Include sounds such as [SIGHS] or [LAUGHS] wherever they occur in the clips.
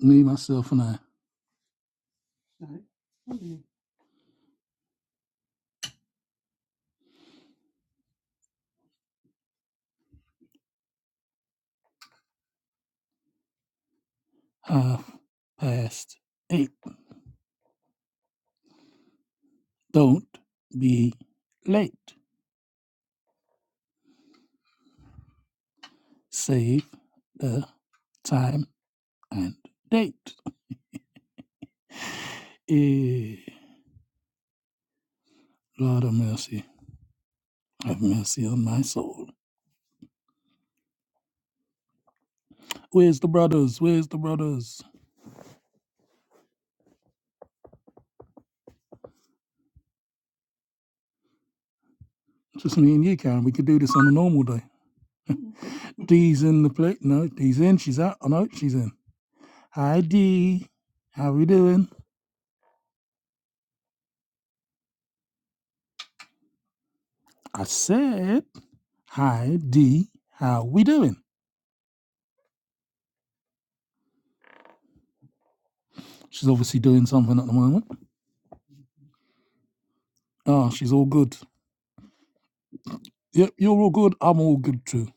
me, myself, and I half past eight. Don't be late. Save the time and date. Eh, Lord of mercy, have mercy on my soul. Where's the brothers? Where's the brothers? Just me and you, Karen. We could do this on a normal day. Dee's in the plate. No, Dee's in. She's out. Oh, no, she's in. Hi, Dee. How we doing? I said, hi, Dee. How we doing? She's obviously doing something at the moment. Ah, she's all good. Yep, you're all good. I'm all good too.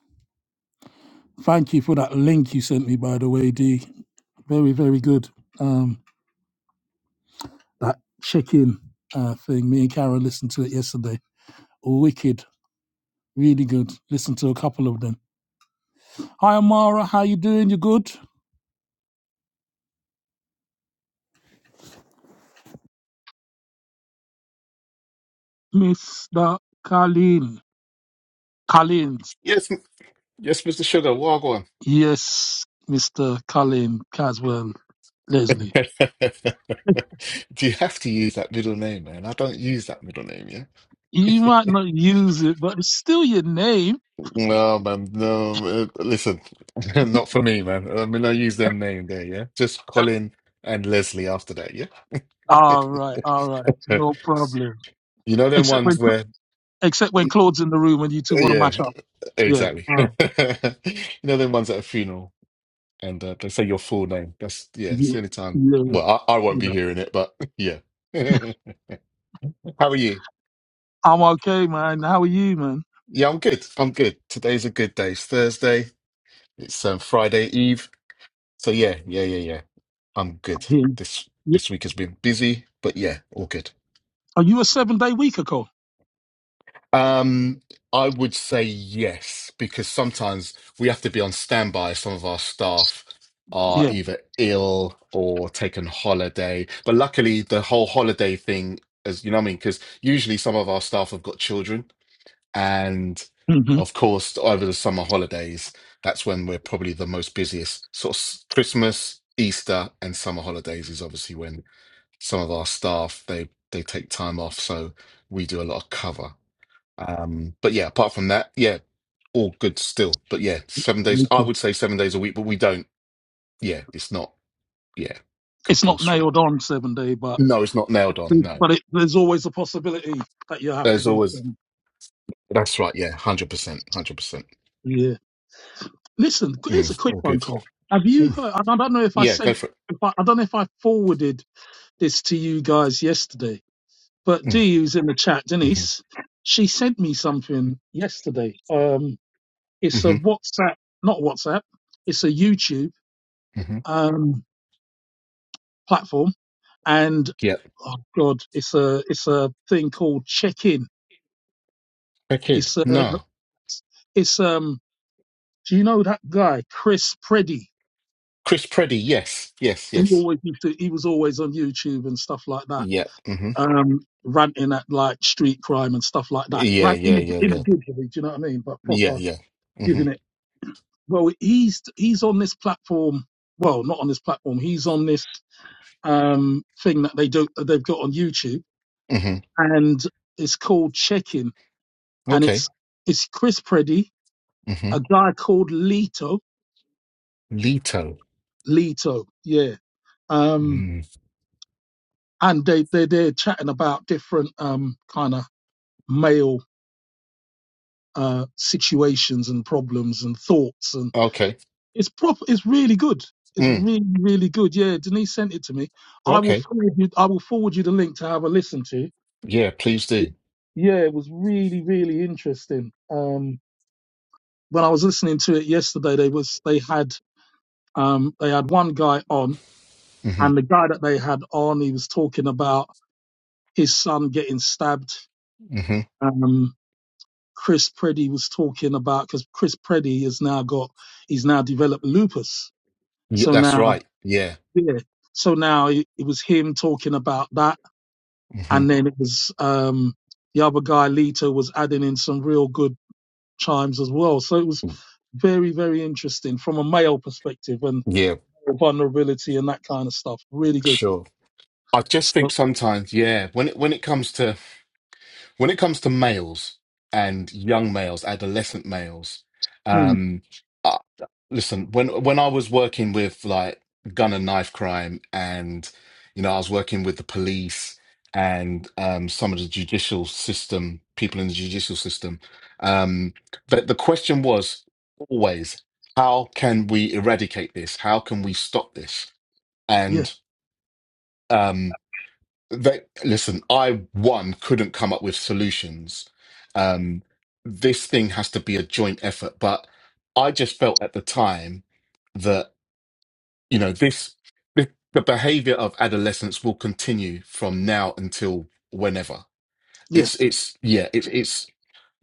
Thank you for that link you sent me, by the way, D. Very, very good. Um, that check-in uh, thing. Me and Karen listened to it yesterday. Wicked. Really good. Listened to a couple of them. Hi, Amara. How you doing? You good? Mr. Colleen. Collins. Yes, m- yes, Mr. Sugar, Wagwan. Yes, Mr. Colleen Caswell Leslie. [LAUGHS] Do you have to use that middle name, man? I don't use that middle name, You yeah? [LAUGHS] might not use it, but it's still your name. No, man, no. uh, Listen, [LAUGHS] not for me, man. I mean, I use them name there, yeah? Just Colin and Leslie after that, yeah? All right, [LAUGHS] all right, no problem. You know them Except ones when where, except uh, when Claude's in the room and you two want to yeah, match up. Yeah. exactly. [LAUGHS] Mm. You know them ones at a funeral and uh, they say your full name. That's, yeah, that's the yeah. only time. Well, I, I won't be yeah. hearing it, but [LAUGHS] yeah. [LAUGHS] How are you? I'm okay, man. How are you, man? Yeah, I'm good. I'm good. Today's a good day. It's Thursday. It's um, Friday Eve. So yeah, yeah, yeah, yeah. I'm I'm good. here. This Yeah. this week has been busy, but yeah, all good. Are you a seven day weeker, Cole? Um, I would say yes because sometimes we have to be on standby. Some of our staff are Yeah. either ill or taken holiday. But luckily, the whole holiday thing, as you know, what I mean, because usually some of our staff have got children. And hmm of course, over the summer holidays, that's when we're probably the most busiest. Sort of s- Christmas, Easter, and summer holidays is obviously when some of our staff they they take time off, so we do a lot of cover. Um, but yeah, apart from that, yeah, all good still. But yeah, seven days. I would say seven days a week, but we don't. Yeah, it's not. Yeah, It's not compulsory. nailed on seven day, but No, it's not nailed on. it, No, but it, there's always a possibility that you have to there's do. always. Them. That's right. Yeah, hundred percent, hundred percent. Yeah. Listen, here's a Mm, quick All one, good. Cole. Have you Mm. heard? and I don't know if I Yeah, go sent. for it. If I, I don't know if I forwarded this to you guys yesterday But Mm. D Du's in the chat, mm-hmm. Denise, she sent me something yesterday. Um, it's a hmm WhatsApp, not WhatsApp, it's a YouTube hmm um, platform, and Yep. oh god, it's a it's a thing called Check In. Okay. It's a, No. it's um, do you know that guy Chris Preddy? Chris Preddy. Yes. Yes. He Yes. always used to, he was always on YouTube and stuff like that, Yep. hmm um, ranting at like street crime and stuff like that. Yeah. Ranting Yeah. Yeah. in a Yeah. good way, do you know what I mean? But Yeah. proper Yeah. hmm giving it well he's he's on this platform well not on this platform he's on this um thing that they do that they've got on youtube hmm and it's called check-in and Okay. it's it's chris preddy hmm a guy called lito Leto. lito yeah um Mm. and they they they're chatting about different um kind of male uh situations and problems and thoughts and. Okay. It's proper. It's really good. It's Mm. really, really good. Yeah, Denise sent it to me. I will Okay. forward you. I will forward you the link to have a listen to. Yeah. Please do. Yeah, it was really, really interesting. Um, when I was listening to it yesterday, they was they had um they had one guy on, hmm and the guy that they had on, he was talking about his son getting stabbed. hmm Um, Chris Preddy was talking about because Chris Preddy has now got he's now developed lupus. Yeah, So that's now right. Yeah. Yeah. So now it, it was him talking about that, hmm and then it was um, the other guy, Lito, was adding in some real good chimes as well. So it was very, very interesting from a male perspective and Yeah. vulnerability and that kind of stuff. Really good. Sure. I just So think sometimes, yeah, when it when it comes to when it comes to males and young males, adolescent males. mm, Um, listen when when i was working with like gun and knife crime and you know i was working with the police and um some of the judicial system people in the judicial system um but the question was always how can we eradicate this how can we stop this yeah, and um they listen i one couldn't come up with solutions um this thing has to be a joint effort but i just felt at the time that you know this the, the behavior of adolescence will continue from now until whenever yeah, it's it's yeah it's it's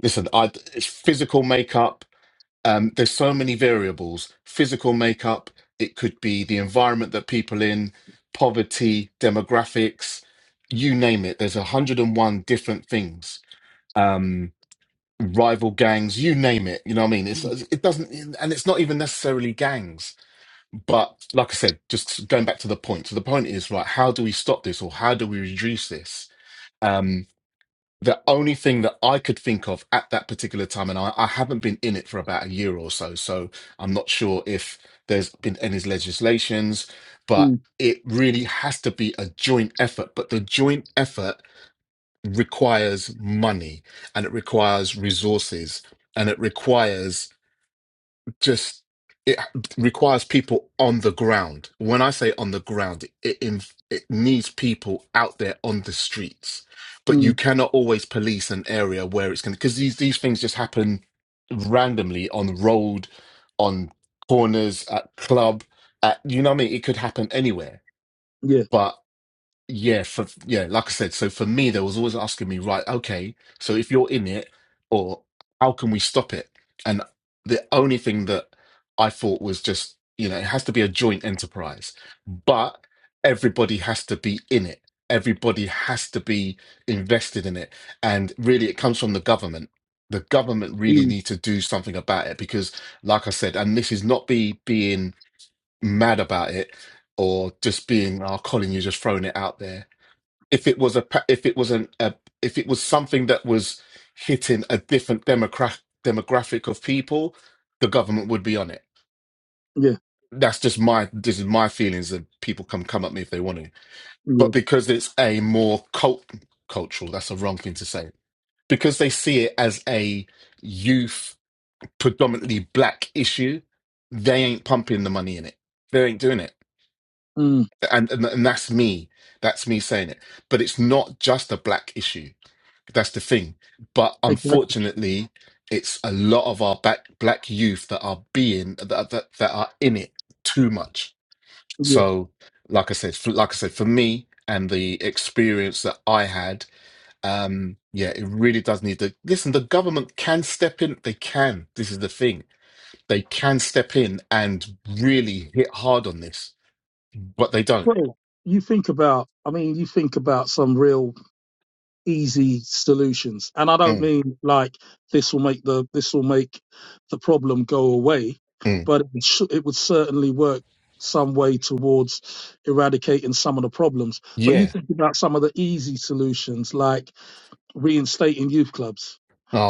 listen i it's physical makeup um there's so many variables physical makeup it could be the environment that people in poverty demographics you name it there's 101 different things um rival gangs you name it you know what i mean it's mm, it doesn't and it's not even necessarily gangs but like I said, just going back to the point. So the point is, right, how do we stop this or how do we reduce this? Um, the only thing that I could think of at that particular time, and I, I haven't been in it for about a year or so, so I'm not sure if there's been any legislations, but mm, it really has to be a joint effort. But the joint effort requires money and it requires resources and it requires just it requires people on the ground. When I say on the ground, it inv- it needs people out there on the streets. But you mm, cannot always police an area where it's going to because these these things just happen randomly on road, on corners, at club, at you know what I mean. It could happen anywhere. yeah, but. Yeah, for yeah, like I said, so for me, they was always asking me, right, okay, so if you're in it, or how can we stop it? And the only thing that I thought was just, you know, it has to be a joint enterprise, but everybody has to be in it. Everybody has to be invested in it. And really, it comes from the government. The government really mm, need to do something about it because, like I said, and this is not be being mad about it or just being, oh, Colin, you're just throwing it out there if it was a pa- if it was an a, if it was something that was hitting a different democra- demographic of people, the government would be on it. yeah, That's just my this is my feelings, and people can come at me if they want to. yeah, But because it's a more cult cultural, that's a wrong thing to say. Because they see it as a youth predominantly black issue, they ain't pumping the money in it. They ain't doing it mm, and, and and that's me that's me saying it but it's not just a black issue that's the thing but exactly. unfortunately it's a lot of our back, black youth that are being that, that that are in it too much Yeah. so like i said for, like i said for me and the experience that i had um yeah it really does need to listen the government can step in they can this is the thing they can step in and really hit hard on this but they don't Well, you think about. I mean, you think about some real easy solutions. And I don't Mm, mean like this will make the this will make the problem go away, mm. but it, sh- it would certainly work some way towards eradicating some of the problems. But you Yeah. think about some of the easy solutions, like reinstating youth clubs.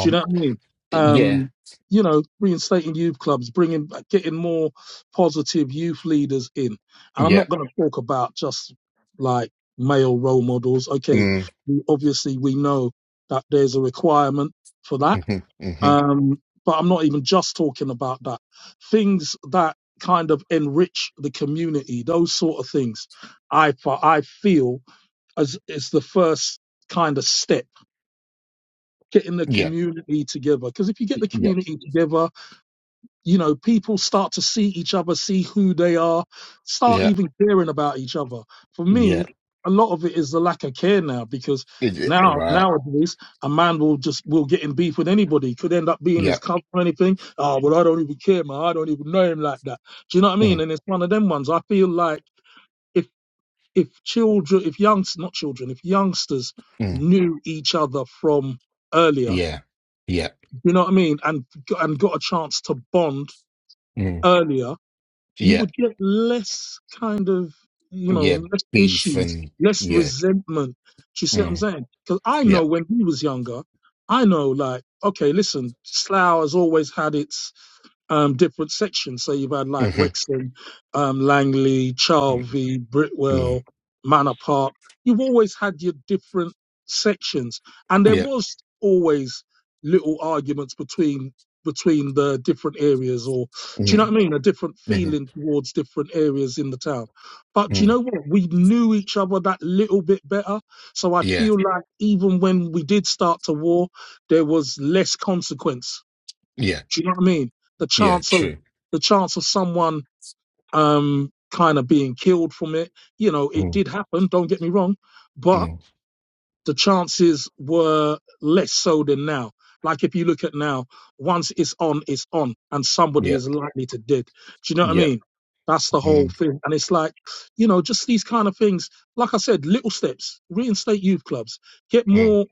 Do you know what I mean? Yeah. Um, you know, reinstating youth clubs, bringing, getting more positive youth leaders in. And I'm Yeah. not going to talk about just like male role models. Okay, Mm. we, obviously we know that there's a requirement for that, Mhm. Mhm. um, but I'm not even just talking about that. Things that kind of enrich the community, those sort of things. I fe- I feel as is the first kind of step getting the Yeah. community together. Because if you get the Yeah. community together, you know, people start to see each other, see who they are, start Yeah. even caring about each other. For Yeah. me, a lot of it is the lack of care now because Is it now Right. nowadays a man will just will get in beef with anybody, could end up being his Yeah. cousin or anything. Oh well I don't even care, man. I don't even know him like that. Do you know what I mean? Mm. And it's one of them ones. I feel like if if children if youngs not children, if youngsters Mm. knew each other from earlier Yeah. Yeah. you know what I mean? And and got a chance to bond Mm. earlier, you Yeah. would get less kind of you know Yeah. less Beef issues, and less yeah. resentment. Do you see what I'm Mm. saying? Because I Yeah. know when he was younger, I know like okay, listen, Slough has always had its um, different sections. So you've had like Mhm. Wexham, um, Langley, Mm. Charvey, Mm. Britwell, Manor Park. You've always had your different sections, and there Yeah. was always little arguments between between the different areas, or do you know Mm. what I mean? A different Mhm. feeling towards different areas in the town. But do you Mm. know what? We knew each other that little bit better. So I Yeah. feel like even when we did start to war, there was less consequence Yeah. do you know what I mean? The Yeah. chance of True. the chance of someone um kind of being killed from it, you know, it Mm. did happen, don't get me wrong, but Mm. the chances were less so than now. Like if you look at now, once it's on, it's on, and somebody Yeah. is likely to dead. Do you know what I Yeah. mean? That's the whole Mm. thing. And it's like, you know, just these kind of things. Like I said, little steps, reinstate youth clubs, get Mm. more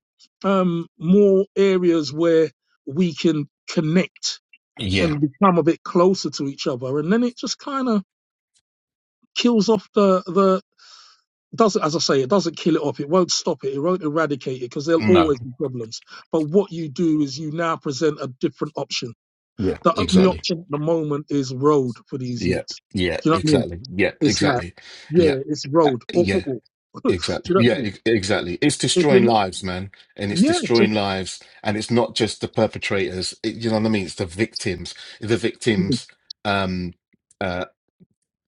um more areas where we can connect Yeah. and become a bit closer to each other and then it just kind of kills off the the doesn't as i say it doesn't kill it off it won't stop it it won't eradicate it because there'll No. always be problems but what you do is you now present a different option Yeah. the only Exactly. option at the moment is road for these Yeah. youths Yeah. do you know what i mean Exactly. Yeah. it's like Exactly. Yeah. yeah it's Uh, road or Yeah football [LAUGHS] do Exactly. you know what i Yeah, mean e- exactly. It's if you're destroying not, lives, man. And it's yeah, just, destroying lives. And it's not just the perpetrators. It, you know what I mean? It's the victims, the mm, victims' um, uh,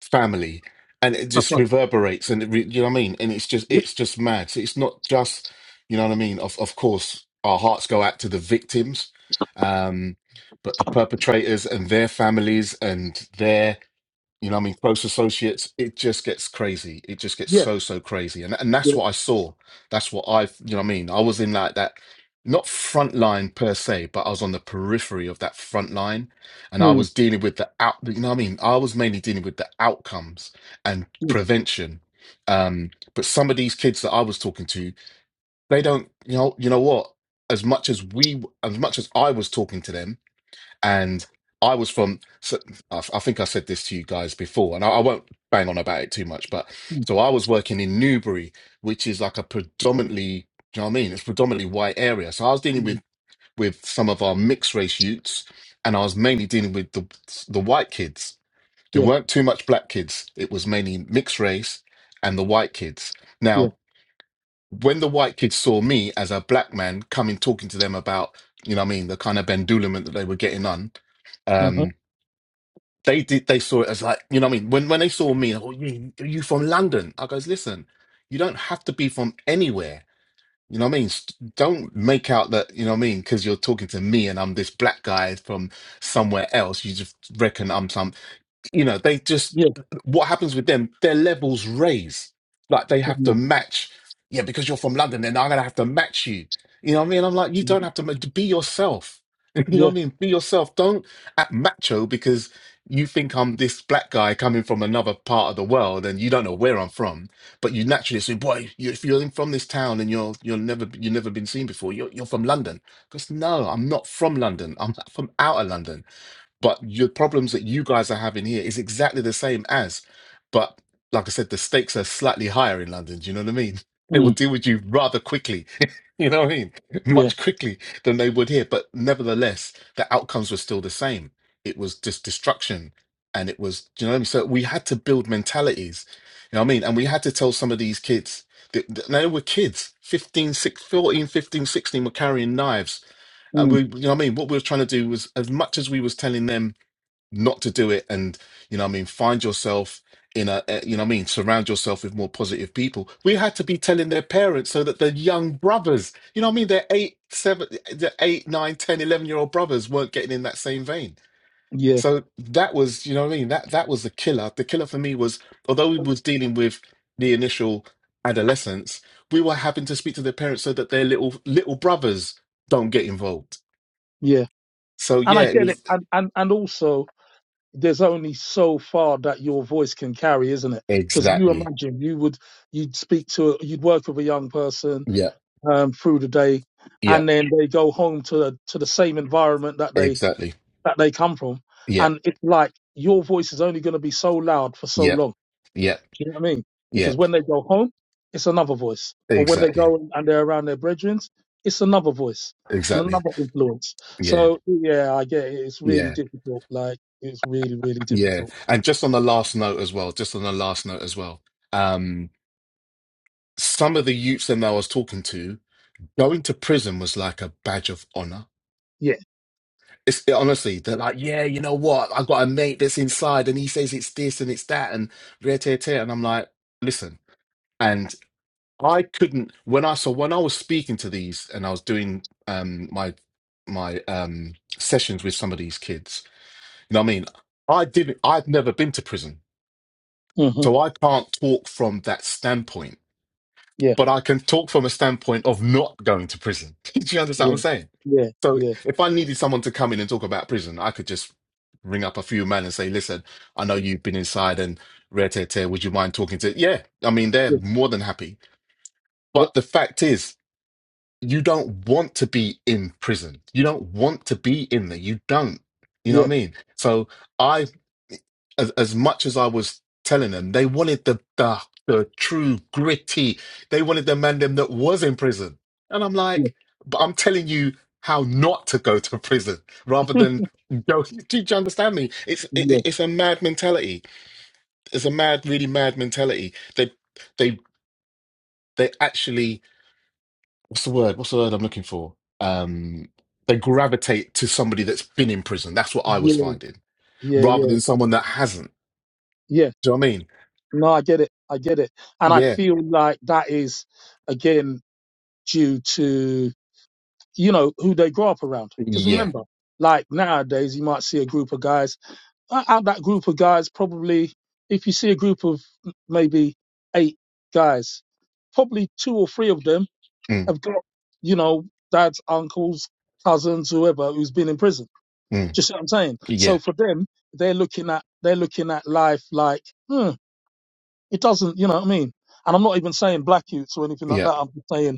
family. And it tough just one. reverberates. And it re, you know what I mean? And it's just, yeah it's just mad. So it's not just, you know what I mean? Of, of course, our hearts go out to the victims, um, but the perpetrators and their families and their you know what I mean? Close associates, it just gets crazy. It just gets yeah so, so crazy. And and yeah that's what I saw. That's what I've, you know what I mean? I was in like that, not front line per se, but I was on the periphery of that front line. And I mm, was dealing with the out, you know what I mean? I was mainly dealing with the outcomes and mm, prevention. Um, but some of these kids that I was talking to, they don't, you know, you know what? As much as we, as much as I was talking to them, and I was from. So I, I think I said this to you guys before, and I, I won't bang on about it too much. But mm, so I was working in Newbury, which is like a predominantly, do you know what I mean? It's predominantly white area. So I was dealing with mm, with some of our mixed race youths, and I was mainly dealing with the the white kids. There yeah weren't too much black kids. It was mainly mixed race and the white kids. yeah Now, when the white kids saw me as a black man coming talking to them about, you know what I mean, the kind of bendulement that they were getting on, um, uh-huh, they did they saw it as like you know what I mean when when they saw me like, oh you are you from London I goes listen you don't have to be from anywhere you know what I mean St- don't make out that you know what I mean because you're talking to me and I'm this black guy from somewhere else you just reckon I'm some you know they just yeah what happens with them their levels raise like they have to mm, match yeah because you're from london then i'm gonna have to match you you know what i mean i'm like you don't mm, have to ma- be yourself [LAUGHS] you know what yeah i mean be yourself don't act macho because you think i'm this black guy coming from another part of the world and you don't know where i'm from but you naturally say boy you, if you're in- from this town and you're you're never you've never been seen before you're, you're from london because no i'm not from london i'm from out of london but your problems that you guys are having here is exactly the same as, but like I said, the stakes are slightly higher in London. Do you know what I mean? [LAUGHS] They will mm, deal with you rather quickly. [LAUGHS] you know what I mean? yeah Much quickly than they would here. But nevertheless, the outcomes were still the same. It was just destruction. And it was, do you know what I mean? So we had to build mentalities. You know what I mean? And we had to tell some of these kids that, that they were kids, 15, 6, 14, 15, 16, were carrying knives. And we, Mm, you know what I mean? What we were trying to do was as much as we was telling them not to do it and you know what i mean find yourself in a eh, you know what i mean surround yourself with more positive people we had to be telling their parents so that the young brothers you know what i mean their eight seven their eight nine ten eleven year old brothers weren't getting in that same vein yeah, so that was you know what i mean that that was the killer the killer for me was although we was dealing with the initial adolescence we were having to speak to their parents so that their little little brothers don't get involved yeah. so And I yeah it get it. was And, and, and also, there's only so far that your voice can carry, isn't it? Because you exactly imagine you would, you'd speak to, you'd work with a young person yeah um, through the day, yeah and then they go home to the, to the same environment that they Exactly. that they come from, Yeah, and it's like your voice is only going to be so loud for so yeah, long. yeah, Do you know what I mean? yeah. Because when they go home, it's another voice. Or when they Exactly, go and they're around their brethren, it's another voice and exactly. another influence. Yeah, So yeah, I get it. It's really yeah, difficult. Like it's really, really yeah. difficult. And just on the last note as well, just on the last note as well, um, some of the youths that I was talking to, going to prison was like a badge of honor. Yeah. It's it, honestly, they're like, yeah, you know what? I've got a mate that's inside and he says it's this and it's that and rare tear tear. And I'm like, listen. And I couldn't, when I saw, when I was speaking to these and I was doing um my, my um sessions with some of these kids, You know what I mean? I didn't, I've never been to prison. hmm So I can't talk from that standpoint, Yeah. but I can talk from a standpoint of not going to prison. [LAUGHS] Do you understand what I'm Yeah. saying? Yeah. So Yeah. if I needed someone to come in and talk about prison, I could just ring up a few men and say, listen, I know you've been inside and rare tear tear, would you mind talking to? Yeah. I mean, they're Yeah. more than happy. Yep. But the fact is, you don't want to be in prison. You don't want to be in there. You don't. You know what Yeah. I mean? So, I. as, as much as I was telling them, they wanted the, the the true gritty. They wanted the man them that was in prison, and I'm Yeah. like, but I'm telling you how not to go to [LAUGHS] prison rather than go. [LAUGHS] Do you understand me? It's Yeah. it, it's a mad mentality. It's a mad, really mad mentality. They they they actually what's the word? What's the word I'm looking for? Um, they gravitate to somebody that's been in prison. That's what I was Yeah. finding, Yeah. rather Yeah. than someone that hasn't. Yeah. Do you know what I mean? No, I get it. I get it. And I Yeah, feel like that is again due to you know, who they grow up around. Because yeah. remember, like nowadays, you might see a group of guys. uh, Out that group of guys, probably, if you see a group of maybe eight guys, probably two or three of them Mm, have got, you know, dads, uncles, cousins, whoever who's been in prison. mm, Just what I'm saying. yeah, So for them, they're looking at they're looking at life like, hmm, it doesn't, you know what I mean? And I'm not even saying black youths or anything like yeah. that. I'm just saying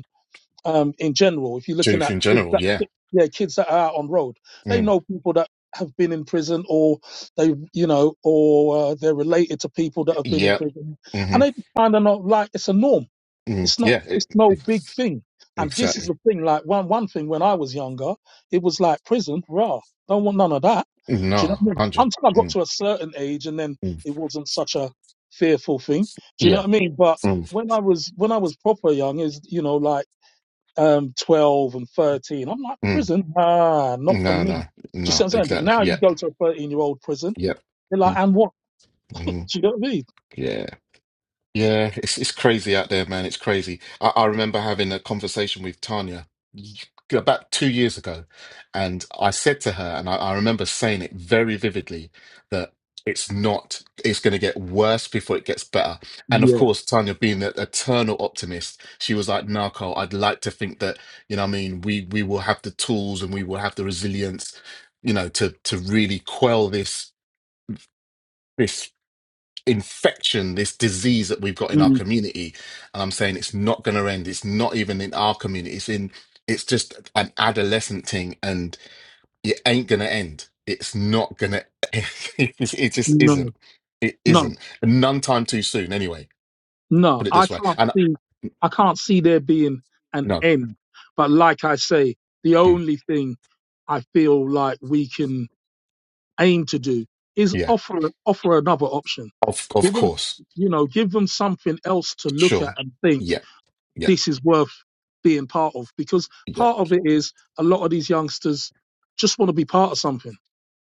um, in general. If you're looking Truth at in kids general, that, yeah. yeah, kids that are out on road, they Mm, know people that have been in prison, or they, you know, or uh, they're related to people that have been in yeah. prison, hmm and they find it not like it's a norm. Mm, It's not. yeah, it, It's no big it's- thing. And this is exactly. the thing. Like one one thing when I was younger, it was like prison. Rah, don't want none of that. No, Do you know what I mean? 100. Until I got Mm, to a certain age, and then mm, it wasn't such a fearful thing. Do you know yeah. what I mean? But Mm, when I was when I was proper young, is you know like um, 12 and 13. I'm like, mm, prison? Ah, not for no, me. no, Do you no, see what I'm saying? But now exactly. you Yep, go to a 13 year old prison, yep. they're like, Mm, and what? mhm, Do you know what I mean? yeah. Yeah, it's it's crazy out there, man. It's crazy. I, I remember having a conversation with Tanya y- about two years ago, and I said to her, and I, I remember saying it very vividly, that it's not, it's going to get worse before it gets better. And of Yeah. course, Tanya, being the eternal optimist, she was like, "No, Carl, I'd like to think that, you know, what I mean, we we will have the tools and we will have the resilience, you know, to to really quell this." infection, this disease that we've got in our Mm, community. And I'm saying it's not going to end. It's not even in our community. It's in, it's just an adolescent thing and it ain't going to end. It's not going to, [LAUGHS] it just isn't. no, It no, isn't. And none time too soon, anyway. no. Put it I this way. can't And see, I can't see there being an no, end. But like I say, the mm, only thing I feel like we can aim to do is yeah, offer, offer another option. of, of Give them, course. you know, give them something else to look at Sure. and think Yeah. Yeah. this is worth being part of because Yeah. part of it is a lot of these youngsters just want to be part of something.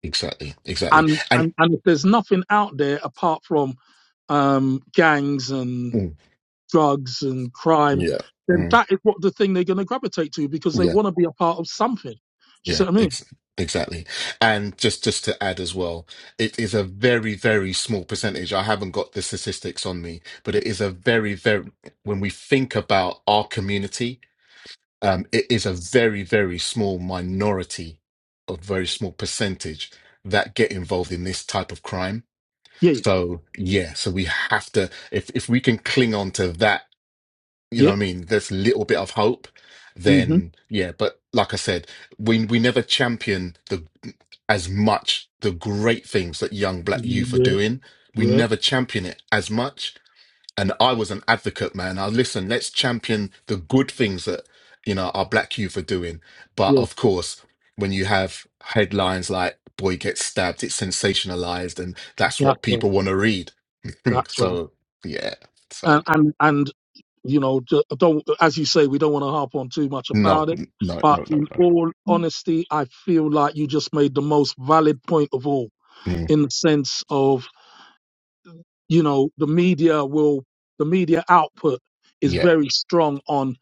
Exactly. Exactly. And, And and, and if there's nothing out there apart from um, gangs and mm, drugs and crime, yeah. then mm, that is what the thing they're going to gravitate to because they Yeah. want to be a part of something. Do you Yeah, see what I mean? ex exactly. And just just to add as well, it is a very, very small percentage. I haven't got the statistics on me, but it is a very, very, when we think about our community, um, it is a very, very small minority, a very small percentage that get involved in this type of crime. Yeah, yeah, So yeah, so we have to, if if we can cling on to that you know what yep, I mean? There's a little bit of hope, then yeah. But like I said, we we never champion the as much the great things that young black youth are mm-hmm, doing. We yeah, never champion it as much. And I was an advocate, man. I listen, let's champion the good things that, you know, our black youth are doing. yep, But yeah, of course, when you have headlines like boy gets stabbed, it's sensationalized and that's that's what right, people want to read. that's right. So yeah. So And And and, You know, ju- I don't as you say, we don't want to harp on too much no, about it. n- no, But no, no, in no. all honesty, I feel like you just made the most valid point of all, Mm. in the sense of you know the media will the media output is Yep. very strong on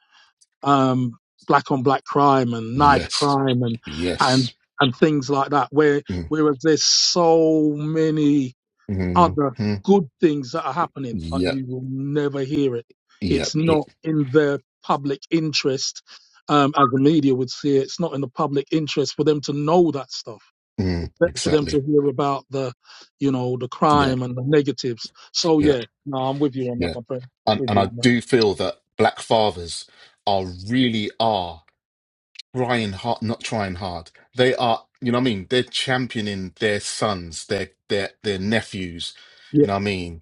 um, black on black crime and knife Yes. crime and and Yes. and things like that. Where Mm. whereas there's so many other Mm-hmm. good things that are happening, but Yep. you will never hear it. It's Yep. It, not in their public interest, um, as the media would see it. It's not in the public interest for them to know that stuff. mm. It's better for them Exactly. to hear about the, you know, the Yep. crime and the negatives. So yeah, Yep. no, I'm with you on that, my Yep. friend. And With and you I on that. do feel that black fathers are really are trying hard, not trying hard. They are, you know what I mean? They're championing their sons, their their their nephews, Yeah, you know what I mean?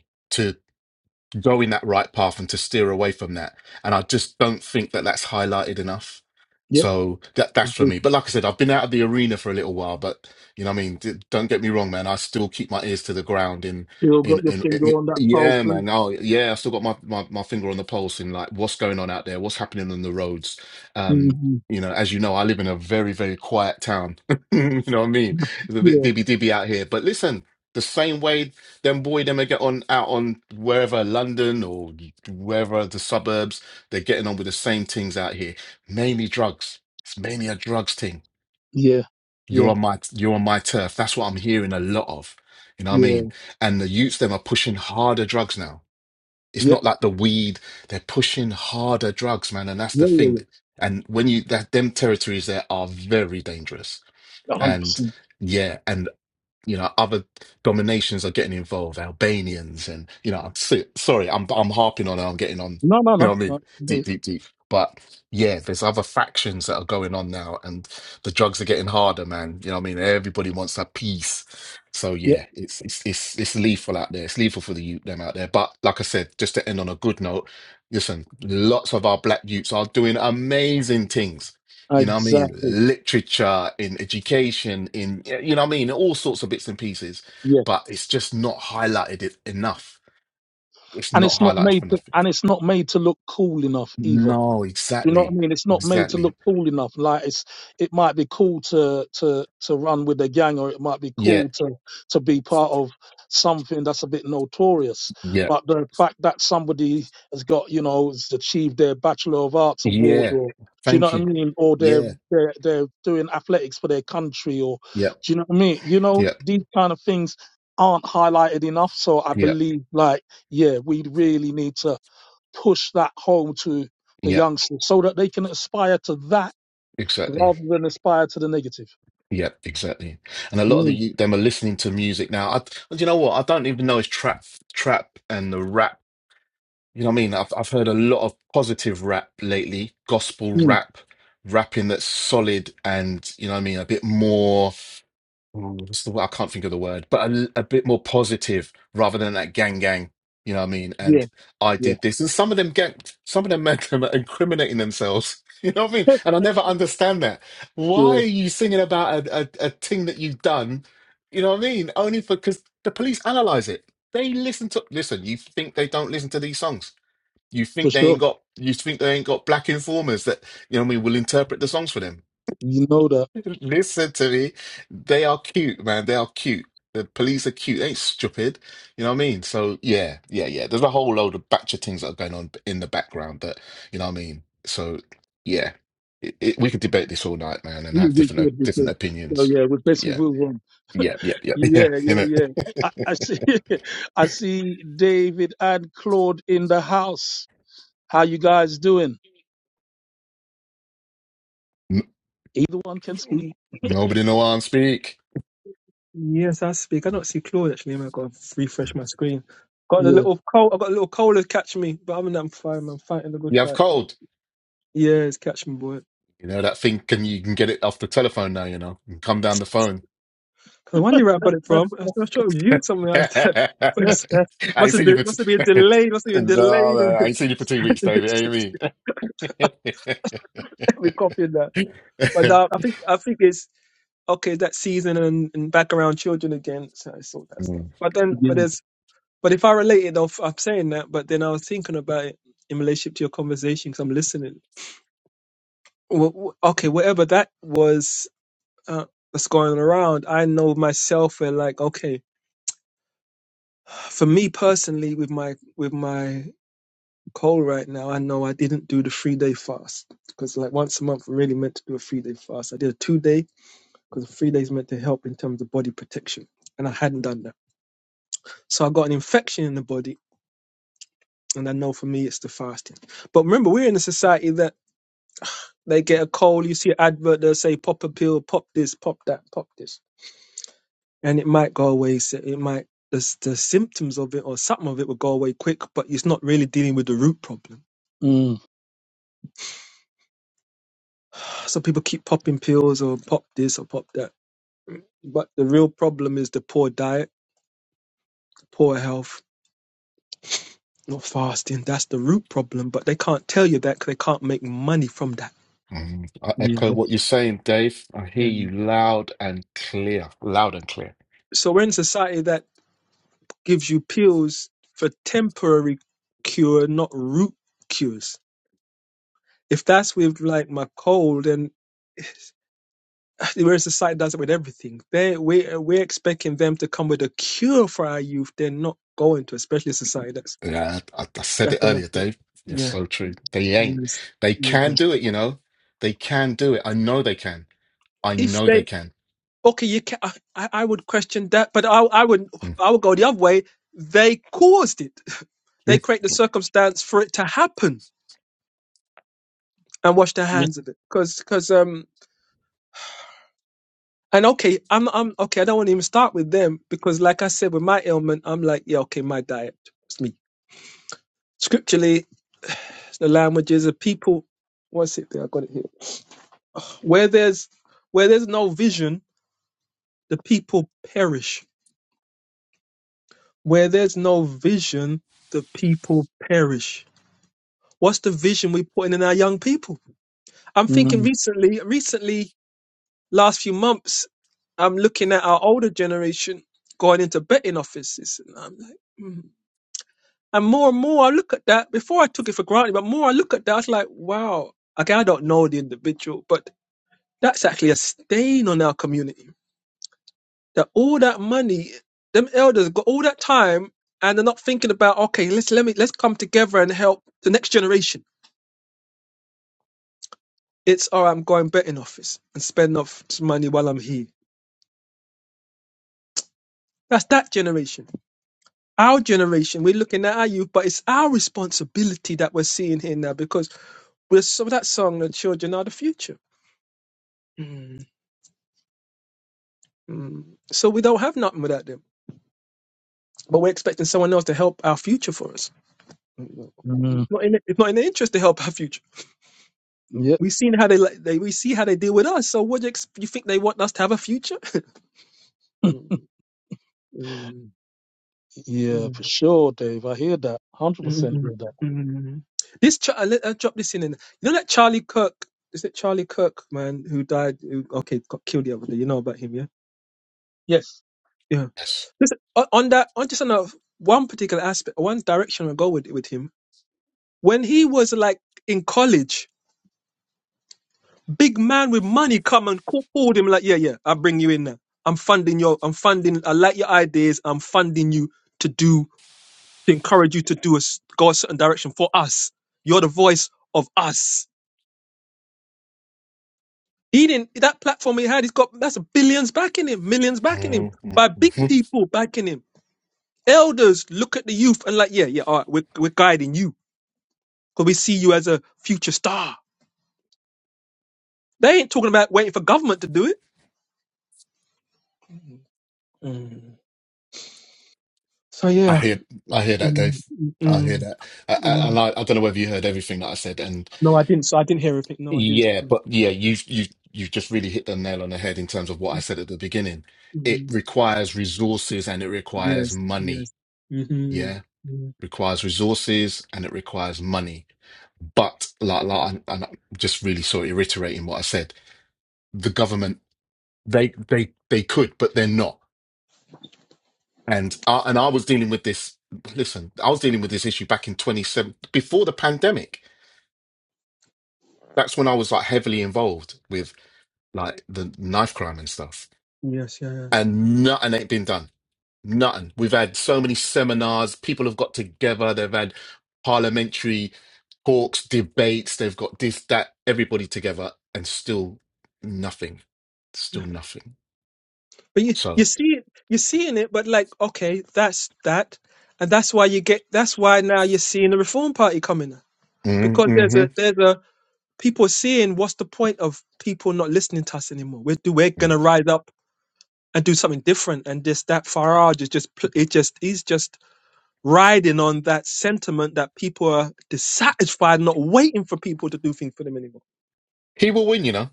go in that right path and to steer away from that. And I just don't think that that's highlighted enough. yep. So that that's for You me. But like I said, I've been out of the arena for a little while. But you know, what I mean, D- don't get me wrong, man. I still keep my ears to the ground. In still in got your in, finger in on that pulse. yeah, haven't man. Oh yeah, I still got my, my my finger on the pulse in like what's going on out there, what's happening on the roads. you? Um, Mhm. you know, as you know, I live in a very very quiet town. [LAUGHS] you know what I mean? It's a bit [LAUGHS] Yeah, dibby dibby out here. But listen, the same way then boy, them they get on out on wherever London or wherever the suburbs. They're getting on with the same things out here. Mainly drugs. It's mainly a drugs thing. yeah, You're yeah, on my you're on my turf. That's what I'm hearing a lot of. You know what I yeah. mean? And the youths them are pushing harder drugs now. It's Yep. not like the weed. They're pushing harder drugs, man. And that's the Yeah, yeah, thing. yeah. And when you that them territories there are very dangerous. A hundred And percent. yeah, and you know other dominations are getting involved albanians and you know i'm so, sorry i'm i'm harping on and i'm getting on No, you know no, what i mean no. deep no. deep deep but yeah there's other factions that are going on now and the drugs are getting harder man you know what i mean everybody wants a piece so yeah it's it's it's, it's lethal out there it's lethal for the youth them out there but like i said just to end on a good note listen lots of our black youths are doing amazing things you know what I mean? Exactly. Literature, in education, in, you know what I mean? All sorts of bits and pieces, Yeah. but it's just not highlighted it enough. It's And not it's not highlighted made for to, nothing. and it's not made to look cool enough either. No, You know what I exactly. mean? It's not made to look Exactly. cool enough. Like it's, it might be cool to to to run with a gang, or it might be Yeah, cool to to be part of something that's a bit notorious. yeah, But the fact that somebody has got, you know, has achieved their Bachelor of Arts award, yeah. or do you know Thank what I you. mean? Or they're Yeah, they're they're doing athletics for their country, or yeah, do you know what I mean? You know, yeah, these kind of things aren't highlighted enough. So I yeah, believe, like, yeah, we really need to push that home to the yeah, youngsters so that they can aspire to that exactly. rather than aspire to the negative. Yeah, exactly. And a lot of the Mm, youth, them are listening to music now. I, do you know what? I don't even know it's trap, trap and the rap You know what I mean? I've I've heard a lot of positive rap lately, gospel mm, rap, rapping that's solid and you know what I mean, a bit more. ooh, What's the word? I can't think of the word, but a, a bit more positive rather than that gang gang. You know what I mean? yeah, And I yeah, did this, and some of them get some of them men [LAUGHS] are incriminating themselves. [LAUGHS] You know what I mean? [LAUGHS] And I never understand that. Why are yeah, you singing about a, a, a thing that you've done? You know what I mean? Only for because the police analyze it. They listen to listen. You think they don't listen to these songs? You for think they sure. ain't got you think they ain't got black informers that you know what I mean will interpret the songs for them. You know that. [LAUGHS] [LAUGHS] Listen to me. They are cute, man. They are cute. The police are cute. They ain't stupid. You know what I mean? So yeah, yeah, yeah. There's a whole load of batch of things that are going on in the background that you know what I mean? So yeah. It, it, we could debate this all night, man, and We, have we different could, we different could. So opinions. yeah, we But basically yeah. move on. Yeah, yeah, yeah, [LAUGHS] Yeah, yeah. You yeah, know? yeah. I, I [LAUGHS] see [LAUGHS] I see David and Claude in the house. How you guys doing? N- Either one can speak. Y- Nobody know why i speak. Yes, I speak. I don't see Claude actually. man. I've got to refresh my screen. Got a Yeah. little cold. I got a little cold to catch me, but other than I'm fine. I'm fighting a good You have fight, cold. boy. Yeah, it's catch me, boy. You know, that thing can you can get it off the telephone now, you know, and come down the phone. 'Cause I wonder where I got it from. I was not sure it was you Something [LAUGHS] else. That I [LAUGHS] but [LAUGHS] Yeah, it's- must ain't have seen you been for must t- have been [LAUGHS] delayed. Must have been no, delayed. no, I ain't seen you for two weeks, David. [LAUGHS] Amy. [LAUGHS] we copied that. But uh, I think I think it's okay. That season and, and back around children again. So I saw that stuff. Mm, But then, but yeah, there's But if I related off, I'm saying that, but then I was thinking about it in relationship to your conversation because I'm listening. Wh- wh- Okay, whatever that was uh, that's going around, I know myself. Where like, okay, for me personally, with my with my cold right now, I know I didn't do the three day fast because like once a month, I'm really meant to do a three day fast. I did a two day because the three days meant to help in terms of body protection, and I hadn't done that, so I got an infection in the body, and I know for me it's the fasting. But remember, we're in a society that They get a cold. You see an advert. They'll say pop a pill, pop this, pop that, pop this, and it might go away. So it might the s- the symptoms of it or something of it will go away quick, but it's not really dealing with the root problem. Mm. [SIGHS] So people keep popping pills or pop this or pop that, but the real problem is the poor diet, poor health, not fasting. That's the root problem, but they can't tell you that because they can't make money from that. mm. I echo yeah. what you're saying, Dave. I hear Yeah. you loud and clear. Loud and clear. So we're in society that gives you pills for temporary cure, not root cures If that's with like my coal, then [SIGHS] whereas society does it with everything. They we we're we're expecting them to come with a cure for our youth. They're not going to, especially society. That's Yeah, I, I said it that's earlier, another. Dave. It's Yeah. so true. They ain't. Yes. They yes. can do it, you know. They can do it. I know they can. I If know they they can. okay, you can. I, I I would question that, but I I would Mm. I would go the other way. They caused it. They create the circumstance for it to happen and wash their yeah. hands of it. Because And okay, I'm I'm okay. I don't want to even start with them because, like I said, with my ailment, I'm like, yeah, okay, my diet, it's me. Scripturally, it's the languages, the people. What's it there? I got it here. Where there's where there's no vision, the people perish. Where there's no vision, the people perish. What's the vision we putting in our young people? I'm thinking Mm, recently, recently, last few months, I'm looking at our older generation going into betting offices, and I'm like. hmm. And more and more I look at that, before I took it for granted, but more I look at that, I was like, wow, okay, I don't know the individual, but that's actually a stain on our community. That all that money, them elders got all that time and they're not thinking about, okay, let's let me let's come together and help the next generation. It's all right, I'm going betting office and spend off this money while I'm here. That's that generation. Our generation, we're looking at our youth, but it's our responsibility that we're seeing here now because we're so that song, the children are the future. Mm. So we don't have nothing without them. But we're expecting someone else to help our future for us. Mm. mm. Mm. It's not in, it's not in their interest to help our future. Yep. We've seen how they, like- they we see how they deal with us. So what do you, ex- you think they want us to have a future? Mm. Mm. Yeah, Mm. for sure, Dave. I hear that. Hundred Mm. percent hear Mm. that. mm. This ch- I let I drop this in. And, you know that Charlie Kirk. Is it Charlie Kirk, man, who died? Who, okay, got killed the other day. You know about him, yeah? Yes. Yeah. Yes. Listen, on on that, on just on a, one particular aspect, one direction I go with with him When he was like in college, big man with money come and call- called him like, yeah, yeah, I'll bring you in now. I'm funding your, I'm funding, I like your ideas. I'm funding you to do, to encourage you to do a, s- go a certain direction for us. You're the voice of us. He didn't, that platform he had, he's got, that's billions backing him, millions backing him Mm. by big [LAUGHS] people backing him. Elders look at the youth and like, yeah, yeah, all right, we're, we're guiding you because we see you as a future star. They ain't talking about waiting for government to do it. Mm. So I yeah. hear, I hear that, Mm, Dave. mm, I hear mm, that, I, I, mm. and I, I don't know whether you heard everything that I said, and No, I didn't. So I didn't hear everything. No, I didn't. yeah, Mm, but yeah, you, you, you just really hit the nail on the head in terms of what I mm, said at the beginning. It mm. requires resources and it requires Yes, money. yes. hmm Yeah, requires resources and it requires money. But like, like, and and I'm just really sort of reiterating what I said. The government, they, they, they could, but they're not. And I, and I was dealing with this. Listen, I was dealing with this issue back in 27 before the pandemic that's when I was like heavily involved with like the knife crime and stuff. Yes, yeah, yeah. And nothing ain't been done. Nothing. We've had so many seminars. People have got together. They've had parliamentary talks, debates. They've got this, that, everybody together, and still nothing. Still nothing. But you So, you see it, you're seeing it, but like, okay, that's that, and that's why you get. That's why now you're seeing the Reform Party coming up. mm, because there's a mhm. there's a people seeing what's the point of people not listening to us anymore. We're do we're Mm. gonna rise up and do something different, and this that Farage is just pl- it just is just riding on that sentiment that people are dissatisfied, not waiting for people to do things for them anymore. he will win, you know.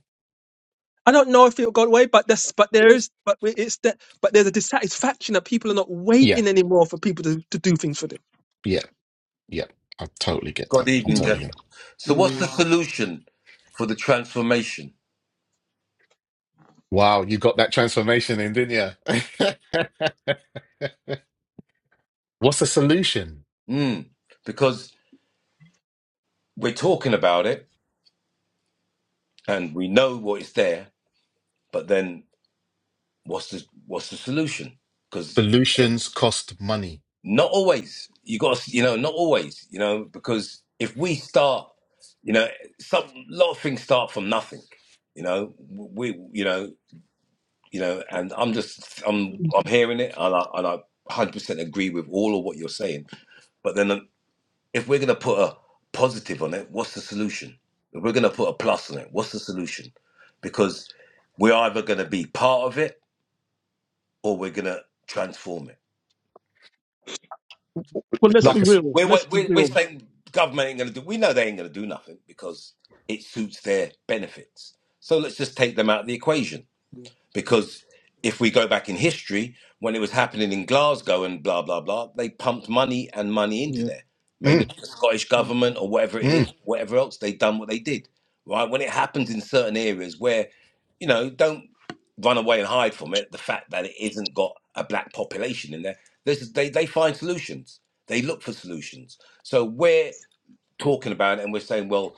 I don't know if it got away, but that's but there is but we- it's that but there's a dissatisfaction that people are not Yeah, waiting anymore for people to, to do things for them. yeah, yeah. I totally get Good that. I evening, Mm, totally gentlemen. get. It. So, what's the mm, solution for the transformation? Wow, you got that transformation in, didn't you? [LAUGHS] What's the solution? Mm, because we're talking about it and we know what is there, but then what's the what's the solution? Because Solutions cost money. not always you got to, you know not always you know because if we start you know some lot of things start from nothing you know we you know you know and I'm just I'm mm, I'm hearing it and I and I 100% agree with all of what you're saying but then if we're going to put a positive on it, what's the solution? If we're going to put a plus on it, what's the solution? Because we're either going to be part of it or we're going to transform it. Well, let's Like be Because a, s- real. we're, Let's be we're, we're real. saying government ain't going to do, we know they ain't going to do nothing because it suits their benefits. So let's just take them out of the equation. mm. because if we go back in history, when it was happening in Glasgow and blah blah blah, they pumped money and money into Yeah. there. Maybe mm, mm, like the Scottish mm, government or whatever it is, mm, whatever else they done what they did. Right when it happens in certain areas where, you know, don't run away and hide from it. The fact that it isn't got a black population in there, this is, they they find solutions. They look for solutions. So we're talking about it and we're saying, well,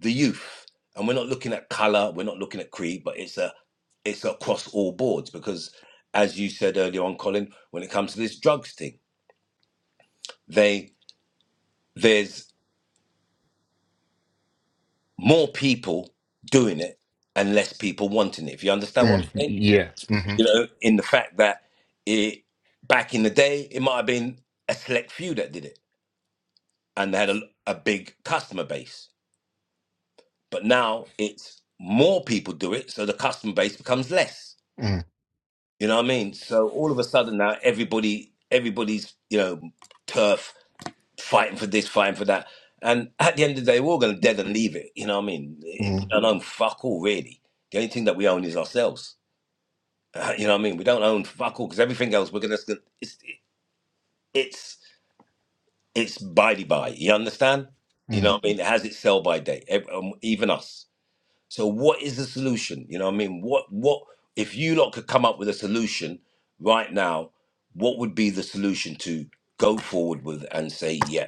the youth and we're not looking at color we're not looking at creed but it's a it's across all boards because as you said earlier on colin when it comes to this drugs thing they there's more people doing it and less people wanting it if you understand what i'm mm, saying yeah. hmm you know in the fact that it back in the day it might have been a select few that did it and they had a, a big customer base but now it's more people do it so the customer base becomes less mm, You know what I mean? So all of a sudden now everybody everybody's, you know, turf fighting for this, fighting for that. And at the end of the day, we're all gonna dead and leave it. You know what I mean? Eh, We mm, don't own fuck all really. The only thing that we own is ourselves. Uh, you know what I mean? We don't own fuck all because everything else we're gonna it's it's it's by the by. You understand? You mm, know what I mean? It has its sell by date. ev- um, Even us. So what is the solution? You know what I mean? What what if you lot could come up with a solution right now, what would be the solution to go forward with and say, yeah,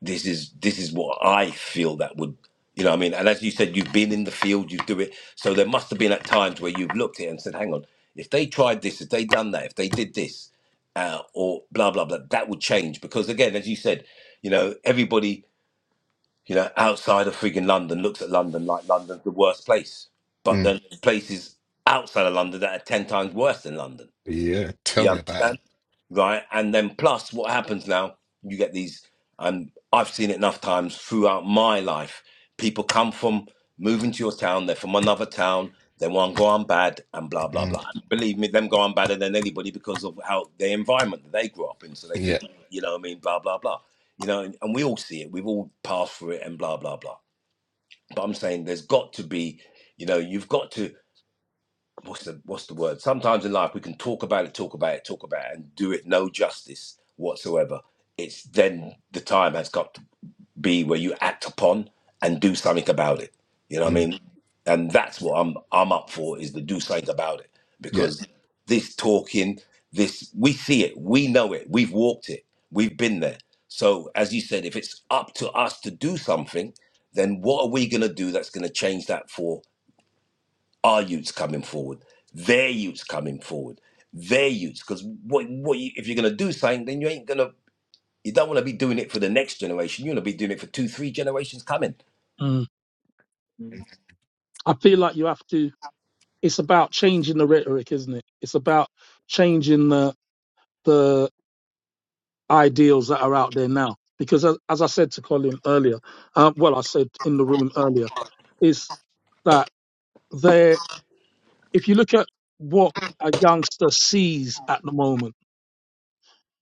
this is this is what I feel that would you know what I mean? And as you said, you've been in the field, you do it. So there must have been at times where you've looked at it and said, hang on, if they tried this, if they done that, if they did this, uh, or blah blah blah, that would change. Because again, as you said, you know, everybody you know, outside of freaking London looks at London like London's the worst place. But mm. there's places outside of London that are 10 times worse than London. Yeah. Tell You me about understand? it. Right? And then plus what happens now, you get these and I've seen it enough times throughout my life. People come from moving to your town, they're from another town, they want to go on bad and blah blah Mm, blah. And believe me, them go on badder than anybody because of how the environment that they grew up in. So they yeah. think, you know what I mean, blah blah blah. You know, and, and we all see it, we've all passed through it and blah blah blah. But I'm saying there's got to be, you know, you've got to what's the what's the word? Sometimes in life we can talk about it, talk about it, talk about it, and do it no justice whatsoever. It's then the time has got to be where you act upon and do something about it. You know what I Mm, mean? And that's what I'm I'm up for is to do something about it yeah. because this talking, this we see it, we know it, we've walked it, we've been there. So as you said, if it's up to us to do something, then what are we going to do that's going to change that for? our youths coming forward, their youths coming forward, their youths. Because what what you, if you're gonna do something, then you ain't gonna you don't want to be doing it for the next generation. You want to be doing it for two, three generations coming. Mm. mm. I feel like you have to. It's about changing the rhetoric, isn't it? It's about changing the the ideals that are out there now. Because as, as I said to Colin earlier, uh, well, I said in the room earlier, is that there. If you look at what a youngster sees at the moment,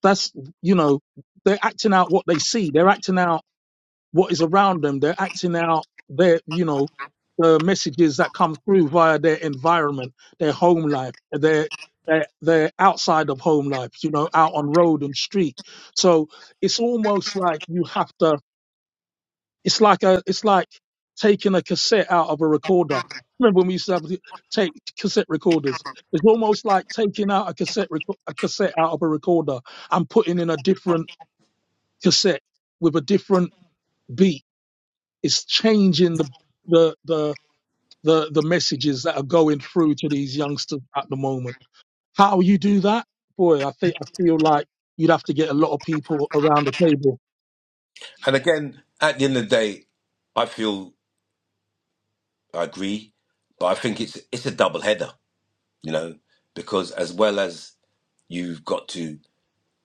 that's you know they're acting out what they see. They're acting out what is around them. They're acting out their, you know, the messages that come through via their environment, their home life, their their their outside of home life, you know, out on road and street. So it's almost like you have to. It's like a. It's like taking a cassette out of a recorder. Remember when we used to have to take cassette recorders? It's almost like taking out a cassette reco- a cassette out of a recorder and putting in a different cassette with a different beat it's changing the the the the, the messages that are going through to these youngsters at the moment. How you do that, boy? I think I feel like you'd have to get a lot of people around the table. And again, at the end of the day, I feel I agree, but I think it's it's a double header, you know, because as well as you've got to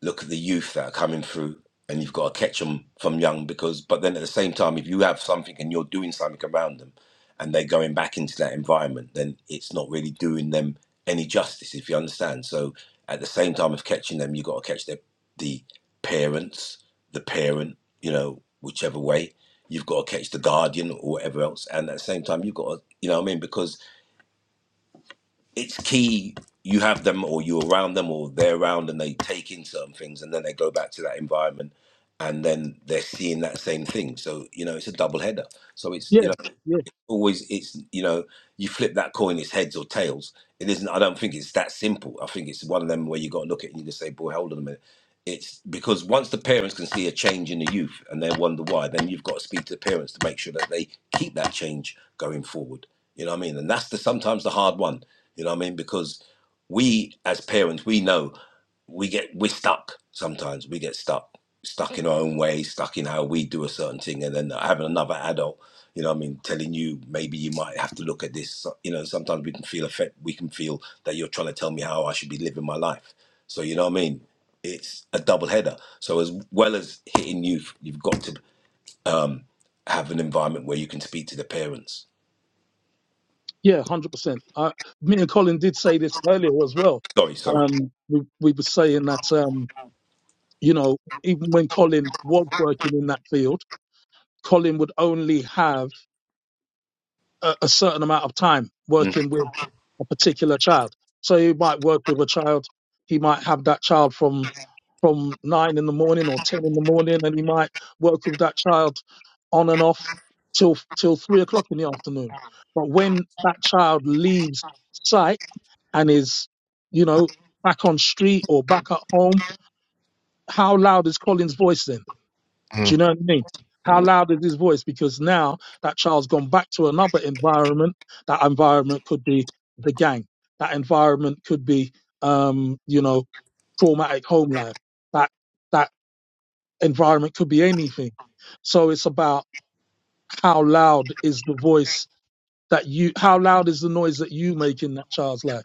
look at the youth that are coming through and you've got to catch them from young because but then at the same time if you have something and you're doing something around them and they're going back into that environment then it's not really doing them any justice if you understand so at the same time of catching them you've got to catch their, the parents the parent you know whichever way you've got to catch the guardian or whatever else and at the same time you've got to you know what i mean because it's key you have them or you're around them or they're around and they take in certain things and then they go back to that environment and then they're seeing that same thing. So, you know, it's a double header. So it's, Yeah, you know, yeah, always it's you know you flip that coin it's heads or tails it isn't i don't think it's that simple i think it's one of them where you got to look at it and you just say boy hold on a minute it's because once the parents can see a change in the youth and they wonder why then you've got to speak to the parents to make sure that they keep that change going forward you know what i mean and that's the sometimes the hard one you know what i mean because we as parents we know we get we're stuck sometimes we get stuck stuck in our own way stuck in how we do a certain thing and then having another adult you know what i mean telling you maybe you might have to look at this So, you know sometimes we can feel affect we can feel that you're trying to tell me how i should be living my life so you know what i mean it's a double header so as well as hitting youth you've got to um have an environment where you can speak to the parents yeah, hundred percent. I Me and Colin did say this earlier as well. sorry sorry Um, we we were saying that um, you know, even when Colin was working in that field, Colin would only have a, a certain amount of time Mm, working with a particular child. So he might work with a child. He might have that child from from nine in the morning or ten in the morning, and he might work with that child on and off till till three o'clock in the afternoon. But when that child leaves sight and is, you know, back on street or back at home, how loud is Colin's voice then? Do Mm, you know what I mean? How mm, loud is his voice? Because now that child's gone back to another environment. That environment could be the gang. That environment could be, um, you know, traumatic home life. That that environment could be anything. So it's about how loud is the voice that you, how loud is the noise that you make in that child's life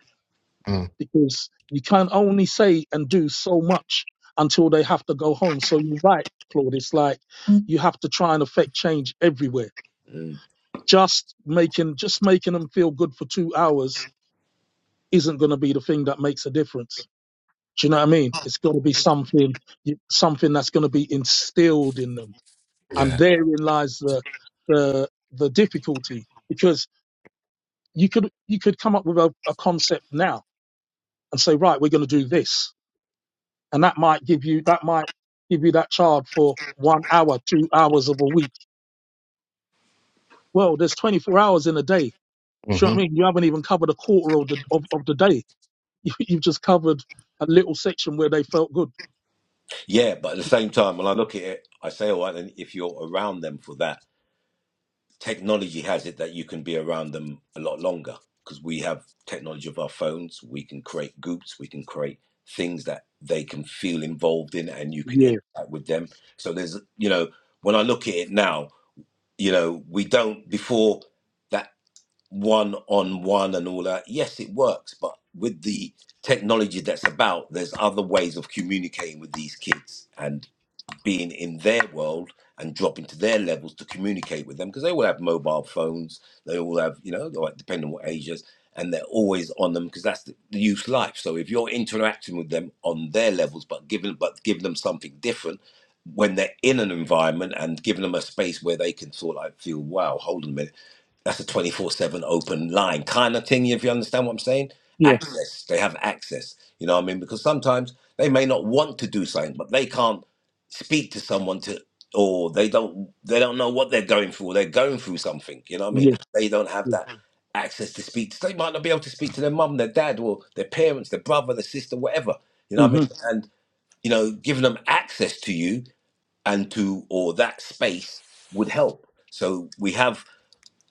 mm, because you can only say and do so much until they have to go home. So you're right, Claude. It's like Mm. you have to try and affect change everywhere. mm. Just making just making them feel good for two hours isn't going to be the thing that makes a difference. Do you know what I mean? It's got to be something something that's going to be instilled in them, and yeah. therein lies the the the difficulty because you could you could come up with a, a concept now and say right we're going to do this and that might give you that might give you that child for one hour, two hours of a week. Well, there's 24 hours in a day. Do you know hmm what I mean? You haven't even covered a quarter of the of, of the day. [LAUGHS] You, you've just covered a little section where they felt good. yeah but at the same time when i look at it i say all right then if you're around them for that technology has it that you can be around them a lot longer because we have technology of our phones. We can create groups. We can create things that they can feel involved in, and you can Yeah, interact with them. So there's, you know, when I look at it now, you know, we don't before that one on one and all that. Yes, it works, but with the technology that's about, there's other ways of communicating with these kids, and being in their world and dropping to their levels to communicate with them because they all have mobile phones. They all have, you know, like, depending on what age is, and they're always on them because that's the, the youth life. So if you're interacting with them on their levels, but giving but give them something different when they're in an environment and giving them a space where they can sort of like feel, wow, hold on a minute, that's a 24-7 open line kind of thing if you understand what i'm saying yeah, access they have access you know what i mean because sometimes they may not want to do something but they can't speak to someone to or they don't they don't know what they're going through or they're going through something you know what i mean yeah, they don't have yeah. that Mm. access to speak to, they might not be able to speak to their mum their dad or their parents their brother their sister whatever you know what hmm i mean and you know giving them access to you and to or that space would help so we have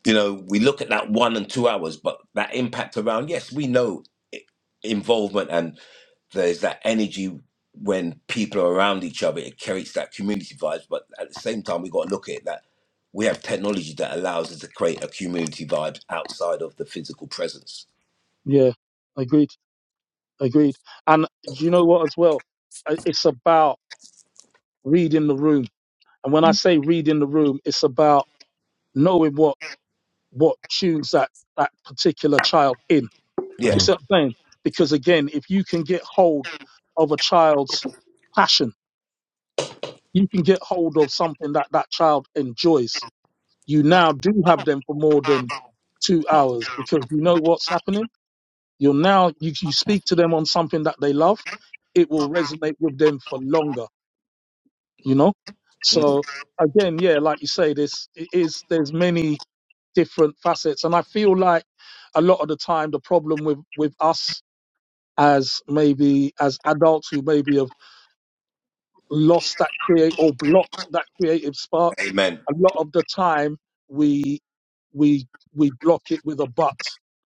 you know we look at that one and two hours but that impact around yes we know i- involvement there's that energy when people are around each other. It creates that community vibes. But at the same time, we got to look at it that we have technology that allows us to create a community vibe outside of the physical presence. Yeah, agreed, agreed. And do you know what? As well, Uh, it's about reading the room. And when I say reading the room, it's about knowing what what tunes that that particular child in. Yeah. you Mm. see what I'm saying? Because again, if you can get hold of a child's passion, you can get hold of something that that child enjoys. You now do have them for more than two hours because you know what's happening. You're now, you, you speak to them on something that they love. It will resonate with them for longer, you know? Mm, So again, yeah, like you say, this it is, there's many different facets. And I feel like a lot of the time, the problem with, with us as maybe as adults who maybe have lost that create or blocked that creative spark amen. a lot of the time we we we block it with a but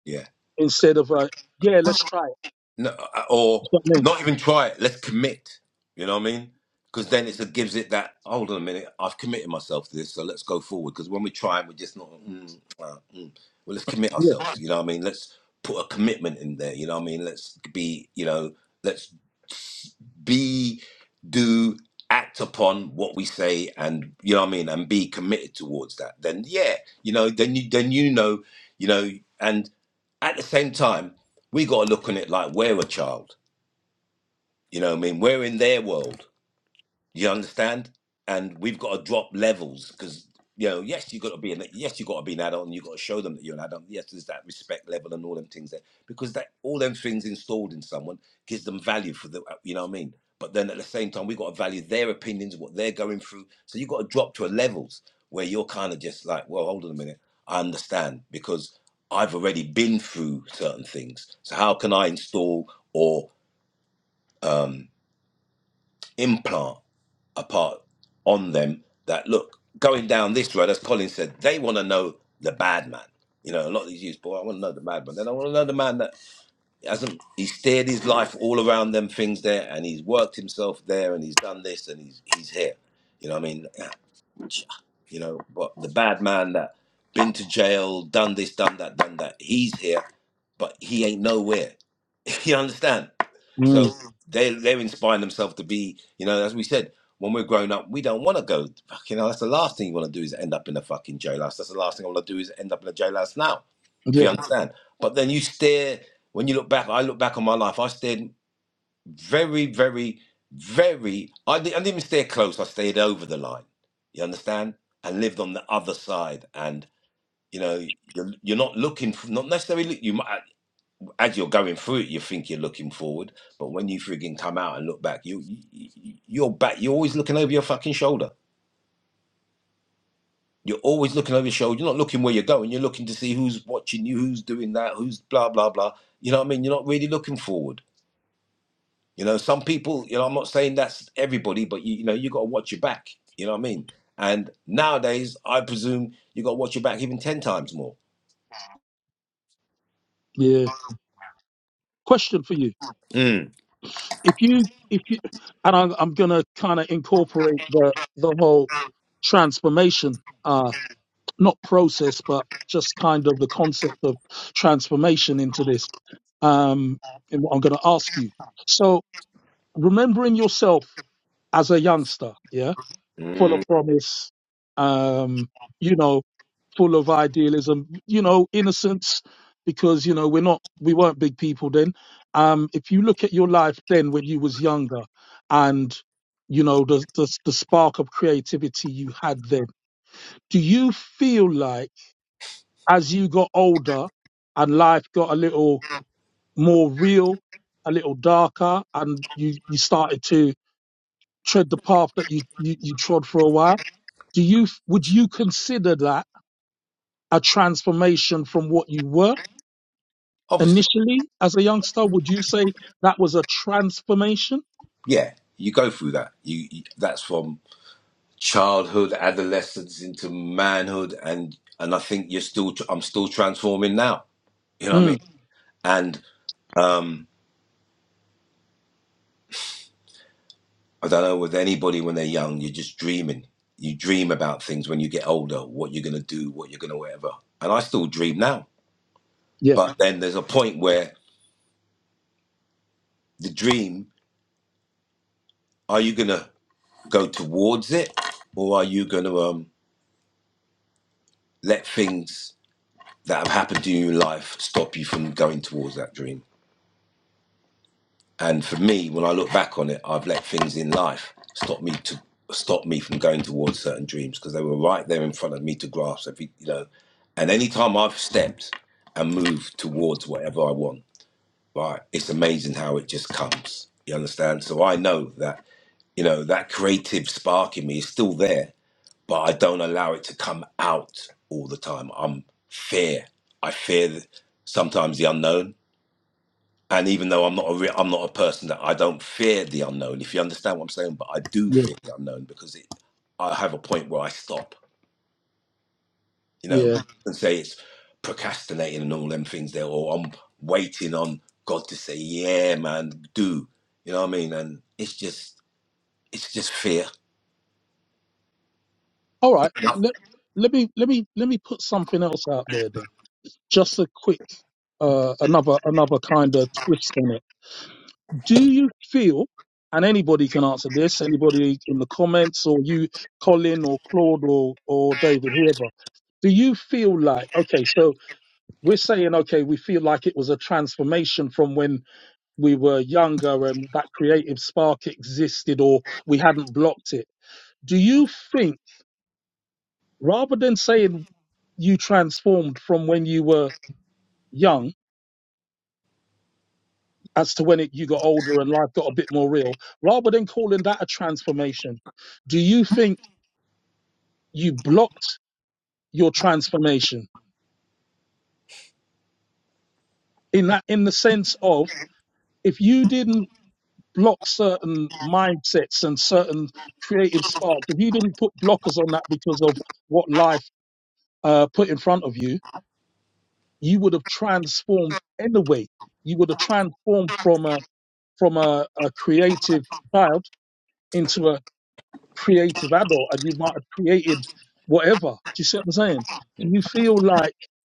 Yeah. instead of a yeah let's try it no, uh, or That's what I mean. not even try it. Let's commit. You know what I mean? Because then it's, it gives it that. Hold on a minute, I've committed myself to this, so let's go forward. Because when we try, we're just not. Mm, uh, mm. Well, let's commit yeah ourselves. You know what I mean? Let's put a commitment in there. You know what I mean? Let's be. You know, let's be, do, act upon what we say, and you know what I mean, and be committed towards that. Then yeah, you know, then you then you know, you know, and at the same time, we got to look on it like we're a child. You know what I mean? We're in their world. You understand? And we've got to drop levels because you know, yes, you got to be an yes, you got to be an adult, and you got to show them that you're an adult. Yes, there's that respect level and all them things there because that all them things installed in someone gives them value for the you know what I mean. But then at the same time, we have got to value their opinions, what they're going through. So you have got to drop to a levels where you're kind of just like, well, hold on a minute, I understand because I've already been through certain things. So how can I install or um, implant a part on them that look going down this road as colin said they want to know the bad man you know a lot of these youths boy i want to know the bad man then i want to know the man that hasn't he steered his life all around them things there and he's worked himself there and he's done this and he's he's here you know what i mean you know. But the bad man that been to jail, done this, done that, done that, he's here, but he ain't nowhere. [LAUGHS] you understand? So mm, Mm. they they're inspiring themselves to be, you know, as we said, when we're grown up, we don't want to go. Fuck, you know, that's the last thing you want to do is end up in a fucking jailhouse. That's the last thing I want to do is end up in a jailhouse now. If you yeah Mm. understand. But then you stare when you look back. I look back on my life. I stared very, very, very. I, di- I didn't even stay close. I stayed over the line. You understand? And lived on the other side. And you know, you're, you're not looking. For, not necessarily. look- You might, as you're going through it, you think you're looking forward, but when you frigging come out and look back, you, you you're back. You're always looking over your fucking shoulder. You're always looking over your shoulder. You're not looking where you're going. You're looking to see who's watching you, who's doing that, who's blah blah blah. You know what I mean? You're not really looking forward. You know, some people, you know, I'm not saying that's everybody, but you, you know, you got to watch your back. You know what I mean? And nowadays, I presume you got to watch your back even 10 times more. yeah question for you Mm. if you if you and i'm, I'm gonna kind of incorporate the the whole transformation uh not process but just kind of the concept of transformation into this um, and what I'm going to ask you. So, remembering yourself as a youngster, yeah, full Mm. of promise, um, you know, full of idealism, you know, innocence, because you know we're not, we weren't big people then. Um, if you look at your life then when you was younger, and you know the, the the spark of creativity you had then, do you feel like as you got older and life got a little more real, a little darker, and you, you started to tread the path that you, you, you trod for a while. Do you would you consider that a transformation from what you were Obviously. initially as a youngster? Would you say that was a transformation? Yeah, you go through that. You, you That's from childhood, adolescence into manhood. And, and I think you're still, I'm still transforming now. You know what I mean? Mm, And, um, I don't know with anybody when they're young, you're just dreaming. You dream about things when you get older, what you're gonna do, what you're gonna whatever. And I still dream now. yeah, But then there's a point where the dream, are you gonna go towards it or are you gonna um let things that have happened to you in life stop you from going towards that dream? And for me, when I look back on it, I've let things in life stop me to stop me from going towards certain dreams because they were right there in front of me to grasp. Every you know, and any time I've stepped and moved towards whatever I want, right, it's amazing how it just comes. You understand? So I know that you know that creative spark in me is still there, but I don't allow it to come out all the time. I'm fear. I fear th- sometimes the unknown and even though I'm not a re- I'm not a person that I don't fear the unknown, if you understand what I'm saying, but I do yeah, fear the unknown because it, I have a point where I stop, you know, yeah. and say it's procrastinating and all them things there, or I'm waiting on God to say, yeah, man, do, you know what I mean? And it's just it's just fear. All right. Let, let me let me let me put something else out there then. Just a quick uh, another another kind of twist on it Do you feel, and anybody can answer this, anybody in the comments, or you, Colin, or Claude, or, or David, whoever, do you feel like, okay, so we're saying, okay, we feel like it was a transformation from when we were younger and that creative spark existed or we hadn't blocked it. Do you think, rather than saying you transformed from when you were young as to when it, you got older and life got a bit more real, rather than calling that a transformation, do you think? you blocked your transformation in that in the sense of if you didn't block certain mindsets and certain creative sparks if you didn't put blockers on that because of what life uh, put in front of you you would have transformed anyway you would have transformed from a from a, a creative child into a creative adult and you might have created whatever do you see what i'm saying do you feel like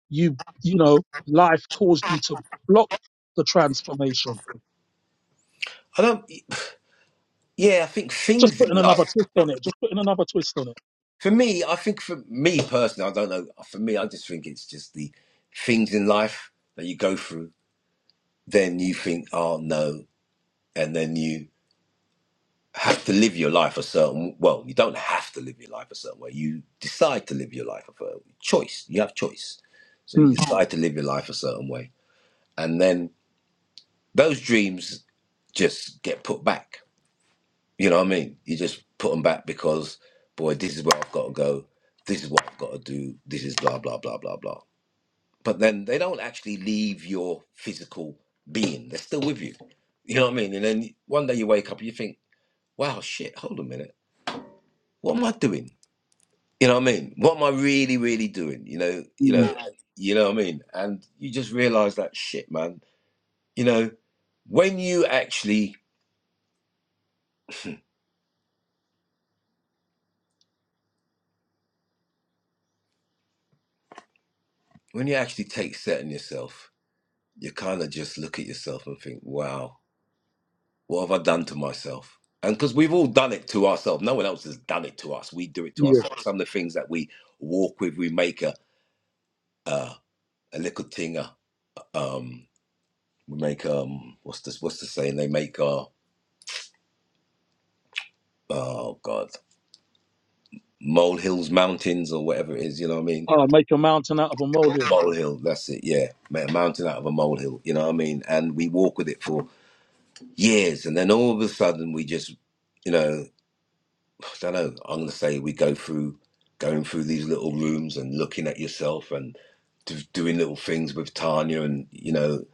you you know life caused you to block the transformation I don't, yeah, I think just things in putting life. another twist on it just putting another twist on it for me, I think for me personally, I don't know. For me, I just think it's just the things in life that you go through. Then you think, oh no, and then you have to live your life a certain. Well, you don't have to live your life a certain way. You decide to live your life a certain choice. You have choice, so you mm, decide to live your life a certain way, and then those dreams just get put back. You know what I mean? You just put them back because, boy, this is where I've got to go. This is what I've got to do. This is blah blah blah blah blah but then they don't actually leave your physical being. They're still with you. You know what I mean? And then one day you wake up and you think, wow, shit, hold a minute. What am I doing? You know what I mean? What am I really, really doing? You know, you mm, know, you know what I mean? And you just realize that shit, man. You know, when you actually when you actually take set in yourself, you kind of just look at yourself and think, wow. What have I done to myself? And because we've all done it to ourselves, no one else has done it to us. We do it to yeah ourselves. Some of the things that we walk with, we make a uh, a little tinger. Um, we make um, what's this? What's the saying? They make uh, oh god, molehills, mountains, or whatever it is. You know what I mean? uh, make a mountain out of a molehill Molehill. That's it. Yeah, make a mountain out of a molehill. You know what I mean? And we walk with it for years, and then all of a sudden we just, you know. I don't know. I'm going to say we go through going through these little rooms and looking at yourself and do, doing little things with Tanya and you know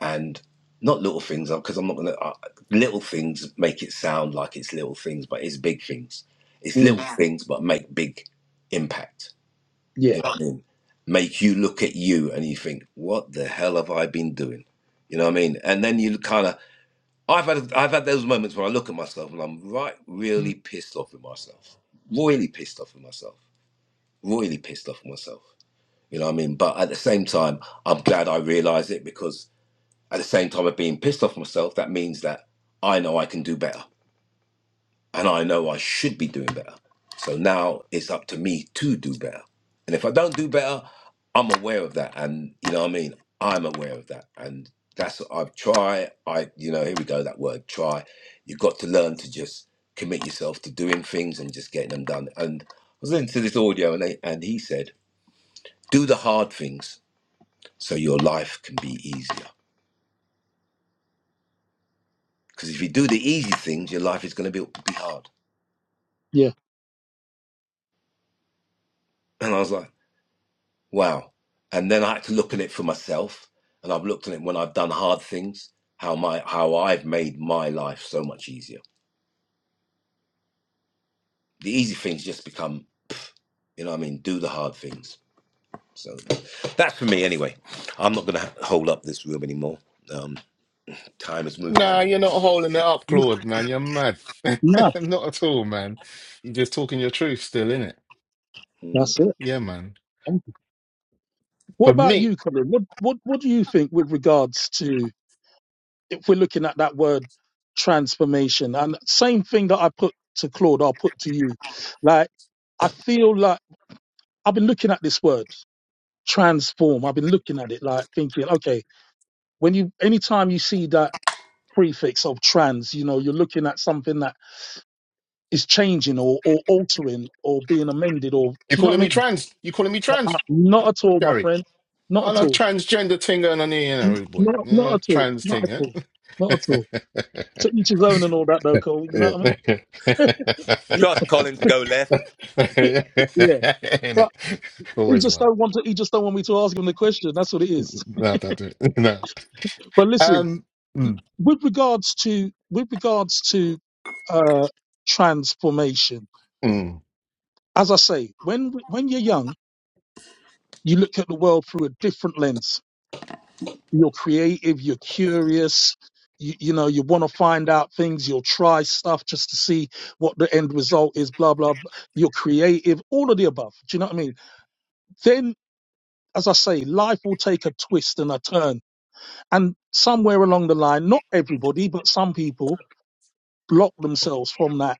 and not little things because I'm not going to uh, little things make it sound like it's little things but it's big things. It's mm, little Yeah. things but make big impact. yeah You know what I mean? Make you look at you and you think, what the hell have I been doing? You know what I mean? And then you kind of I've had I've had those moments when I look at myself and I'm right really pissed off with myself. Royally pissed off with myself. Royally pissed off with myself. You know what I mean? But at the same time, I'm glad I realised it because at the same time of being pissed off with myself, that means that I know I can do better and I know I should be doing better. So now it's up to me to do better. And if I don't do better, I'm aware of that. And you know what I mean? I'm aware of that. And that's what I've tried. I, you know, here we go, that word try. You've got to learn to just commit yourself to doing things and just getting them done. And I was listening to this audio and, they, and he said, do the hard things so your life can be easier. Because if you do the easy things, your life is going to be, be hard. yeah And I was like, Wow. And then I had to look at it for myself. And I've looked at it when I've done hard things, how my how I've made my life so much easier. The easy things just become, you know what I mean, do the hard things. So that's for me anyway. I'm not going to hold up this room anymore. Um, time is moving Nah, on. you're not holding it up, Mm, Claude, man. You're mad. [LAUGHS] no not at all, man. You're just talking your truth still, innit? that's Mm. it Yeah, man. Thank you. what But about you me, Colin? what what what do you think with regards to if we're looking at that word transformation and same thing that i put to claude i'll put to you like i feel like i've been looking at this word transform i've been looking at it like thinking okay when you anytime you see that prefix of trans you know you're looking at something that is changing or, or altering or being amended or do you're you know calling what i me mean trans. You're calling me not, trans, at all my Gary. friend not on at a all transgender thing going on here, you know, boy. not, You not know, at all trans not thing, at eh? all not at all to each his own and [LAUGHS] all that though Cole, you know Yeah. what i [LAUGHS] mean Trust Colin to go left. [LAUGHS] yeah Ain't but it? he Always just one. don't want to he just don't want me to ask him the question that's what it is Not that do [LAUGHS] No. but listen Um, mm, with regards to with regards to uh transformation mm. as i say when when you're young you look at the world through a different lens. You're creative, you're curious, you, you know, you want to find out things, you'll try stuff just to see what the end result is, blah, blah, blah. You're creative, all of the above. Do you know what I mean? Then, as I say, life will take a twist and a turn. And somewhere along the line, not everybody, but some people block themselves from that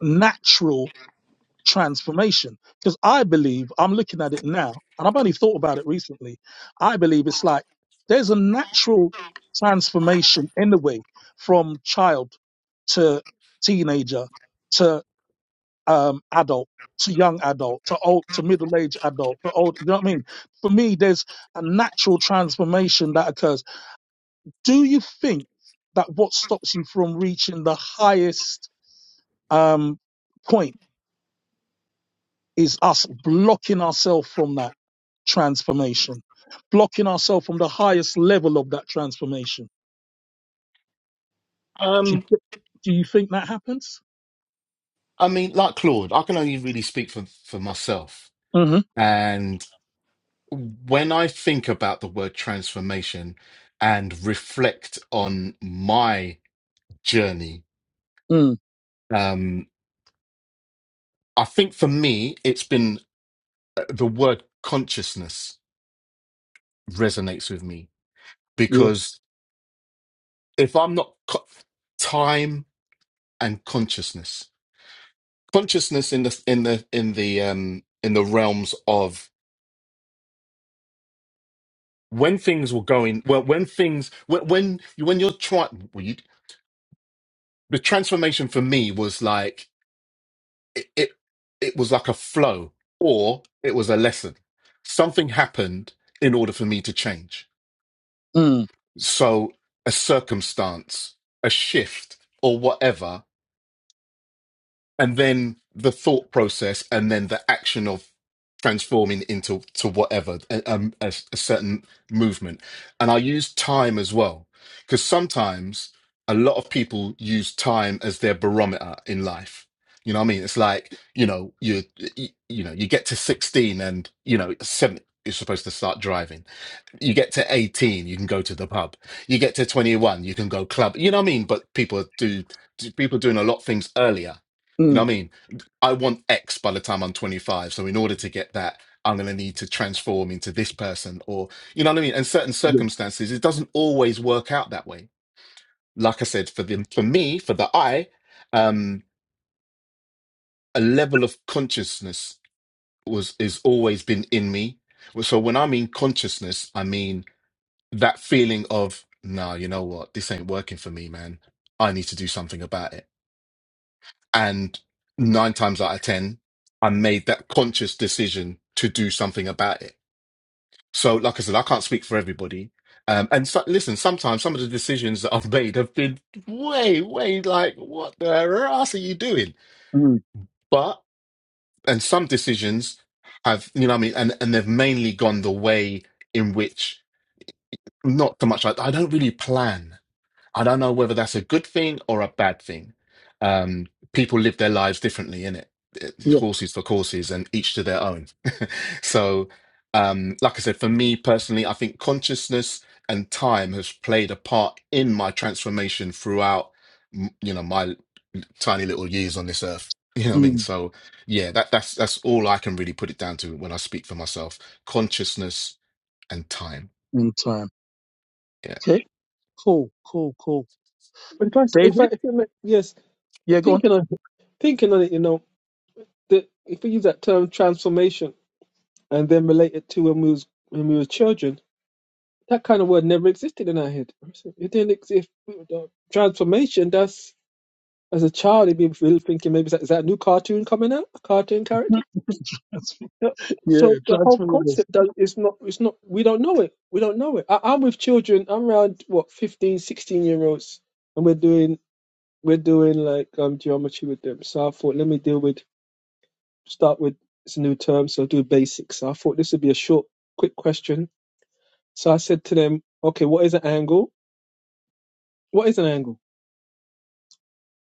natural transformation. Because I believe, I'm looking at it now, and I've only thought about it recently. I believe it's like there's a natural transformation in the way from child to teenager to um, adult to young adult to old to middle aged adult to old. You know what I mean? For me, there's a natural transformation that occurs. Do you think that what stops you from reaching the highest um, point? is us blocking ourselves from that transformation, blocking ourselves from the highest level of that transformation. Do you, um, thi- do you think that happens? I mean, like Claude, I can only really speak for, for myself. Mm-hmm. And when I think about the word transformation and reflect on my journey, Mm, um, I think for me, it's been uh, the word consciousness resonates with me yeah. because if I'm not co- time and consciousness, consciousness in the in the in the um in the realms of when things were going well, when things when when you when you're trying well, you, the transformation for me was like it, it it was like a flow or it was a lesson. Something happened in order for me to change Mm, so a circumstance, a shift, or whatever, and then the thought process, and then the action of transforming into to whatever a, um, a, a certain movement. And I use time as well because sometimes a lot of people use time as their barometer in life. You know what I mean? It's like you know you you, you know you get to sixteen and you know seven. You're supposed to start driving you get to 18, you can go to the pub. You get to 21, you can go club. You know what I mean? But people do, do people doing a lot of things earlier. You know mm, what I mean? I want X by the time I'm 25. So in order to get that, I'm going to need to transform into this person or you know what I mean? And certain yeah. circumstances, it doesn't always work out that way. Like I said, for the for me, for the I, um, a level of consciousness was is always been in me. So when I mean consciousness, I mean that feeling of nah you know what this ain't working for me man i need to do something about it and nine times out of ten i made that conscious decision to do something about it so like i said i can't speak for everybody um, and so, listen sometimes some of the decisions that i've made have been way way like what the ass are you doing Mm, but and some decisions have you know what i mean and, and they've mainly gone the way in which not so much I, I don't really plan I don't know whether that's a good thing or a bad thing. Um, people live their lives differently in it. It's yeah. Horses for courses, and each to their own. [LAUGHS] so, um, like I said, for me personally, I think consciousness and time has played a part in my transformation throughout, m- you know, my tiny little years on this earth. [LAUGHS] You know what I mean? Mm, So, yeah, that, that's that's all I can really put it down to when I speak for myself: consciousness and time. in time. Yeah. Okay. Cool. Cool. Cool. But if I, s- if I, David. if I make- yes, Yeah. Go on. thinking on thinking on it, you know, that if we use that term transformation and then relate it to when we was when we were children, That kind of word never existed in our head. It didn't exist. Transformation, that's as a child, you'd be really thinking maybe is that, is that a new cartoon coming out? A cartoon character? That's- [LAUGHS] Yeah. yeah. So the whole Transform us. concept does, is not, it's not, we don't know it. We don't know it. I, I'm with children, I'm around what, 15, 16 year olds, and we're doing, we're doing like um, geometry with them. So I thought, let me deal with, start with, it's a new term, so do basics. So I thought this would be a short, quick question. So I said to them, okay, what is an angle? What is an angle?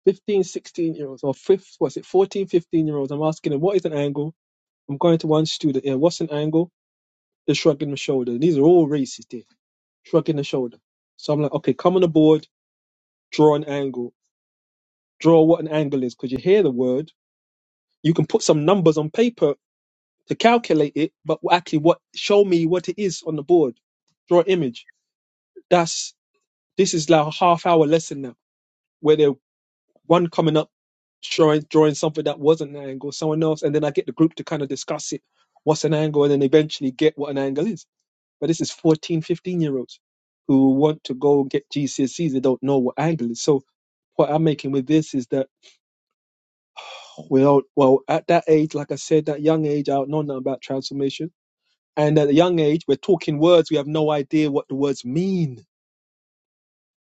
1516 year olds, or fifth, was it 1415 year olds? I'm asking them, what is an angle? I'm going to one student, here. what's an angle? They're shrugging the shoulder. These are all racist here, shrugging the shoulder. So I'm like, okay, come on the board, draw an angle, draw what an angle is, because you hear the word. You can put some numbers on paper to calculate it, but actually, what show me what it is on the board, draw an image. That's this is like a half hour lesson now, where they're one coming up showing drawing something that wasn't an angle, someone else, and then I get the group to kind of discuss it, what's an angle, and then eventually get what an angle is. But this is 1415 year olds who want to go get GCSEs, they don't know what angle is. So what I'm making with this is that we don't. well at that age, like I said, that young age, I don't know nothing about transformation. And at a young age, we're talking words, we have no idea what the words mean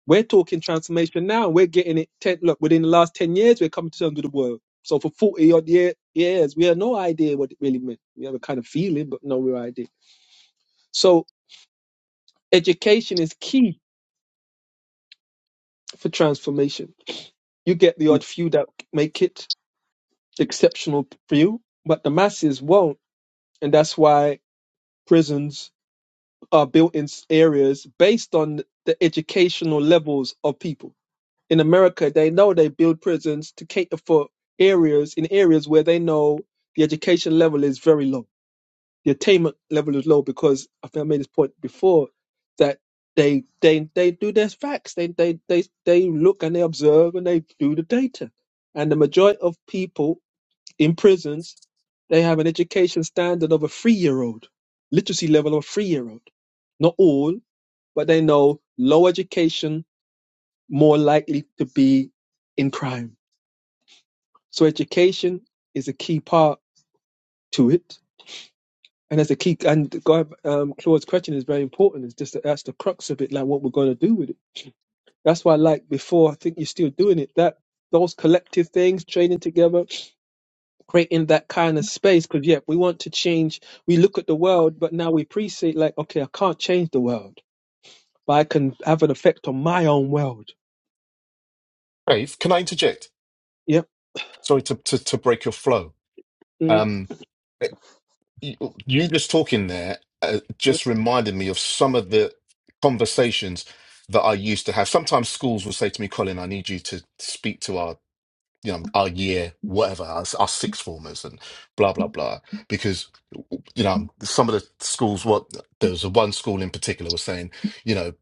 We're talking transformation now. We're getting it. Ten, look, within the last 10 years, we're coming to terms with the word. So for 40 odd year, years, we had no idea what it really meant. We have a kind of feeling, but no real idea. So education is key for transformation. You get the odd few that make it, exceptional few, but the masses won't. And that's why prisons are built in s- areas based on the educational levels of people in America, they know they build prisons to cater for areas in areas where they know the education level is very low, the attainment level is low. Because I think I made this point before that they they they do their facts, they they they they look and they observe and they do the data, and the majority of people in prisons they have an education standard of a three year old, literacy level of a three year old. Not all, but they know low education more likely to be in crime So education is a key part to it, and that's a key. And God, um, Claude's question is very important. It's just that that's the crux of it, like what we're going to do with it. That's why, like before, I think you're still doing it. That those collective things, training together, creating that kind of space. Because yeah, we want to change. We look at the world, but now we appreciate like, okay, I can't change the world, but I can have an effect on my own world. Dave, can I interject? Yep. Sorry to to, to break your flow. Mm, Um, you you just talking there uh, yep. just reminded me of some of the conversations that I used to have. Sometimes schools will say to me, Colin, I need you to speak to our you know, our year, whatever, our, our sixth formers and blah, blah, blah. Because, you know, some of the schools, what there was one school in particular was saying, you know,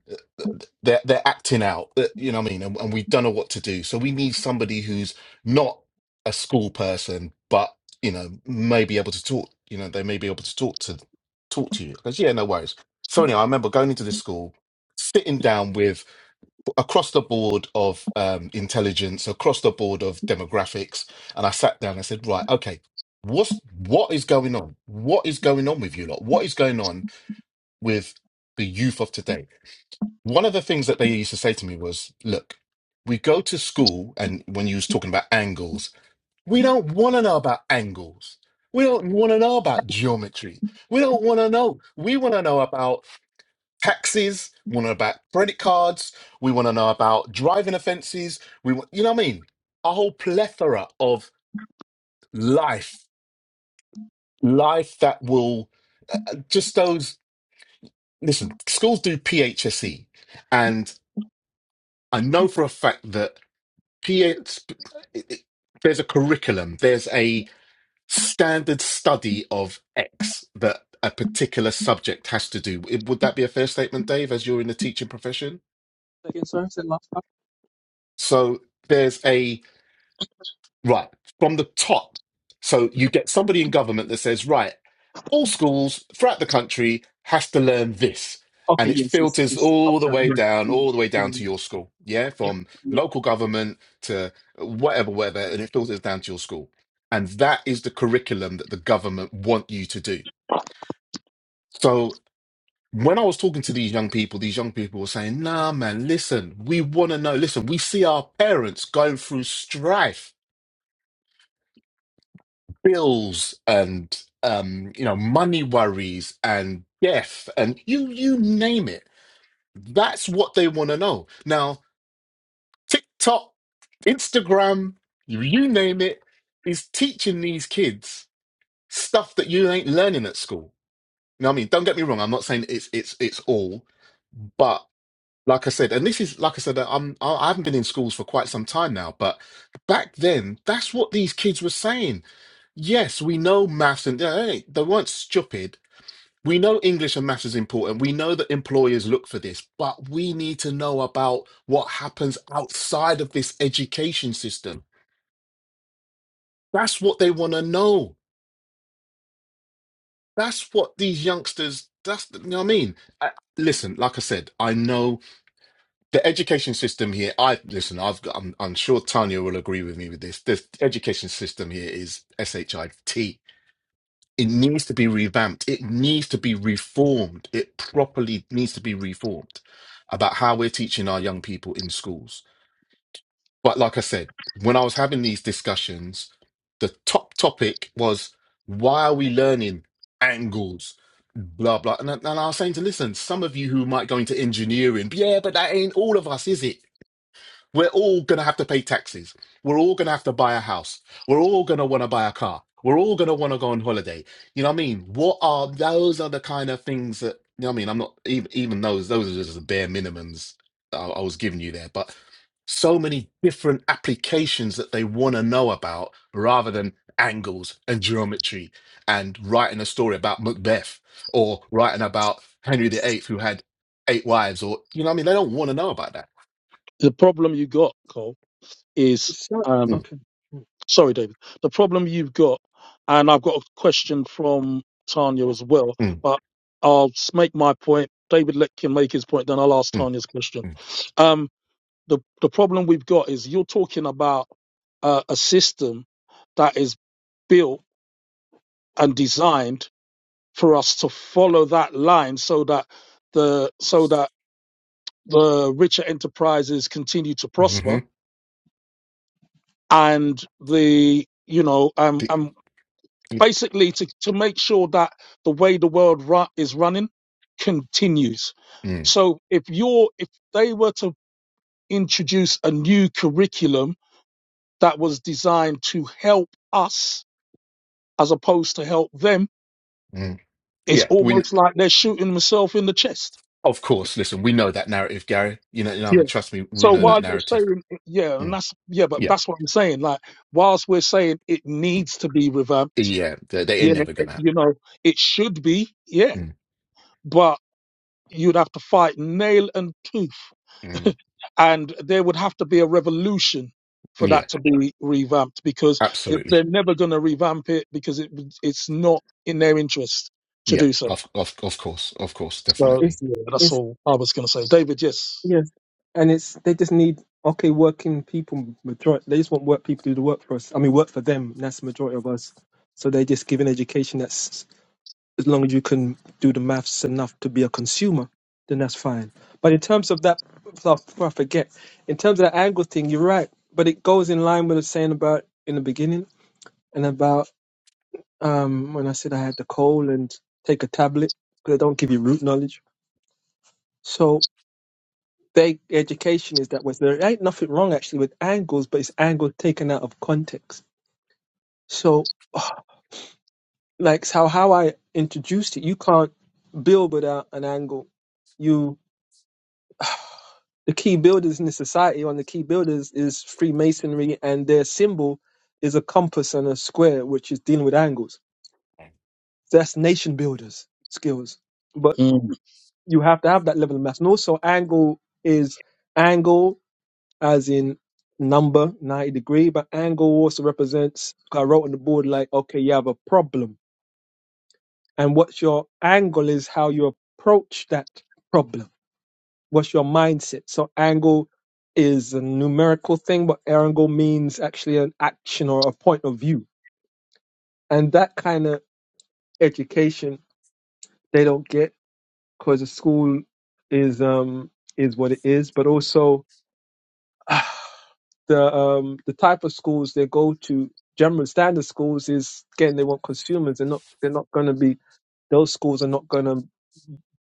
they're, they're acting out, uh, you know what I mean? And, and we don't know what to do. So we need somebody who's not a school person, but, you know, may be able to talk, you know, they may be able to talk to, talk to you. Because, yeah, no worries. So anyway, I remember going into this school, sitting down with across the board of um, intelligence, across the board of demographics, and I sat down and said, right, okay, what's what is going on? What is going on with you lot? What is going on with the youth of today? One of the things that they used to say to me was, look, we go to school, and when you was talking about angles, we don't want to know about angles. We don't want to know about geometry. We don't want to know. We want to know about taxes. We want to know about credit cards. We want to know about driving offences. We want, you know what I mean? A whole plethora of life, life that will uh, uh, just those. Listen, schools do PHSE, and I know for a fact that PH, it- it- there's a curriculum, there's a standard study of X that a particular subject has to do. Would that be a fair statement, Dave? As you're in the teaching profession, Again, sorry, I said last time. so there's a Right. From the top. So you get somebody in government that says, right, all schools throughout the country has to learn this. Okay, And it yes, it's filters it's the top all the round. way Yeah, down, yeah, all the way yeah, down to your school. Yeah. yeah. From yeah. local government to whatever, whatever. And it filters down to your school. And that is the curriculum that the government want you to do. So when I was talking to these young people, these young people were saying, nah, man, listen, we want to know. Listen, we see our parents going through strife bills and um, you know money worries and death and you you name it. That's what they want to know. Now TikTok, Instagram, you, you name it, is teaching these kids stuff that you ain't learning at school. You know what I mean? Don't get me wrong. I'm not saying it's it's it's all, but like I said, and this is like I said, I'm I I haven't been in schools for quite some time now, but back then, that's what these kids were saying. Yes, we know maths and yeah, hey, they weren't stupid. We know English and maths is important. We know that employers look for this, but we need to know about what happens outside of this education system. That's what they want to know. That's what these youngsters. That's you know what I mean. I, listen, like I said, I know the education system here i listen i've got I'm, I'm sure tanya will agree with me with this the education system here is shit it needs to be revamped it needs to be reformed it properly needs to be reformed about how we're teaching our young people in schools but like i said when i was having these discussions the top topic was why are we learning angles blah blah and, I- and i was saying to listen some of you who might go into engineering yeah but that ain't all of us is it we're all going to have to pay taxes. We're all going to have to buy a house. We're all going to want to buy a car. We're all going to want to go on holiday. You know what I mean? What are those are the kind of things that, you know what I mean? I'm not even, even those, those are just the bare minimums I, I was giving you there. But so many different applications that they want to know about rather than angles and geometry and writing a story about Macbeth or writing about Henry the Eighth who had eight wives or, you know what I mean? They don't want to know about that. The problem you got, Cole, is So Mm, okay, Sorry, David. The problem you've got, and I've got a question from Tanya as well, mm, but I'll s- make my point. David let can make his point, then I'll ask mm. Tanya's question. Mm. Um, the the problem we've got is you're talking about uh, a system that is built and designed for us to follow that line, so that the so that the richer enterprises continue to Mm-hmm. prosper, and the you know um, and basically to, to make sure that the way the world ru- is running continues. Mm, So if you're if they were to introduce a new curriculum that was designed to help us as opposed to help them, mm. it's Yeah, we kn- almost like they're shooting themselves in the chest. of course. Listen, we know that narrative, Gary. You know, you know what I Yeah. mean. Trust me, we So know Mm. that while you're narrative. saying yeah, and Mm, that's yeah, but yeah, that's what I'm saying. Like whilst we're saying it needs to be revamped, yeah. They, they ain't yeah, never it- gonna you happen. know, it should be, yeah. Mm, But you'd have to fight nail and tooth. mm, And there would have to be a revolution for yeah, that to be revamped because if absolutely. they're never going to revamp it because it, it's not in their interest to Yeah, do so. of of of course, of course, So definitely. it's yeah, that's it's all I was going to say. David, yes. yes, and it's they just need okay working people. Majority they just want work people to do the work for us. I mean, work for them. That's the majority of us. So they just give an education that's as long as you can do the maths enough to be a consumer, then that's fine. But in terms of that, so before I forget, in terms of that angle thing, you're right. But it goes in line with the saying about in the beginning and about um when I said I had the cold and take a tablet because they don't give you root knowledge. So their education is that was there ain't nothing wrong actually with angles, but it's angles taken out of context. So, [SIGHS] like how how I introduced it, you can't build without an angle. You the key builders in the society, one of the key builders is Freemasonry, and their symbol is a compass and a square, which is dealing with angles. That's nation builders skills, but Mm. you have to have that level of mass. And also, angle is angle as in number 90 degree but angle also represents i wrote on the board like okay you have a problem and what your angle is how you approach that problem what's your mindset so angle is a numerical thing but angle means actually an action or a point of view and that kind of education they don't get because the school is um is what it is but also [SIGHS] the um the type of schools they go to general standard schools is again they want consumers they're not they're not going to be those schools are not going to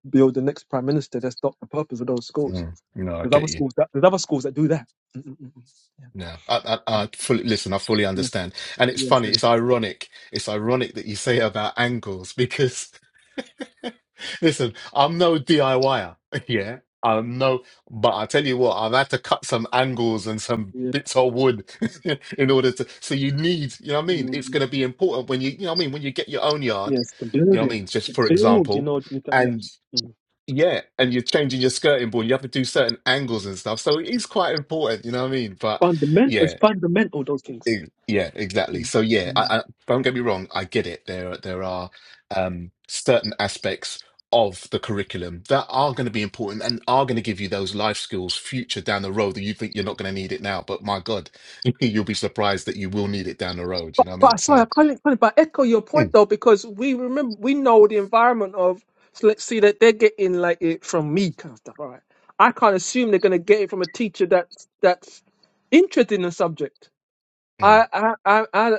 build the next prime minister that's not the purpose of those schools Mm, no, I there's other get you. schools that there's other schools that do that Mm, mm, mm, mm. yeah No, I, I I fully listen. I fully yeah understand. And it's yes funny. and- It's ironic. It's ironic that you say about angles because. [LAUGHS] Listen, I'm no DIYer. [LAUGHS] Yeah, I'm no, but I tell you what, I've had to cut some angles and some yes bits of wood [LAUGHS] in order to. So you need, you know what I mean? It's mm, going to be important when you, you know what I mean, when you get your own yard, yes the you know what I building mean? Just the for build you example, know you can- and yes. Mm, yeah, mm. and you're changing your skirting board, you have to do certain angles and stuff. So it is quite important, you know what I mean? But fundamental yeah. it's fundamental those things Ex- Yeah, exactly. Mm. So yeah, mm. I, I, don't get me wrong. I get it. There, there are um, certain aspects of the curriculum that are going to be important and are going to give you those life skills future down the road that you think you're not going to need it now. But my God, [LAUGHS] you'll be surprised that you will need it down the road. You But, know what I mean? but sorry, I So, can not couldn't but echo your point mm, though, because we remember we know the environment of so let's see that they're getting like it from me kind of stuff. All right. I can't assume they're gonna get it from a teacher that's that's interested in the subject. mm, I I I I,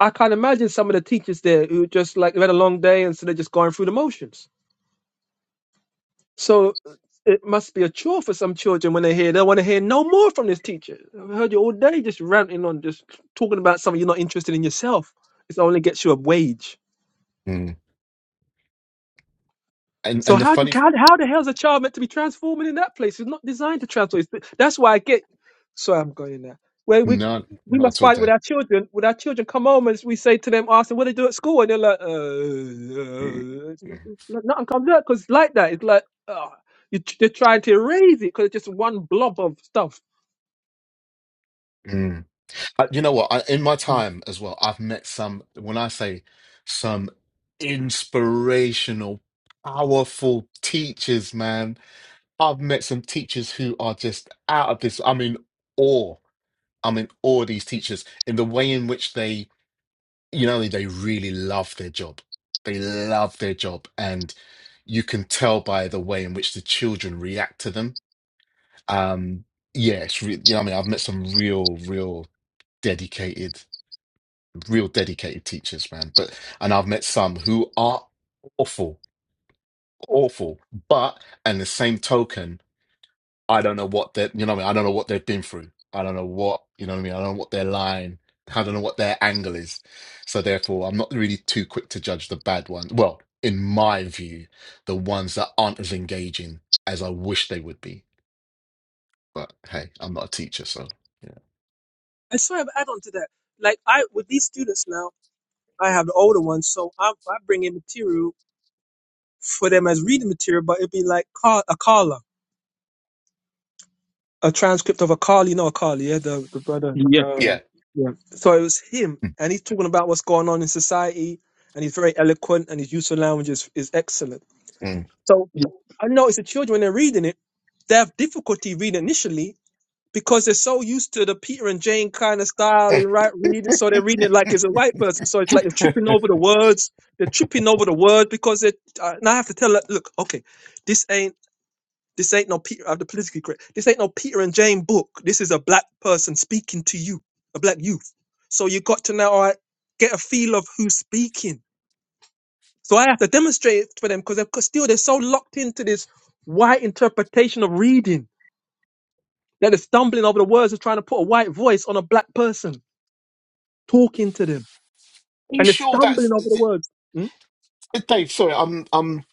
I can't imagine some of the teachers there who just like they've had a long day and so they're just going through the motions. So it must be a chore for some children when they hear they want to hear no more from this teacher. I've heard you all day just ranting on just talking about something you're not interested in yourself. It only gets you a wage. mm. and So and the how do funny, how, how the hell is a child meant to be transforming in that place? It's not designed to transform. It's- that's why I get. So I'm going there. Where we no, we not must at all, fight with Dave. our children. With our children, come home and we say to them, ask them what they do at school, and they're like, uh, uh, Mm, it's- mm, it's- nothing comes out because it's like that. It's like uh, you, they're trying to erase it because it's just one blob of stuff. mm. I, you know what? I, in my Mm. time as well, I've met some, when I say some inspirational, powerful teachers, man. I've met some teachers who are just out of this. I'm in awe. I'm in awe of these teachers in the way in which they, you know, they really love their job. They love their job. And you can tell by the way in which the children react to them. Um, yeah, it's re- you know, what I mean, I've met some real, real dedicated. real dedicated teachers, man. But and I've met some who are awful, awful. But and the same token, I don't know what they you know what I mean? I don't know what they've been through. I don't know what you know what I mean. I don't know what their line. I don't know what their angle is. So therefore, I'm not really too quick to judge the bad ones. Well, in my view, the ones that aren't as engaging as I wish they would be. But hey, I'm not a teacher, so I sort of add on to that. Like I with these students now, I have the older ones, so I I bring in material for them as reading material, but it'd be like call, a caller. a transcript of Akali, no Akali, yeah, the, the brother. Yeah. yeah. Um, yeah. So it was him, Yeah. and he's talking about what's going on in society, and he's very eloquent, and his use of language is, is excellent. Mm. So Yeah. I noticed the children, when they're reading it, they have difficulty reading initially because they're so used to the Peter and Jane kind of style in right reading. So they're reading it like [LAUGHS] it's a white person. So it's like they're Are tripping over the words. They're tripping over the words because they. Uh, and I have to tell, her, look, okay, this ain't. This ain't no Peter. I'm the politically correct. This ain't no Peter and Jane book. This is a black person speaking to you, a black youth. So you got to now all right, get a feel of who's speaking. So I have to demonstrate it for them because still they're so locked into this white interpretation of reading that they're stumbling over the words of trying to put a white voice on a black person talking to them, you and they're sure stumbling over that's? the words. Mm, Hey, Dave, sorry, I'm I'm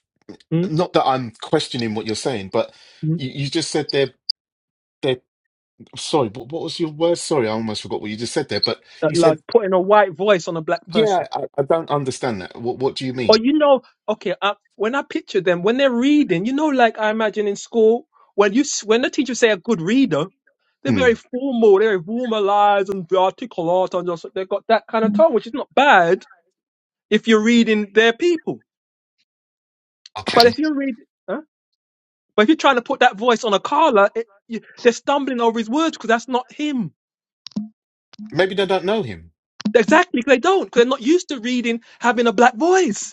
mm, not that I'm questioning what you're saying, but mm. you, you just said they're they're sorry, but what was your word? Sorry, I almost forgot what you just said there. But Like you said, like putting a white voice on a black person. yeah, I, I don't understand that. What what do you Or mean? you know, okay, I, when I picture them, when they're reading, you know, like I imagine in school, when you s- when the teacher say a good reader, they're very Mm, formal, they're formalized and articulate, and just they've got that kind of tone, which is not bad if you're reading their people. But okay, if you're reading, huh? but if you're trying to put that voice on a Carla, it, you, they're stumbling over his words because that's not him. maybe they don't know him. Exactly, 'cause they don't, because they're not used to reading having a black voice.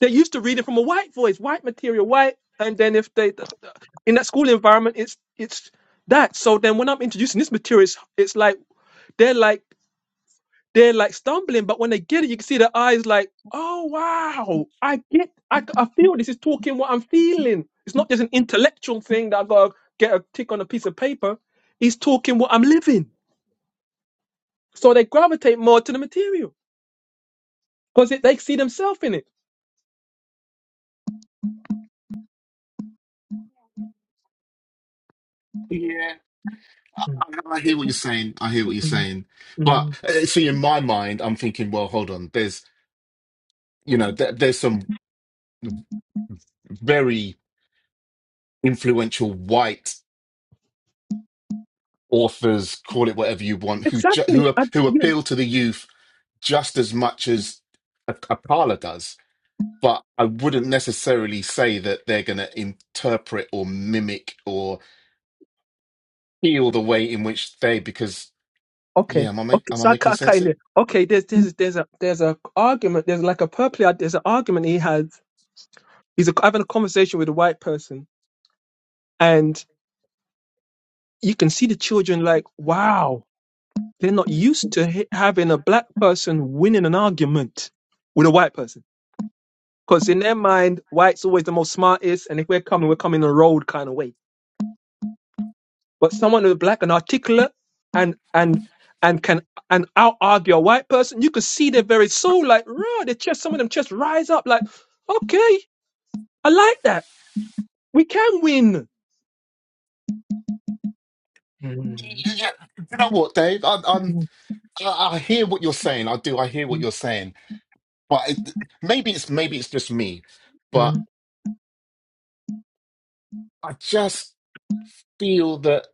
They're used to reading from a white voice, white material, white. And then if they th- th- in that school environment, it's it's that. So then when I'm introducing this material, it's, it's like they're like they're like stumbling, but when they get it, you can see their eyes like, oh wow, I get, I, I feel this is talking what I'm feeling. It's not just an intellectual thing that I gotta get a tick on a piece of paper. It's talking what I'm living. So they gravitate more to the material because they see themselves in it. Yeah, I, Mm, I hear what you're saying. I hear what you're mm, saying. But mm. uh, see, in my mind, I'm thinking, well, hold on. There's you know, there, there's some very influential white authors, call it whatever you want, who ju- Exactly. who ap- I, who yeah. appeal to the youth just as much as a, a parlor does. But I wouldn't necessarily say that they're going to interpret or mimic or feel the way in which they. Because yeah, Okay. am I make, Okay. am I So I, ca- making I sense kind here? of okay. There's there's there's a there's a argument. There's like a purple. There's an argument he has. He's a, having a conversation with a white person, and you can see the children like, wow, they're not used to h- having a black person winning an argument with a white person because in their mind, white's always the most smartest, and if we're coming, we're coming the road kind of way But someone who's black and articulate and and and can and out argue a white person, you could see their very soul, like raw, their chest, some of them chest rise up like, okay, I like that. We can win. Mm, Yeah. You know what, Dave? I, I'm mm, I, I hear what you're saying. I do. I hear what mm, you're saying. But it, maybe it's maybe it's just me. But mm. I just feel that.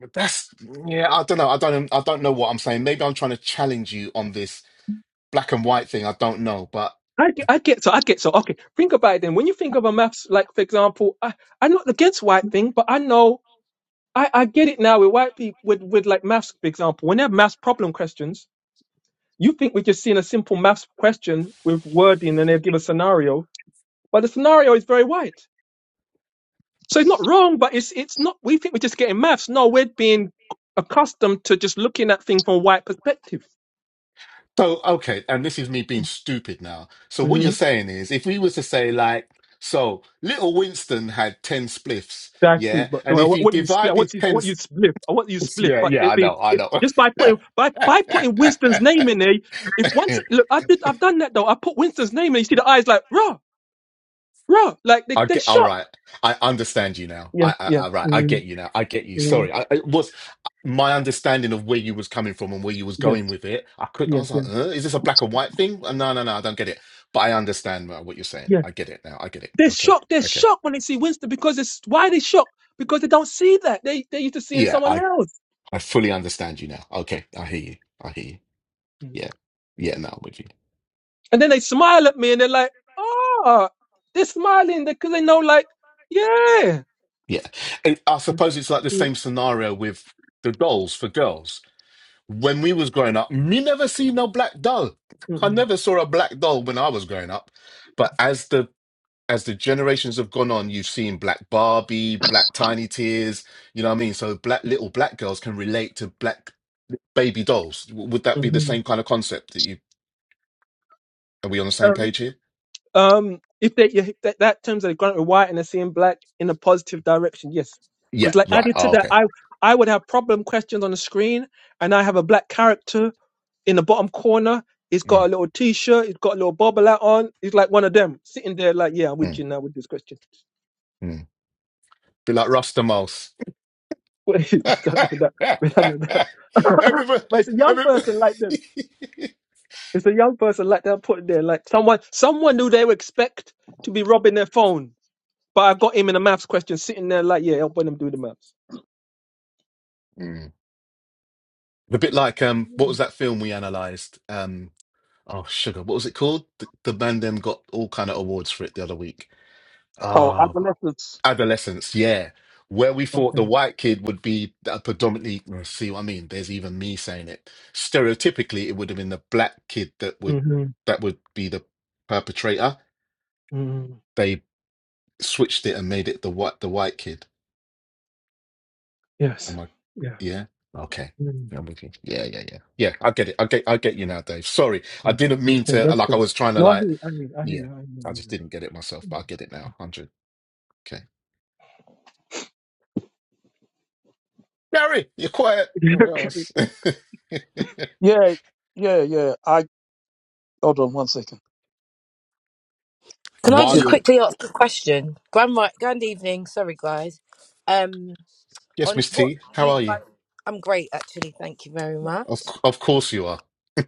But that's yeah. I don't know. I don't. I don't know what I'm saying. Maybe I'm trying to challenge you on this black and white thing. I don't know. But I get, I get so I get so okay. Think about it then. When you think of a maths, like for example, I, I'm not against white thing, but I know I, I get it now with white people with, with like maths, for example. When they have maths problem questions, you think we're just seeing a simple maths question with wording and they give a scenario But the scenario is very wide. So it's not wrong, but it's it's not we think we're just getting maths. No, we're being accustomed to just looking at things from a white perspective. so okay. And this is me being stupid now. So what you're hmm saying is, if we was to say like, so little Winston had ten spliffs, Exactly, yeah, but No, and I if want I he want you to split. I divided want you. I ten, want you s- to split. I want you to split. yeah, But yeah, it I be know, it, just by putting by by putting Winston's I name in there. If once know. [LAUGHS] look, I did. I've done that though. I put Winston's name in. You see the eyes like raw, raw, like they I they get all shocked. right. I understand you now. yeah, I, I, yeah, I right. I mm get you now. I get you. mm, Sorry. I, it was my understanding of where you was coming from and where you was yes, going with it. I couldn't. I yes, was yes. like, uh, is this a black and white thing? Uh, No, no, no. I don't get it. But I understand now what you're saying. yes, I get it now. I get it. They're Okay. shocked. They're Okay. shocked when they see Winston because it's why they shocked because they don't see that. They they used to seeing Yeah. someone I else, I fully understand you now. Okay. I hear you. I hear you. Mhm. Yeah. Yeah. Now I'm with you. and then they smile at me and they're like, "Oh, they're smiling because they know, like, yeah." Yeah. And I suppose it's like the same scenario with the dolls for girls when we was growing up, me never see no black doll. I Mhm. never saw a black doll when I was growing up. But as the as the generations have gone on, you've seen black Barbie, black Tiny Tears. You know what I mean? So black little black girls can relate to black baby dolls. W- Would that be the Mhm. same kind of concept that you? Are we on the same Um, page here? um, if they yeah, if that, that terms are gone white and they're seeing black in a positive direction, yes. Yeah. Because like Right. added to Oh, that, okay. I I would have problem questions on the screen, and I have a black character. in the bottom corner. He's got Mm, a little t-shirt. He's got a little bobble hat on. He's like one of them sitting there, like, yeah, I'm with mm, you now with this question. mm. Be like Rasta Rustamos. [LAUGHS] I don't know that. [LAUGHS] I don't know that. [LAUGHS] [LAUGHS] everybody, but it's a young everybody. person like them. It's a young person like that put there, like someone, someone who they would expect to be robbing their phone. But I got him in a maths question, sitting there, like, yeah, helping them do the maths. [LAUGHS] A bit like um, what was Mm. that film we analysed? Um, oh sugar, what was it called? The, the man them got all kind of awards for it the other week. Oh, Ah, adolescence. adolescence, yeah. Where we thought the Okay. white kid would be a predominantly, well, see what I mean? There's even me saying it. Stereotypically, it would have been the black kid that would Mhm. that would be the perpetrator. Mhm. They switched it and made it the white the white kid. Yes. am I? Yeah. yeah, okay. Mm. I'm with you. Yeah, yeah, yeah. Yeah, I get it. I get I get you now, Dave. Sorry. I Yeah. didn't That's mean cool. to That's like I cool. was trying to No, I like hear you. I hear you. I hear yeah. you. I hear I just didn't you. get it myself, but I get it now. one Hundred. Okay. Gary, you're quiet Mhm. or [LAUGHS] else. [LAUGHS] Yeah, yeah, yeah. I hold on one second. Can I While Yeah. just you're quickly ask a question? Grand, ri- grand evening. Sorry, guys. Um, Yes, on Miss what T, how you are you? guys, I'm great actually. Thank you very Of much. c- of course you are.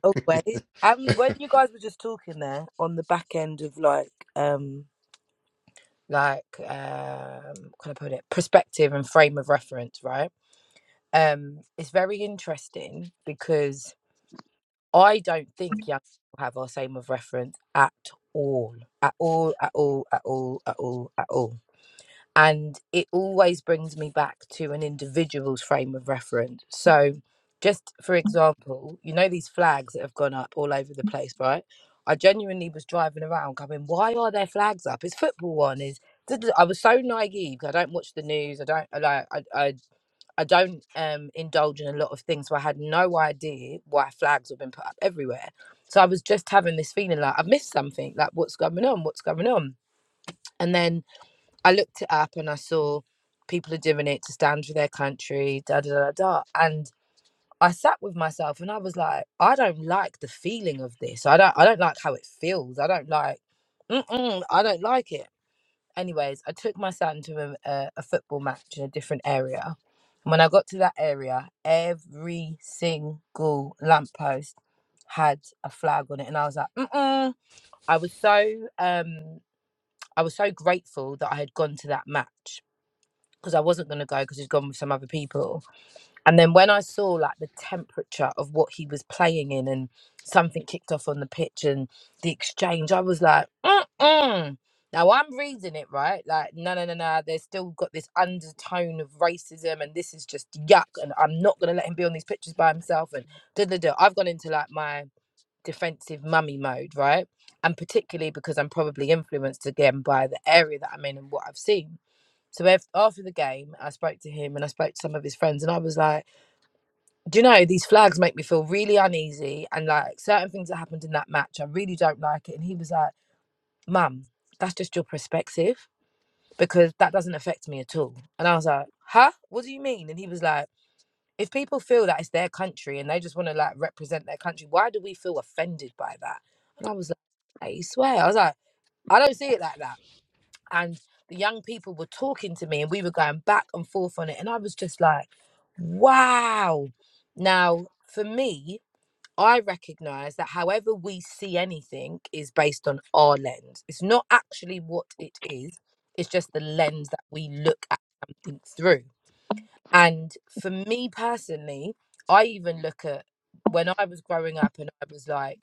Always. [LAUGHS] Um, when you I guys were just talking there on the back end of like, um, like, um, can I put it? Perspective and frame of reference, right? Um, it's very interesting because I don't think young people have our frame of reference at all, at all, at all, at all, at all, at all. and it always brings me back to an individual's frame of reference. So, just for example, you know, these flags that have gone up all over the place, right? I genuinely was driving around going, why are there flags up? Is football on? Is duh, duh, duh. I was so naive. I don't watch the news. I don't I like. I, I I don't um, indulge in a lot of things, so I had no idea why flags have been put up everywhere. So I was just having this feeling like I've missed something. Like what's going on? What's going on? And then I looked it up and I saw people are doing it to stand for their country, da da da da. And I sat with myself and I was like, I don't like the feeling of this. I don't I don't like how it feels. I don't like mm-mm, I don't like it. Anyways, I took my son to a, a, a football match in a different area. And when I got to that area, every single lamppost had a flag on it. And I was like, mm-mm. I was so um I was so grateful that I had gone to that match because I wasn't going to go because he's gone with some other people. And then when I saw like the temperature of what he was playing in and something kicked off on the pitch and the exchange, I was like, mm now I'm reading it right. Like, no, no, no, no. There's still got this undertone of racism and this is just yuck. And I'm not going to let him be on these pictures by himself. And da da da. I've gone into like my defensive mummy mode, right? And particularly because I'm probably influenced again by the area that I'm in and what I've seen. So after the game, I spoke to him and I spoke to some of his friends, and I was like, "Do you know these flags make me feel really uneasy?" And like certain things that happened in that match, I really don't like it. And he was like, "Mum, that's just your perspective because that doesn't affect me at all." And I was like, "Huh? What do you mean?" And he was like, "If people feel that it's their country and they just want to like represent their country, why do we feel offended by that?" And I was like, "I swear," I was like, "I don't see it like that." and the young people were talking to me and we were going back and forth on it and i was just like wow now for me i recognize that however we see anything is based on our lens it's not actually what it is it's just the lens that we look at something through and for me personally i even look at when i was growing up and i was like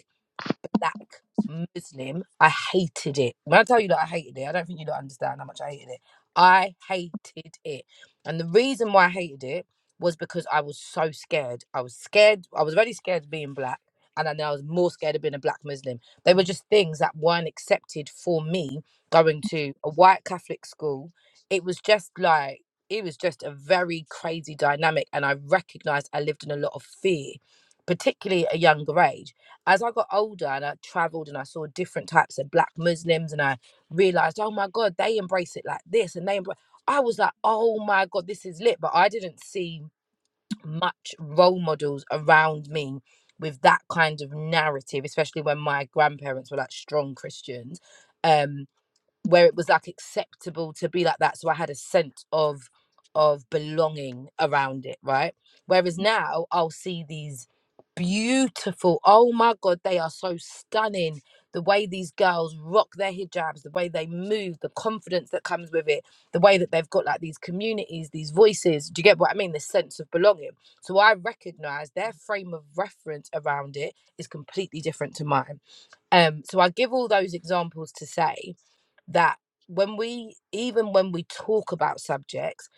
black Muslim. I hated it. When I tell you that I hated it, I don't think you don't understand how much I hated it. I hated it. And the reason why I hated it was because I was so scared. I was scared. I was really scared of being black. And then I was more scared of being a black Muslim. They were just things that weren't accepted for me going to a white Catholic school. It was just like, it was just a very crazy dynamic. And I recognized I lived in a lot of fear, particularly at a younger age as I got older and I traveled and I saw different types of black Muslims and I realized, oh my God, they embrace it like this and they embrace. I was like, oh my God, this is lit. But I didn't see much role models around me with that kind of narrative, especially when my grandparents were like strong Christians. Um, where it was like acceptable to be like that so i had a sense of of belonging around it right whereas now i'll see these beautiful oh my god they are so stunning the way these girls rock their hijabs the way they move the confidence that comes with it the way that they've got like these communities these voices do you get what i mean the sense of belonging so i recognize their frame of reference around it is completely different to mine um so i give all those examples to say that when we even when we talk about subjects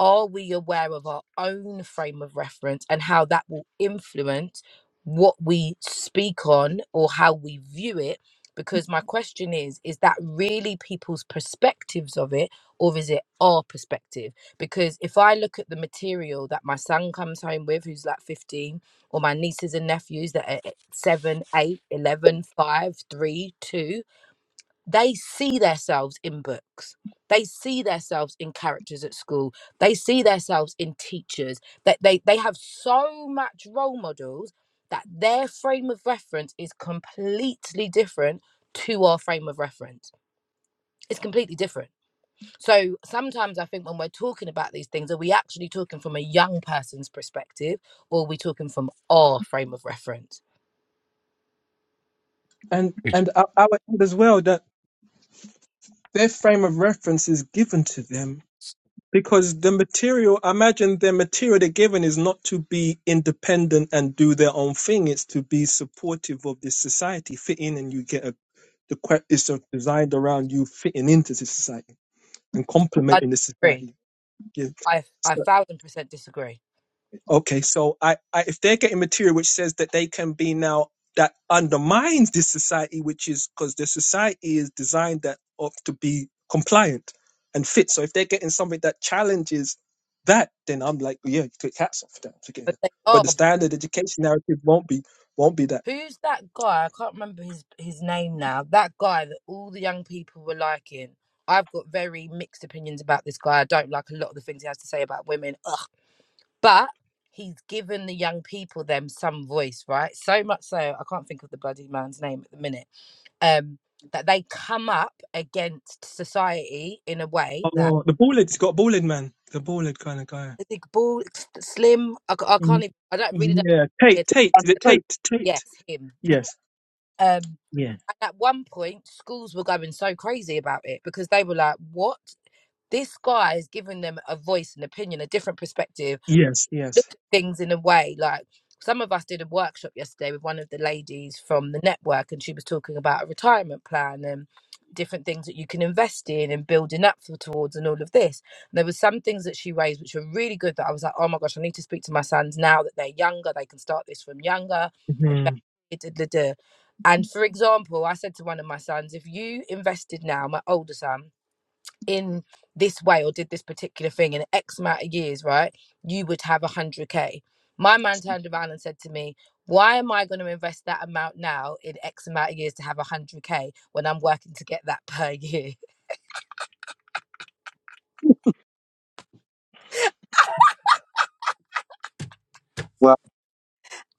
are we aware of our own frame of reference and how that will influence what we speak on or how we view it because my question is is that really people's perspectives of it or is it our perspective because if i look at the material that my son comes home with who's like 15 or my nieces and nephews that are eh, eh, 7 eight, eleven, five, three, two they see themselves in books they see themselves in characters at school they see themselves in teachers that they, they have so much role models that their frame of reference is completely different to our frame of reference it's completely different so sometimes i think when we're talking about these things are we actually talking from a young person's perspective or are we talking from our frame of reference and and I, I would add as well that their frame of reference is given to them because the material, I imagine the material they're given is not to be independent and do their own thing. It's to be supportive of this society, fit in, and you get a the que- is sort of designed around you fitting into the society and i complementing the disagree society. Yeah. i, I one So, thousand percent disagree Okay, so I, I if they're getting material which says that they can be now that undermines this society, which is because the society is designed that of to be compliant and fit. So if they're getting something that challenges that, then I'm like, yeah, you take hats off them together. But they But are. the but standard education narrative won't be won't be that. Who's that guy? I can't remember his his name now. That guy that all the young people were liking. I've got very mixed opinions about this guy. I don't like a lot of the things he has to say about women. Ugh. But he's given the young people them some voice, right? So much so I can't think of the bloody man's name at the minute. Um, that they come up against society in a way that Oh, the ballad has got ballad, man, the ballad kind of guy. I think ball slim. I, I can't Mm, even. I don't really don't. know Yeah, Tate, Tate, is it Hey. Tate, Yes, Tate? him. Yes, Um, yeah, and at one point, schools were going so crazy about it because they were like, "What? This guy is giving them a voice, an opinion, a different perspective." yes, look yes. at things in a way like some of us did a workshop yesterday with one of the ladies from the network and she was talking about a retirement plan and different things that you can invest in and building up for, towards and all of this and there were some things that she raised which were really good that i was like oh my gosh i need to speak to my sons now that they're younger they can start this from younger invest- da, da, da. and for example i said to one of my sons if you invested now my older son in this way or did this particular thing in X amount of years, right, you would have 100K. My man turned around and said to me, Why am I going to invest that amount now in X amount of years to have 100K when I'm working to get that per year? [LAUGHS] Well,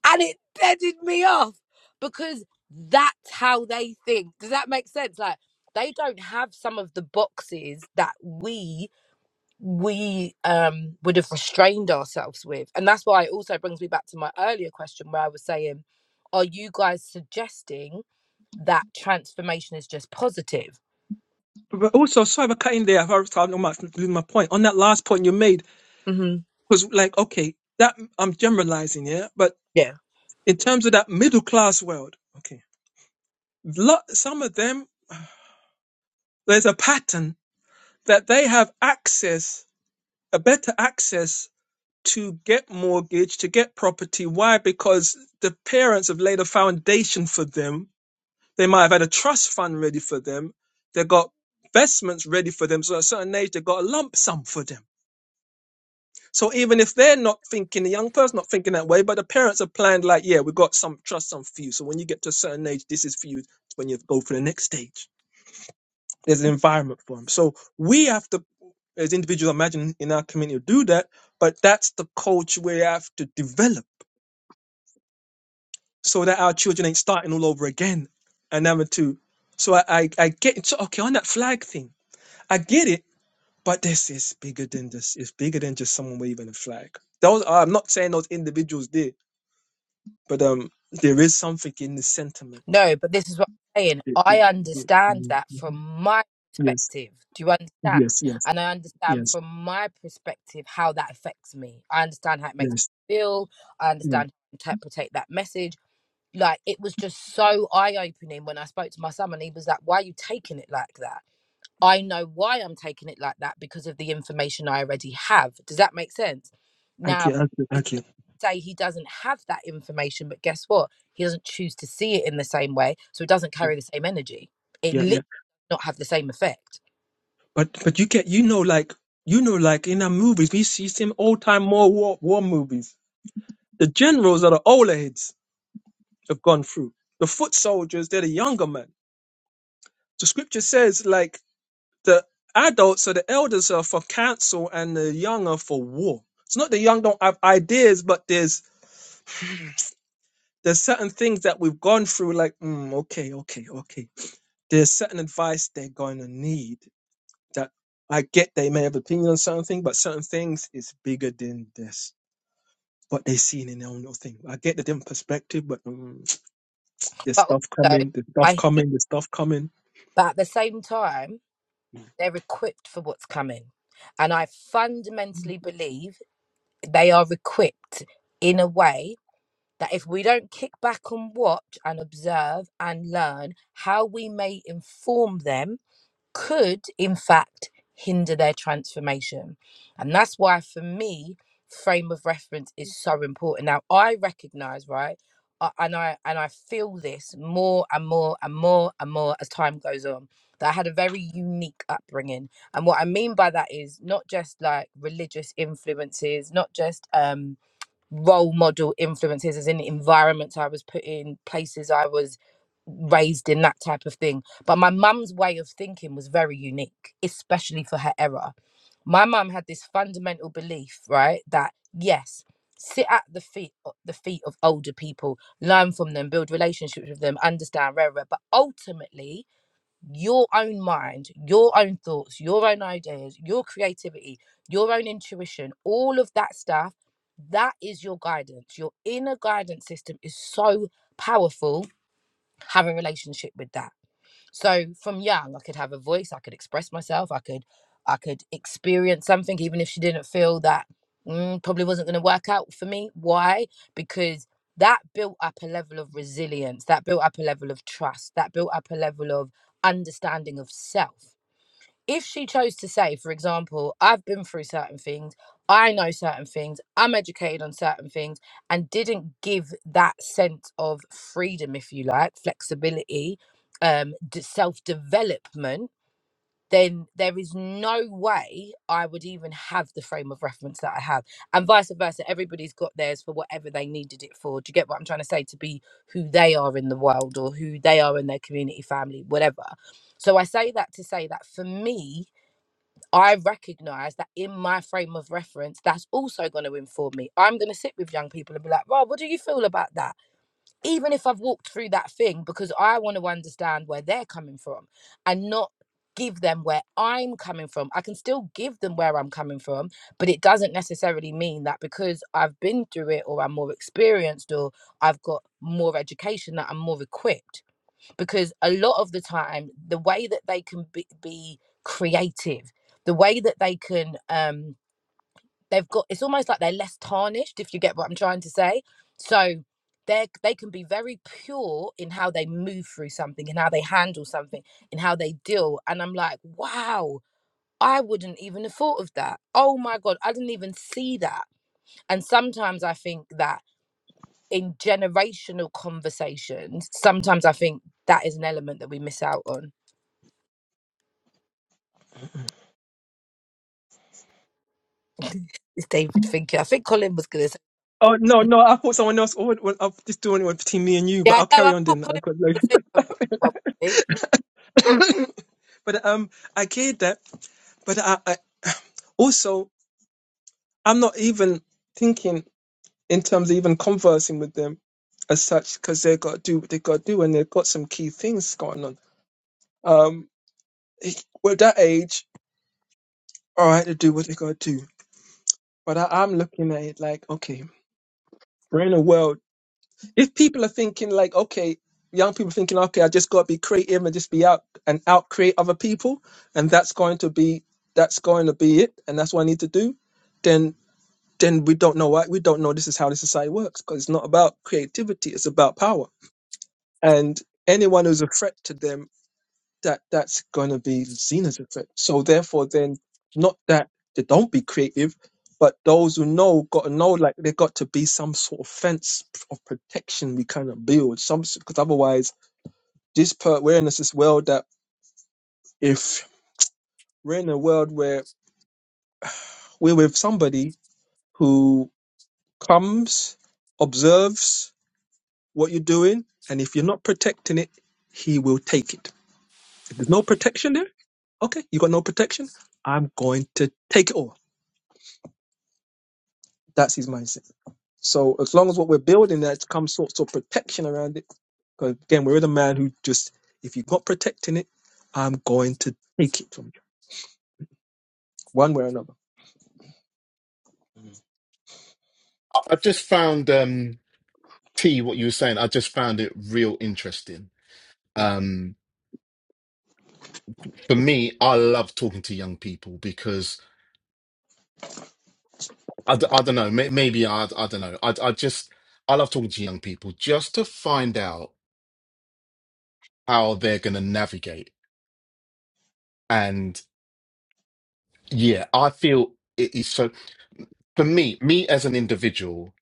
And it deaded me off because that's how they think. Does that make sense? Like, they don't have some of the boxes that we we um would have restrained ourselves with and that's why it also brings me back to my earlier question where i was saying are you guys suggesting that transformation is just positive But also, sorry for cutting there. I've already talked about my point. On that last point you made, hmm Because, like, okay, that I'm generalizing, yeah. But Yeah. in terms of that middle class world, okay, lot, some of them, there's a pattern that they have access, a better access to get mortgage, to get property. Why? Because the parents have laid a foundation for them. They might have had a trust fund ready for them. They got investments ready for them. So at a certain age, they got a lump sum for them So even if they're not thinking, the young person not thinking that way, but the parents have planned like, yeah, we've got some trust, some for you. So when you get to a certain age, this is for you. When you go for the next stage, there's an environment for them. So we have to, as individuals, imagine in our community, do that. But that's the culture we have to develop so that our children ain't starting all over again. And number two, so I, I, I get it. So, okay, on that flag thing, I get it. But this is bigger than this. It's bigger than just someone waving a flag. Those I'm not saying those individuals did but um, there is something in the sentiment. no but this is what i'm saying It- i it- it- understand mm, that from mhm. my Yes, perspective do you understand yes, yes, and i understand yes, from my perspective how that affects me i understand how it makes yes, me feel i yes. understand how to interpret that message like it was just so eye opening when I spoke to my son, and he was like, "Why are you taking it like that?" I know why I'm taking it like that because of the information I already have. Does that make sense? Now, Okay, okay, it's not okay. to say he doesn't have that information, but guess what? He doesn't choose to see it in the same way, so it doesn't carry the same energy. It Yeah, literally yeah. not have the same effect. But but you get you know like you know like in our movies we see some old time more war war movies. The generals are the older heads have gone through. The foot soldiers they're the younger men. The scripture says like the adults or the elders are for counsel and the young are for war. It's not the young don't have ideas, but there's There's certain things that we've gone through, like, mm, okay, okay, okay. There's certain advice they're going to need that I get they may have opinion on certain things, but certain things is bigger than this. What they seen in their own little thing. I get the different perspective, but mm, there's But stuff also, coming, there's stuff I coming, there's stuff coming but at the same time, They're equipped for what's coming. And I Mm. fundamentally believe they are equipped in a way that if we don't kick back and watch and observe and learn how we may inform them could, in fact, hinder their transformation. And that's why, for me, frame of reference is so important. Now, I recognize, right? I- And I and I feel this more and more and more and more as time goes on. That I had a very unique upbringing, and what I mean by that is not just like religious influences, not just um, role model influences as in environments I was put in, places I was raised in, that type of thing. But my mum's way of thinking was very unique, especially for her era. My mum had this fundamental belief, right, that yes, sit at the feet o- the feet of older people, learn from them, build relationships with them, understand rare, rare, but ultimately your own mind, your own thoughts, your own ideas, your creativity, your own intuition, all of that stuff, that is your guidance. Your inner guidance system is so powerful. Have a relationship with that. So from young, I could have a voice, I could express myself, I could I could experience something, even if she didn't feel that mm, probably wasn't going to work out for me. Why? Because that built up a level of resilience, that built up a level of trust, that built up a level of understanding of self if she chose to say, for example, I've been through certain things, I know certain things, I'm educated on certain things, and didn't give that sense of freedom, if you like, flexibility, um, self development, then there is no way I would even have the frame of reference that I have. And vice versa, everybody's got theirs for whatever they needed it for. Do you get what I'm trying to say? To be who they are in the world or who they are in their community, family, whatever. So I say that to say that for me, I recognize that in my frame of reference, that's also going to inform me. I'm going to sit with young people and be like, Rob, what do you feel about that? Even if I've walked through that thing, because I want to understand where they're coming from and not give them where I'm coming from. I can still give them where I'm coming from, but it doesn't necessarily mean that because I've been through it or I'm more experienced or I've got more education that I'm more equipped because a lot of the time the way that they can be, be creative the way that they can um they've got it's almost like they're less tarnished if you get what i'm trying to say so they they can be very pure in how they move through something and how they handle something and how they deal and i'm like wow I wouldn't even have thought of that. Oh my God, I didn't even see that. And sometimes I think that in generational conversations, sometimes I think that is an element that we miss out on. It's David thinking. I think Colin was going to say. Oh no, no! I thought someone else. Oh, well, I'm just doing it between me and you, Yeah, but I I'll know. carry I on thought doing that. I've Colin got loads was going to of say something. Well, eh, [LAUGHS] but um, I get that, but I, I also I'm not even thinking. in terms of even conversing with them as such because they got to do what they got to do and they've got some key things going on. Um, it- we're that age, all right, to do what they got to do. But I, I'm looking at it like, okay, we're in a world. If people are thinking like, okay, young people thinking, okay, I just got to be creative and just be out and out create other people, and that's going to be that's going to be it, and that's what I need to do. Then then we don't know why we don't know this is how the society works because it's not about creativity, it's about power and anyone who's a threat to them, that that's going to be seen as a threat. So therefore, then not that they don't be creative, but those who know got to know like they got to be some sort of fence of protection we kind of build. Some because otherwise, this per awareness as well that if we're in a world where we're with somebody who comes, observes what you're doing, and if you're not protecting it, he will take it. If there's no protection there okay, you got no protection. I'm going to take it all. That's his mindset. So as long as what we're building, there's some sorts of protection around it. Because again, we're with a man who just, if you're not protecting it, I'm going to take it from you, one way or another. Mm. I just found um T what you were saying, I just found it real interesting. Um for me, I love talking to young people because. I, d- I don't know. May- Maybe I, I don't know. I, I just, I love talking to young people just to find out how they're going to navigate. And yeah, I feel it is so, for me, me as an individual,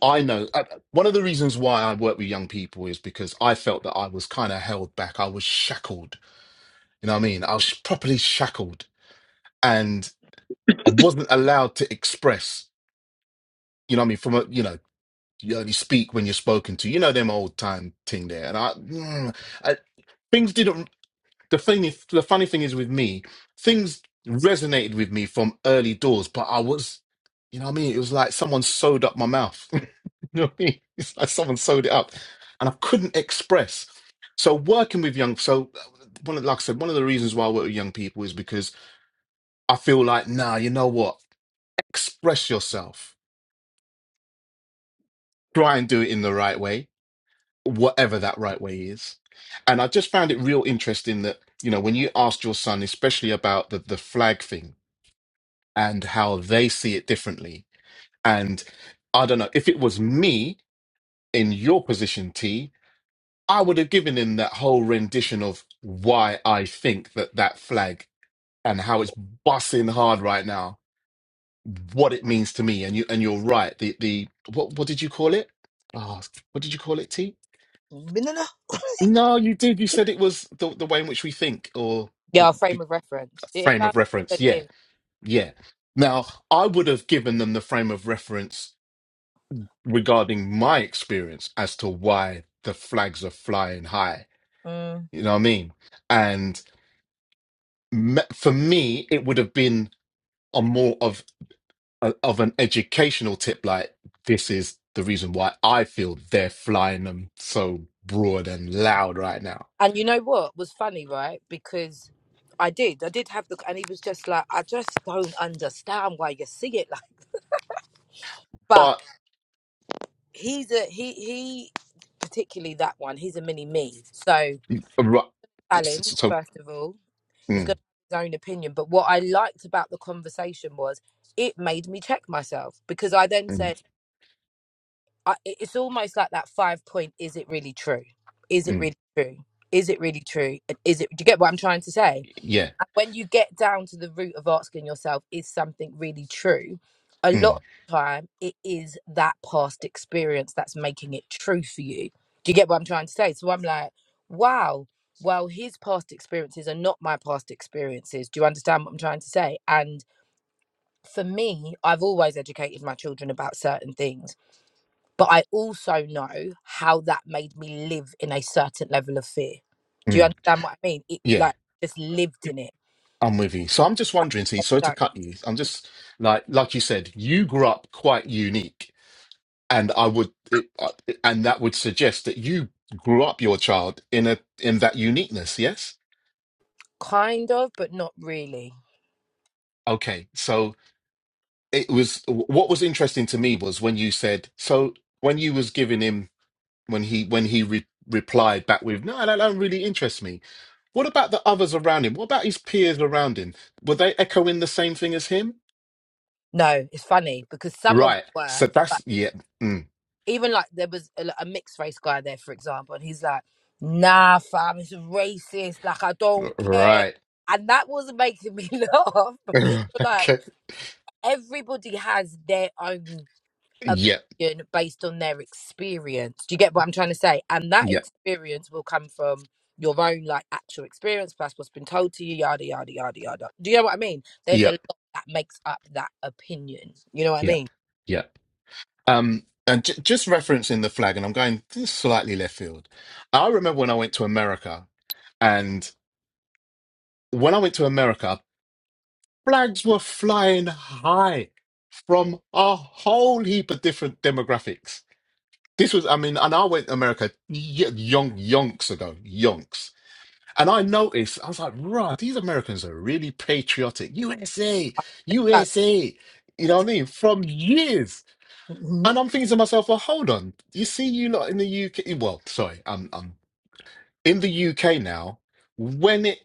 I know uh, one of the reasons why I work with young people is because I felt that I was kind of held back. I was shackled. You know what I mean? I was properly shackled and I wasn't allowed to express, you know what I mean? From a, you know, You only speak when you're spoken to. You know them old time thing there. And I, mm, I things didn't. The thing, is- the funny thing is with me, things resonated with me from early doors, but I was, you know what I mean. It was like someone sewed up my mouth. [LAUGHS] you know what I mean? It's like someone sewed it up, and I couldn't express. So working with young, so uh, one of, like I said, one of the reasons why I work with young people is because I feel like, nah, you know what? Express yourself. Try and do it in the right way whatever that right way is. And I just found it real interesting that, you know, when you asked your son, especially about the, the flag thing and how they see it differently. And I don't know, if it was me in your position, T, I would have given him that whole rendition of why I think that that flag and how it's bussing hard right now, what it means to me. And you, and you're right. The, the, what, what did you call it? Oh, what did you call it, T? no, no, no. No, you did. You said it was the the way in which we think or [LAUGHS] yeah, the frame be- of reference. It frame of about reference. that Yeah, is. yeah. Now, I would have given them the frame of reference regarding my experience as to why the flags are flying high. Mm. You know what I mean? And me- for me, it would have been a more of a, of an educational tip, like this is the reason why I feel they're flying them so broad and loud right now. And you know what was funny, right? Because I did, I did have the, and he was just like, I just don't understand why you see it like. [LAUGHS] But But he's a he he particularly that one. He's a mini me. So uh, ri- Alan, so. first of all, he's mm, got his own opinion. But what I liked about the conversation was it made me check myself because I then mm. said. I, it's almost like that five point is it really true is it Mm, really true is it really true and is it do you get what i'm trying to say yeah. And when you get down to the root of asking yourself is something really true a lot Mm, of the time it is that past experience that's making it true for you do you get what i'm trying to say so i'm like wow well his past experiences are not my past experiences do you understand what i'm trying to say and for me i've always educated my children about certain things but I also know how that made me live in a certain level of fear. Do you mm, understand what I mean? It yeah. like just lived in it. I'm with you. So I'm just wondering, see, Like, sorry to no, cut you. I'm just like, like you said, you grew up quite unique, and I would, it, uh, and that would suggest that you grew up your child in a in that uniqueness. Yes. kind of, but not really. Okay. So it was what was interesting to me was when you said so when you was giving him when he when he re- replied back with no that don't really interest me. What about the others around him? What about his peers around him? Were they echoing the same thing as him? No, it's funny because some of Right. them were, So but that's yeah. Mm, even like there was a, a mixed race guy there, for example, and he's like, nah, fam, it's racist. Like, I don't care. right. And that was making me [LAUGHS] laugh [LAUGHS] because like okay. everybody has their own Yeah. opinion based on their experience. Do you get what I'm trying to say? And that Yeah. experience will come from your own like actual experience plus what's been told to you, yada yada yada yada. Do you know what I mean? There's a Yeah. lot that makes up that opinion. You know what I Yeah. mean? Yeah. Um. And j- just referencing the flag, and I'm going slightly left field. I remember when I went to America, and when I went to America, flags were flying high from a whole heap of different demographics. This was, I mean, and I went to America y- yonk yonks ago, yonks And I noticed, I was like, right, these Americans are really patriotic. USA, That, USA, you know what I mean? From years. Mhm. And I'm thinking to myself, well, hold on. You see, you lot in the UK, well, sorry, I'm, I'm in the UK now. When it,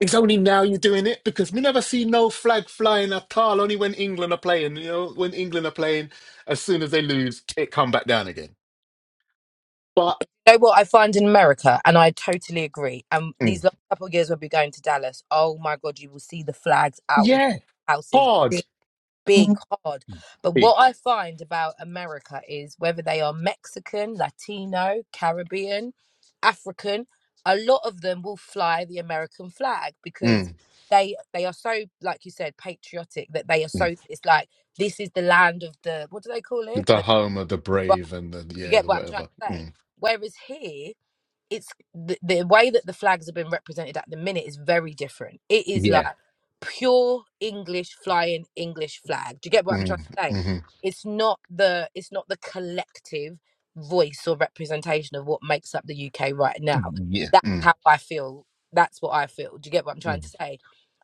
it's only now you're doing it because we never see no flag flying at all, only when England are playing. You know, when England are playing, as soon as they lose, it come back down again. But You know what I find in America, and I totally agree. Um, mm, these last couple of years we'll be going to Dallas. Oh my God, you will see the flags out in yeah, houses. hard, big, hard. But what big. I find about America is whether they are Mexican, Latino, Caribbean, African, a lot of them will fly the American flag because Mm. they they are so, like you said, patriotic that they are so it's like this is the land of the what do they call it? The The home of the right. brave and the You yeah, get the what I'm trying whatever. to say? Mm. Whereas here it's the, the way that the flags have been represented at the minute is very different. It is like Yeah. pure English flying English flag. Do you get what I'm trying Mm. to say? hmm It's not the it's not the collective voice or representation of what makes up the UK right now. Yeah. That's Mm. how I feel. That's what I feel. Do you get what I'm trying to Mm. say?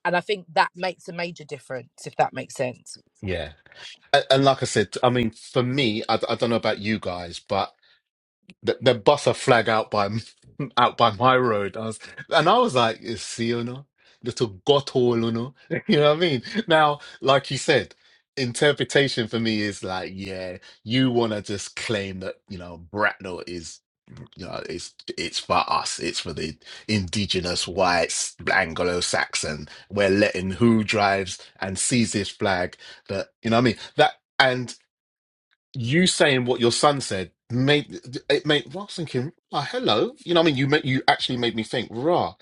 And I think that makes a major difference, if that makes sense. Yeah. And, and like I said, I mean, for me, I, I don't know about you guys, but The they bust a flag out by m- [LAUGHS] out by my road. I was, and I was like, "You see, you know, little got gotthole, you know, [LAUGHS] you know what I mean." Now, like you said, interpretation for me is like, yeah, you want to just claim that you know Bracknell is. You know, it's it's for us. It's for the indigenous whites, Anglo-Saxon. We're letting who drives and sees this flag. That you know, what I mean that you saying what your son said made it made well, I was thinking, oh, hello. You know what I mean? You made you actually made me think, rah,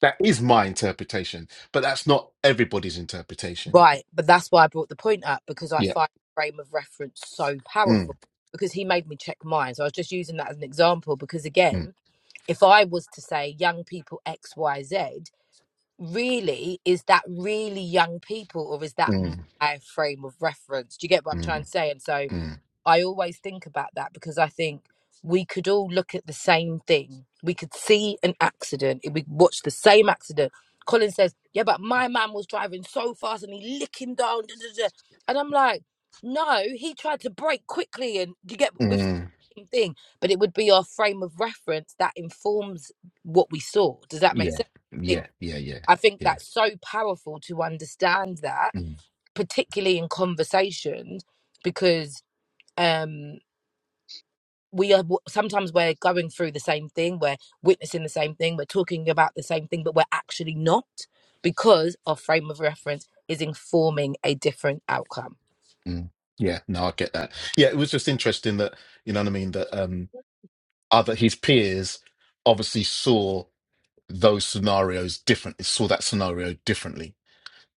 that is my interpretation, but that's not everybody's interpretation. Right, but that's why I brought the point up because I Yeah. find frame of reference so Mm, powerful because he made me check mine. So I was just using that as an example because mm, again, if I was to say young people X Y Z, really is that really young people or is that mm, my frame of reference? Do you get what I'm trying mm, to say? And so mm, I always think about that because I think we could all look at the same thing. We could see an accident. We watch the same accident. Colin says, "Yeah, but my man was driving so fast and he licking down." da, da, da." And I'm like, "No, he tried to brake quickly." And you get with mm. same thing, but it would be our frame of reference that informs what we saw. Does that make Yeah. sense? I Yeah. think Yeah. Yeah. I think Yeah. that's so powerful to understand that, Mm, particularly in conversations, because. um we are sometimes we're going through the same thing we're witnessing the same thing we're talking about the same thing but we're actually not because our frame of reference is informing a different outcome mm. Yeah. No, I get that. Yeah, it was just interesting that, you know what I mean, that um other his peers obviously saw those scenarios differently, saw that scenario differently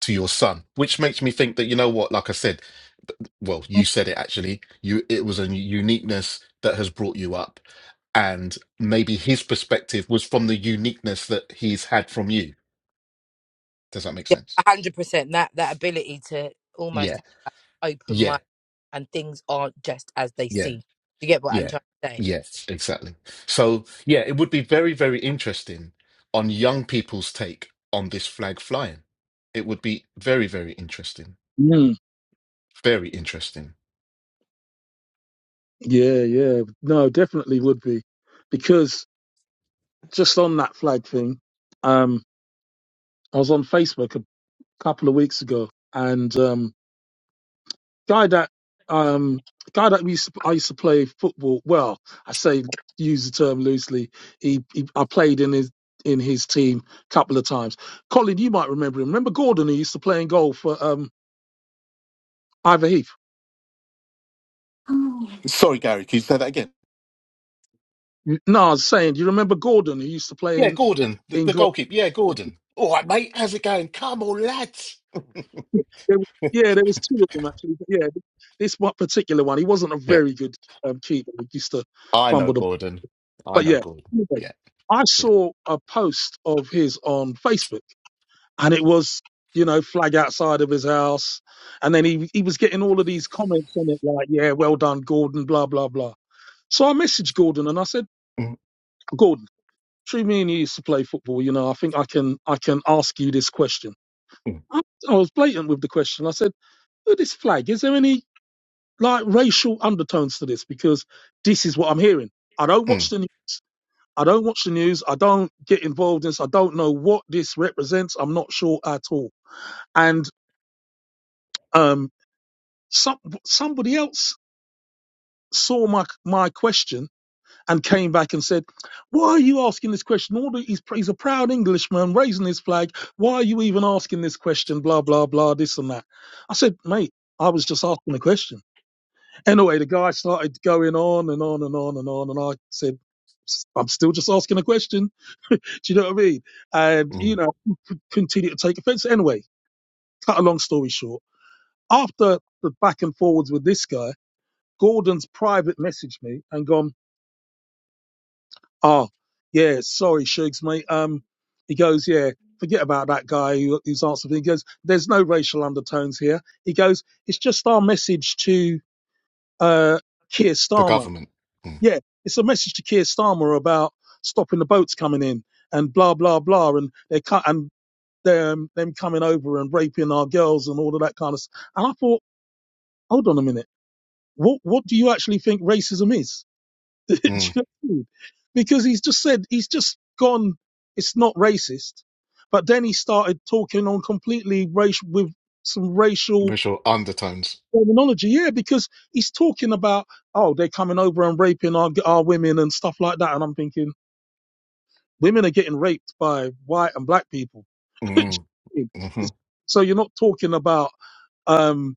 to your son, which makes me think that you know what, like I said, th- well, you said it actually. You it was a uniqueness that has brought you up, and maybe his perspective was from the uniqueness that he's had from you. Does that make yeah sense? 100% that that ability to almost Yeah, have that open yeah, mind and things aren't just as they yeah, seem Do you get what i'm yeah, trying to say yes, exactly. So yeah, it would be very, very interesting on young people's take on this flag flying. It would be very, very interesting. Mm, Very interesting. yeah, yeah. No, definitely would be because just on that flag thing, um, I was on Facebook a couple of weeks ago, and um, guy that um, guy that we used to, I used to play football. Well, I say use the term loosely. He, he I played in his in his team a couple of times. Colin, you might remember him. Remember Gordon who used to play in goal for um, Ivor Heath. Sorry, Gary, can you say that again? No, I was saying, do you remember Gordon who used to play Yeah, in Gordon, the, in the goal? goalkeeper. Yeah, Gordon. All right, mate. How's it going? Come on, lads. There, were- yeah, there was two of them actually. But yeah, this one particular one, he wasn't a Yeah, very good um, keeper. He used to I know fumble the Gordon. I But know yeah, Gordon. anyway, Yeah, I yeah. saw a post of his on Facebook, and it was you know flag outside of his house, and then he he was getting all of these comments on it like yeah, well done, Gordon, blah blah blah. So I messaged Gordon and I said, Mm, Gordon, between me and you used to play football, you know, I think I can I can ask you this question. mm, I, I was blatant with the question. I said, look, this flag, is there any like racial undertones to this? Because this is what I'm hearing. I don't watch mm, the news. I don't watch the news. I don't get involved in this. I don't know what this represents. I'm not sure at all. And um, some somebody else saw my my question and came back and said, "Why are you asking this question? All the, he's he's a proud Englishman raising his flag. Why are you even asking this question? Blah blah blah. This and that." I said, "Mate." I was just asking a question. Anyway, the guy started going on and on and on and on, and I said, "I'm still just asking a question." Do you know what I mean? And you mm. know. Continue to take offense. Anyway, cut a long story short. After the back and forwards with this guy, Gordon's private messaged me and gone, oh, yeah, sorry, Shugs, mate. Um, he goes, yeah, forget about that guy who, who's answered. He goes, there's no racial undertones here. He goes, it's just our message to uh, Keir The Starmer. government. Mm, Yeah, it's a message to Keir Starmer about stopping the boats coming in and blah, blah, blah. And they cut. and them them coming over and raping our girls and all of that kind of stuff. And I thought, hold on a minute, what what do you actually think racism is? [LAUGHS] Do you mm. know what I mean? Because he's just said he's just gone. It's not racist, but then he started talking on completely racial with some racial Racial undertones. terminology. Yeah, because he's talking about oh they're coming over and raping our our women and stuff like that. And I'm thinking women are getting raped by white and black people. Mm, hmm [LAUGHS] so you're not talking about. Um,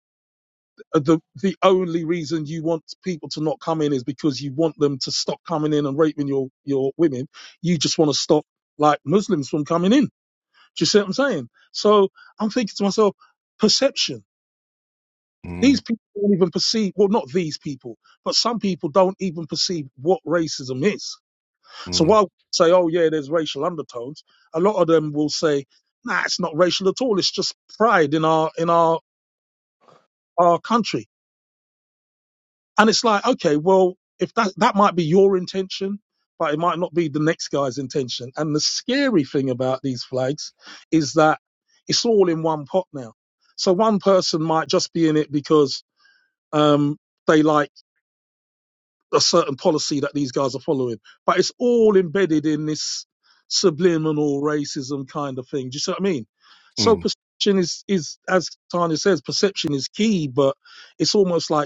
uh, the the only reason you want people to not come in is because you want them to stop coming in and raping your your women. You just want to stop like Muslims from coming in. Do you see what I'm saying? So I'm thinking to myself, perception. mm, These people don't even perceive. Well, not these people, but some people don't even perceive what racism is. So mm, while say, oh yeah, there's racial undertones, a lot of them will say, nah, it's not racial at all. It's just pride in our in our our country And it's like, okay, well, if that that might be your intention, but it might not be the next guy's intention. And the scary thing about these flags is that it's all in one pot now. So one person might just be in it because um, they like a certain policy that these guys are following, but it's all embedded in this subliminal racism kind of thing. Do you see what I mean? So mm, perception is is as Tanya says, perception is key, but it's almost like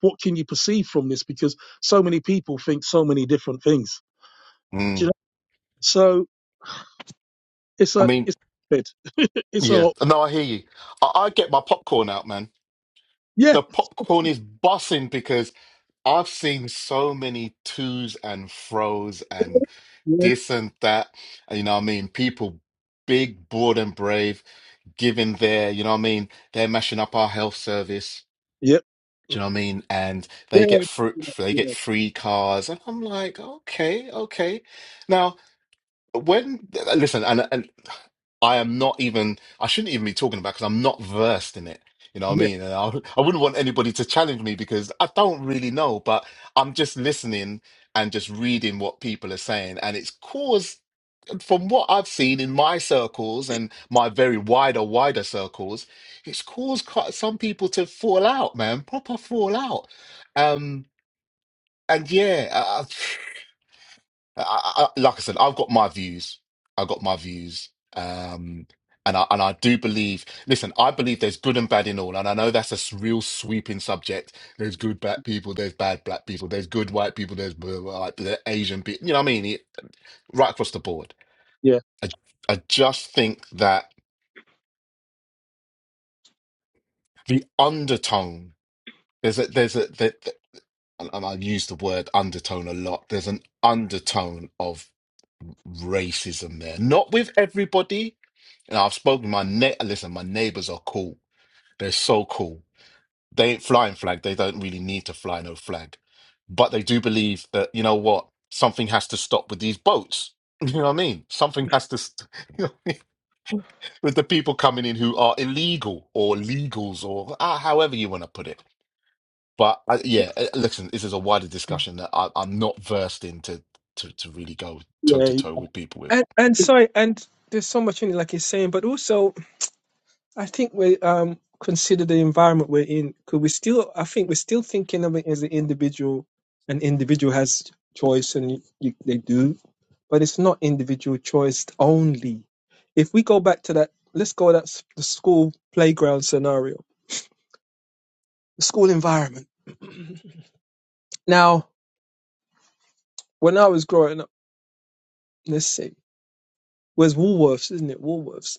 what can you perceive from this? Because so many people think so many different things. Do you mm. know? So it's I a mean, it's a bit. [LAUGHS] it's yeah. a No, I hear you. I, I get my popcorn out, man. yeah The popcorn is bussing because I've seen so many twos and fro's and yeah this and that. You know what I mean? People big, broad and brave, giving their, you know what I mean? They're mashing up our health service. yeah Do you know what I mean? And they get yeah free, they yeah get free cars. And I'm like, okay, okay. Now, when, listen, and, and I am not even, I shouldn't even be talking about because I'm not versed in it. You know what I yeah mean? And I, I wouldn't want anybody to challenge me because I don't really know, but I'm just listening and just reading what people are saying. And it's caused from what I've seen in my circles and my very wider, wider circles, it's caused quite some people to fall out, man, proper fall out. Um, and yeah, uh, I, I, I- like I said, I've got my views. I've got my views. Um, and I, and I do believe, listen, I believe there's good and bad in all. And I know that's a s- real sweeping subject. There's good black people, there's bad black people, there's good white people, there's blah, blah, blah, Asian people, you know what I mean? It, right across the board. yeah. I, I just think that. the undertone there's a there's a that that- and, and i use the word undertone a lot there's an undertone of racism there not with everybody and i've spoken to my ne- listen my neighbors are cool they're so cool they ain't flying flag they don't really need to fly no flag but they do believe that you know what something has to stop with these boats [LAUGHS] you know what i mean something has to st- [LAUGHS] you know what I mean? with the people coming in who are illegal or legals or ah, however you want to put it But I, yeah, uh, listen, this is a wider discussion that I, I'm not versed in to, to to really go toe to yeah. toe with people with. And and sorry, and there's so much in it, like he's saying, but also I think we um consider the environment we're in because we still I think we're still thinking of it as an individual. An individual has choice and you, you, they do, but it's not individual choice only. If we go back to that, let's go that s- the school playground scenario, the school environment. Now, when I was growing up, let's see, where's Woolworths, isn't it? Woolworths.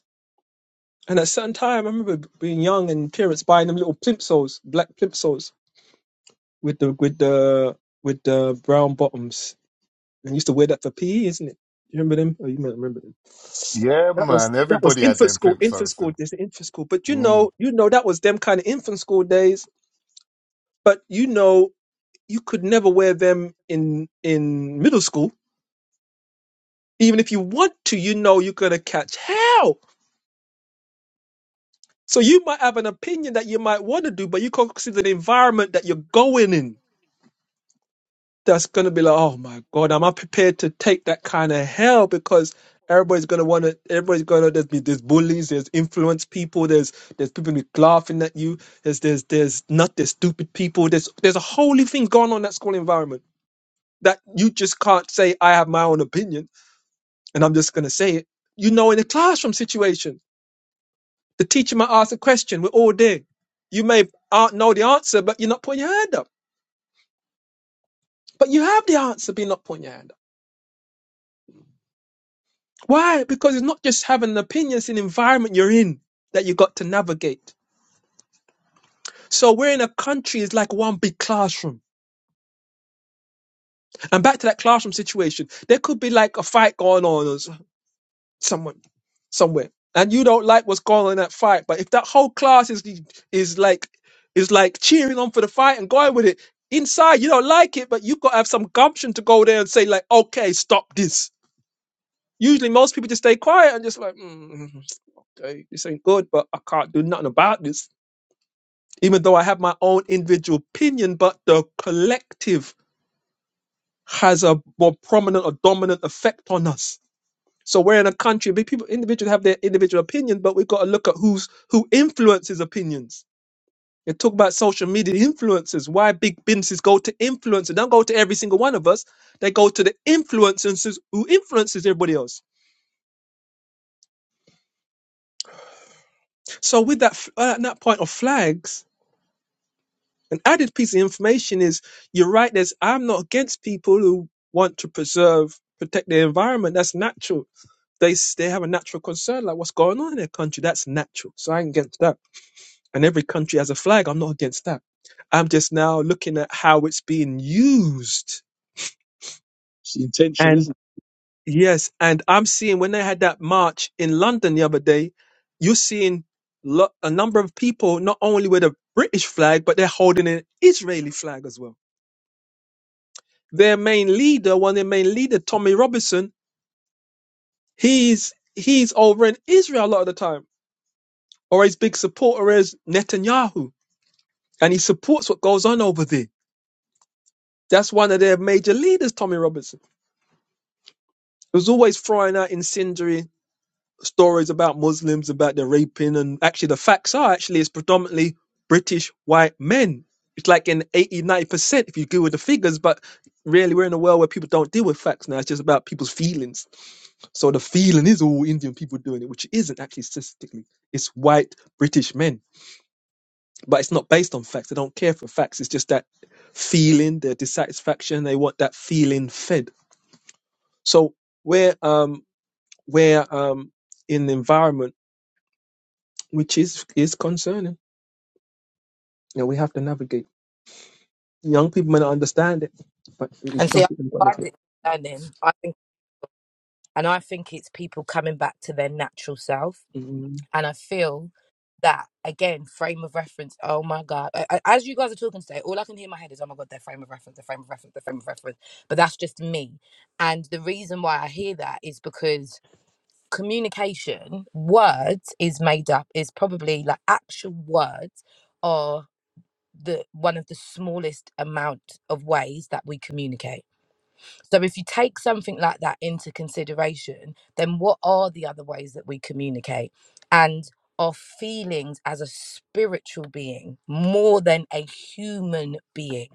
And at certain time, I remember being young and parents buying them little plimsolls, black plimsolls with the with the with the brown bottoms. And used to wear that for PE, isn't it? You remember them? Oh, you might remember them. Yeah, That was man, that was everybody had infant them school, infant Flintstones school. still. There's infant school, but you Mm, know, you know that was them kind of infant school days. But you know, you could never wear them in in middle school. Even if you want to, you know you're gonna catch hell. So you might have an opinion that you might want to do, but you can't consider the environment that you're going in that's going to be like, oh my God, am I prepared to take that kind of hell? Because everybody's going to want to, everybody's going to, there's, be- there's bullies, there's influence people, there's, there's people who be laughing at you, there's, there's, there's not, there's stupid people, there's, there's a whole new thing going on in that school environment that you just can't say, I have my own opinion and I'm just going to say it. You know, in a classroom situation, the teacher might ask a question, we're all there. You may uh, know the answer, but you're not putting your hand up. But you have the answer, but you're not putting your hand up Why? Because it's not just having an opinion, it's an environment you're in that you got to navigate. So we're in a country is like one big classroom. And back to that classroom situation, there could be like a fight going on or s- someone somewhere. And you don't like what's going on in that fight. But if that whole class is is like is like cheering on for the fight and going with it, inside you don't like it, but you've got to have some gumption to go there and say, like, okay, stop this. Usually most people just stay quiet and just like, mm, mm, mm, this ain't good, but I can't do nothing about this even though I have my own individual opinion, but the collective has a more prominent or dominant effect on us. So we're in a country, but people individuals have their individual opinion, but we've got to look at who's who influences opinions. They talk about social media influencers, why big businesses go to influencers. They don't go to every single one of us. They go to the influencers who influences everybody else. So with that, f- uh, that point of flags, An added piece of information is you're right, there's I'm not against people who want to preserve, protect their environment. That's natural. They s- they have a natural concern like what's going on in their country. That's natural. So I ain't against that. And every country has a flag. I'm not against that. I'm just now looking at how it's being used. It's the intention, And isn't yes, and I'm seeing when they had that march in London the other day, you're seeing lo- a number of people not only with a British flag, but they're holding an Israeli flag as well Their main leader, one of their main leader, Tommy Robinson, he's he's over in Israel a lot of the time. Or his big supporter is Netanyahu. And he supports what goes on over there. That's one of their major leaders, Tommy Robinson. He was always throwing out incendiary stories about Muslims, about their raping, and actually the facts are actually it's predominantly British white men. It's like in eighty, ninety percent if you deal with the figures, but really we're in a world where people don't deal with facts now. It's just about people's feelings So the feeling is all Indian people doing it, which isn't actually statistically. It's white British men, but it's not based on facts. They don't care for facts. It's just that feeling, their dissatisfaction. They want that feeling fed. So we're um, we're um, in an environment which is is concerning. You know, we have to navigate. Young people may not understand it, but it- it's and see something they've got to i find navigate. it learning i think and i think it's people coming back to their natural self Mhm. And I feel that again, frame of reference. Oh my god! I, I- as you guys are talking today, all I can hear in my head is, "Oh my god, their frame of reference, their frame of reference, their frame of reference." But that's just me. And the reason why I hear that is because communication, words is made up. Is probably like actual words are the one of the smallest amount of ways that we communicate so if you take something like that into consideration, then what are the other ways that we communicate? And our feelings as a spiritual being more than a human being.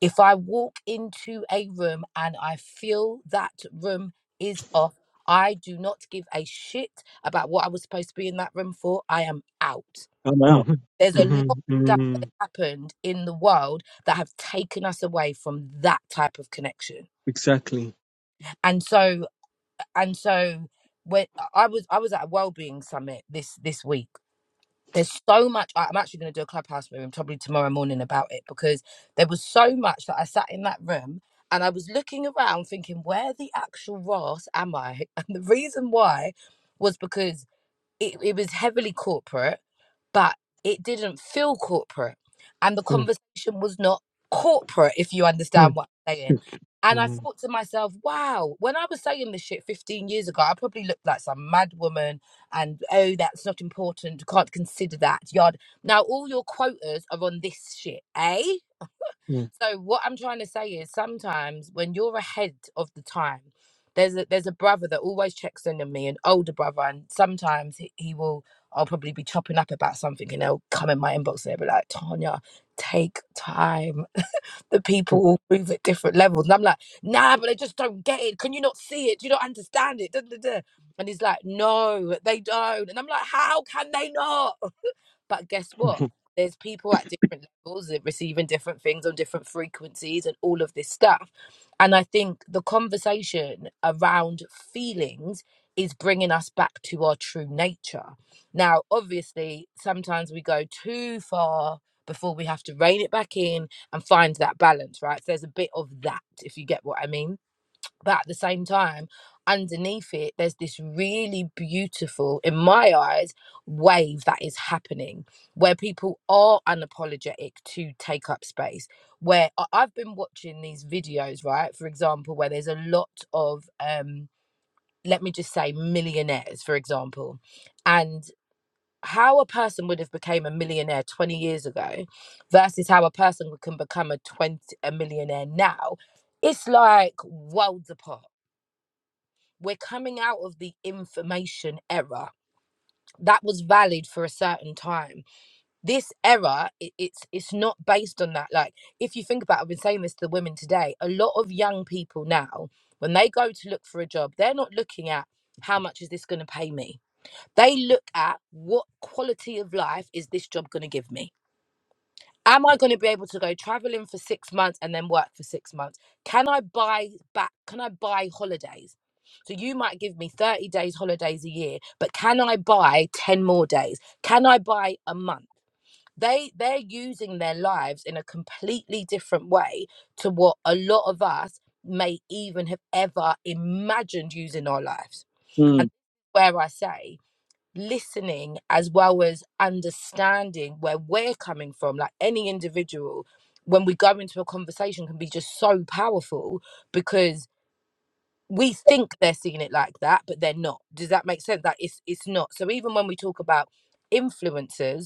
If I walk into a room and I feel that room is off, I do not give a shit about what I was supposed to be in that room for. I am out. it? I'm out. Mhm. There's a lot of Mhm. stuff that Mhm. has happened in the world that have taken us away from that type of connection. Exactly. And so and so when I was I was at a wellbeing summit this this week. There's so much. I- I'm actually going to do a clubhouse room probably tomorrow morning about it because there was so much that I sat in that room and I was looking around thinking, where the actual ras am I? [LAUGHS] And the reason why was because it, it was heavily corporate, but it didn't feel corporate. And the Mhm. conversation was not corporate, if you understand Mhm. what I'm saying. And I Mhm. thought to myself, wow, when I was saying this shit 15 years ago, I probably looked like some mad woman and, oh, that's not important, can't consider that, yard. Now all your quotas are on this shit, eh? So what I'm trying to say is sometimes when you're ahead of the time, there's a there's a brother that always checks in on me, an older brother, and sometimes he, he will I'll probably be chopping up about something and they'll come in my inbox and they'll be like, Tanya, take time. [LAUGHS] the people will move at different levels. And I'm like, nah, but they just don't get it. Can you not see it? Do you not understand it? Duh, duh, duh." And he's like, no, they don't. And I'm like, how can they not? But guess what? Mhm. There's people at different levels that receiving different things on different frequencies and all of this stuff. And I think the conversation around feelings is bringing us back to our true nature. Now, obviously, sometimes we go too far before we have to rein it back in and find that balance, right? So there's a bit of that, if you get what I mean but at the same time, underneath it, there's this really beautiful, in my eyes, wave that is happening where people are unapologetic to take up space. Where I- I've been watching these videos, right? For example, where there's a lot of, um, let me just say, millionaires, for example, and how a person would have became a millionaire 20 years ago versus how a person can become a 20 a millionaire now it's like worlds apart we're coming out of the information era that was valid for a certain time this era i- it's it's not based on that like if you think about it, i've been saying this to the women today a lot of young people now when they go to look for a job they're not looking at how much is this going to pay me they look at what quality of life is this job going to give me am I going to be able to go traveling for six months and then work for six months? Can I buy back? Can I buy holidays? So you might give me 30 days holidays a year, but can I buy 10 more days? Can I buy a month? They they're using their lives in a completely different way to what a lot of us may even have ever imagined using our lives. And Mm, where I say listening as well as understanding where we're coming from like any individual when we go into a conversation can be just so powerful because we think they're seeing it like that but they're not does that make sense that it's it's not so even when we talk about influencers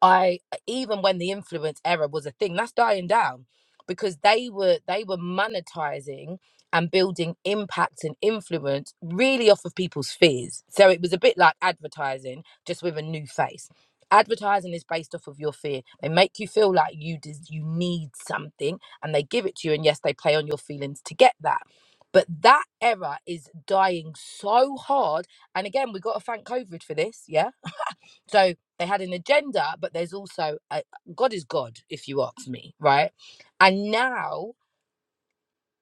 I uh, even when the influence era was a thing, that's dying down because they were they were monetizing and building impact and influence really off of people's fears. So it was a bit like advertising, just with a new face. Advertising is based off of your fear. They make you feel like you des- you need something, and they give it to you. And yes, they play on your feelings to get that. But that era is dying so hard. And again, we got to thank COVID for this, yeah so they had an agenda, but there's also a, God is God, if you ask me, right? And now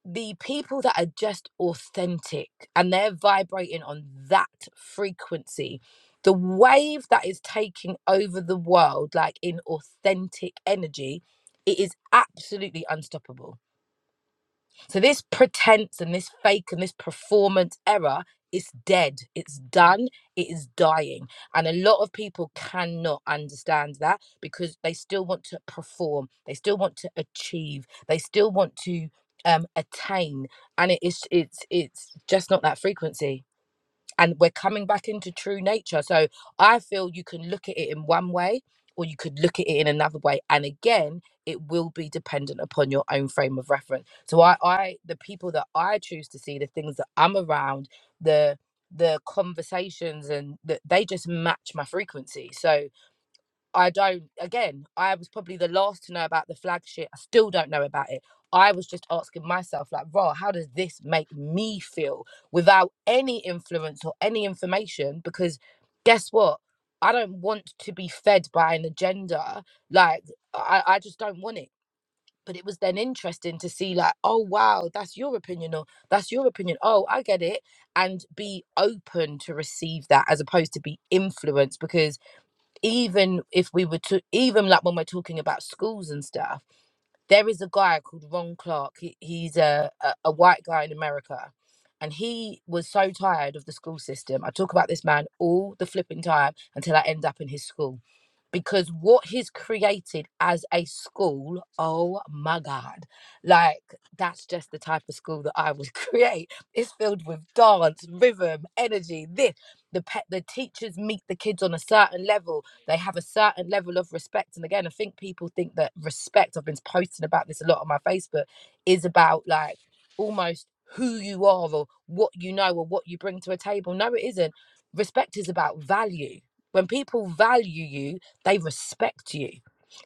the people that are just authentic and they're vibrating on that frequency, the wave that is taking over the world, like in authentic energy, it is absolutely unstoppable so this pretense and this fake and this performance error is dead. It's done. It is dying. And a lot of people cannot understand that because they still want to perform. They still want to achieve. They still want to um attain. And it is it's it's just not that frequency and we're coming back into true nature. So I feel you can look at it in one way or you could look at it in another way. And again, it will be dependent upon your own frame of reference. So I, I the people that I choose to see, the things that I'm around, the the conversations and that they just match my frequency. So I don't. Again, I was probably the last to know about the flag shit. I still don't know about it. I was just asking myself, like, raw, how does this make me feel without any influence or any information? Because guess what? I don't want to be fed by an agenda. Like, I, I just don't want it. But it was then interesting to see, like, oh, wow, that's your opinion, or that's your opinion. Oh, I get it. And be open to receive that as opposed to be influenced because even if we were to even like when we're talking about schools and stuff there is a guy called ron clark he, he's a, a a white guy in america and he was so tired of the school system i talk about this man all the flipping time until i end up in his school because what he's created as a school oh my god like that's just the type of school that i would [LAUGHS] create it's filled with dance rhythm energy this the pet the teachers meet the kids on a certain level they have a certain level of respect. And again, I think people think that respect, I've been posting about this a lot on my Facebook, is about like almost who you are or what you know or what you bring to a table. No, it isn't. Respect is about value. When people value you, they respect you.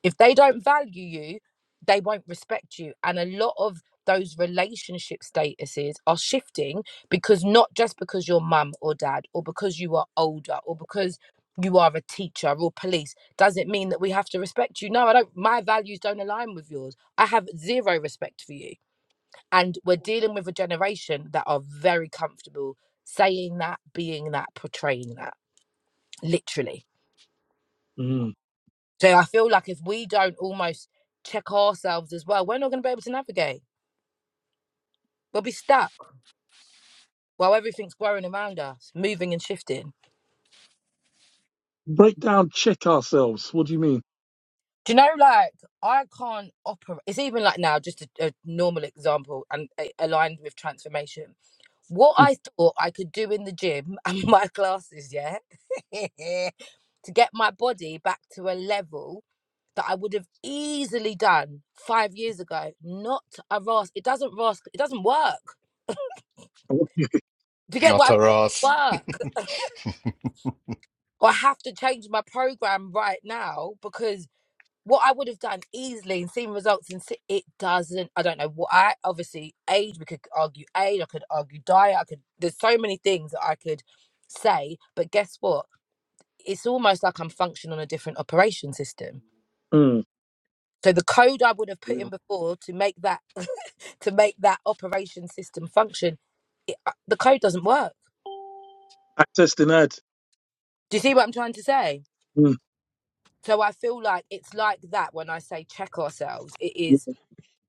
If they don't value you, they won't respect you. And a lot of those relationship statuses are shifting because not just because you're mum or dad or because you are older or because you are a teacher or police does it mean that we have to respect you no i don't my values don't align with yours i have zero respect for you and we're dealing with a generation that are very comfortable saying that being that portraying that literally mm. so i feel like if we don't almost check ourselves as well we're not going to be able to navigate we'll be stuck while everything's growing around us moving and shifting Break down, check ourselves. What do you mean? do you know like i can't operate it's even like now just a, a normal example and uh, aligned with transformation What Mm. I thought I could do in the gym [LAUGHS] and my classes, yeah, [LAUGHS] to get my body back to a level that I would have easily done five years ago. Not a Ross. It doesn't Ross. It doesn't work. What do you- Do you get not what I mean? her ass. Work. [LAUGHS] Well, I have to change my program right now because what I would have done easily and seen results in si- it doesn't. I don't know what I obviously age. We could argue age. I could argue diet. I could. There's so many things that I could say. But guess what? it's almost like I'm functioning on a different operation system. Mm. So the code I would have put in before to make that [LAUGHS] to make that operation system function, the code doesn't work. Access denied. Do you see what I'm trying to say? Mm. So I feel like it's like that when I say check ourselves. It Yeah, is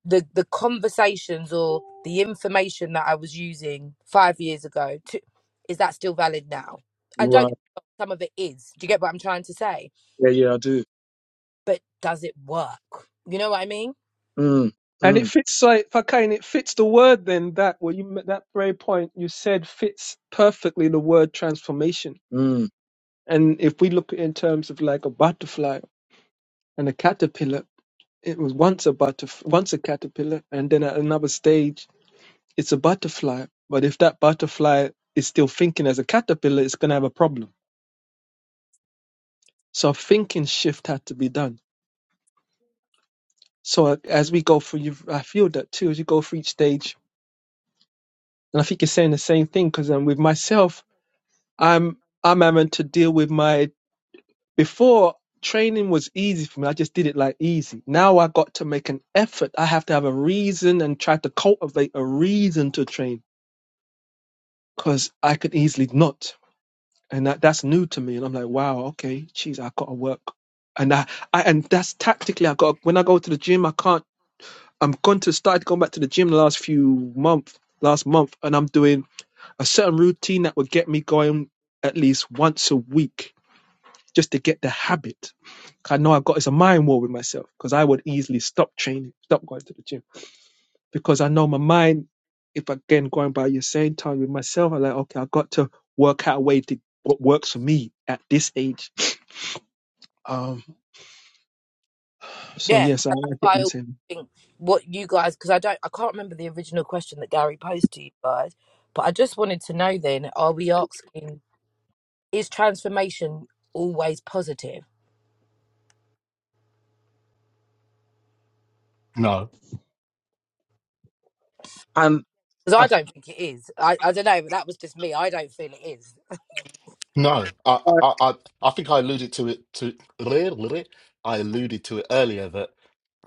the the conversations or the information that I was using five years ago. To, is that still valid now? And don't get Right. me wrong, some of it is. Do you get what I'm trying to say? Yeah, yeah, I do. But does it work? You know what I mean? Mm. And it Mm. fits like fucking it fits the word then that well you that very point you said fits perfectly the word transformation. Mm. And if we look at it in terms of like a butterfly and a caterpillar, it was once a butterf once a caterpillar and then at another stage it's a butterfly. But if that butterfly is still thinking as a caterpillar, it's gonna have a problem. So a thinking shift had to be done. So uh, as we go through, you I feel that too as you go through each stage, and I think you're saying the same thing because um, with myself. I'm I'm having to deal with my before training was easy for me. I just did it like easy. Now I got to make an effort. I have to have a reason and try to cultivate a reason to train because I could easily not. And that, that's new to me. And I'm like, wow, okay, geez, I got to work. And I, I and that's tactically. I got when I go to the gym, I can't. I'm going to start going back to the gym the last few month, last month, and I'm doing a certain routine that would get me going at least once a week just to get the habit. I know I've got it's a mind war with myself because I would easily stop training, stop going to the gym because I know my mind. If again going by your saying time with myself, I'm like, okay, I've got to work out a way to what works for me at this age. Um, so Yeah, and yes, I that's like it why I with always him. think what you guys because I don't I can't remember the original question that Gary posed to you guys, but I just wanted to know then are we asking is transformation always positive? No, And Because I, I f- don't think it is. I, I don't know, but that was just me. I don't feel it is. I no. I, I- I, I, I think I alluded to it to. I alluded to it earlier that.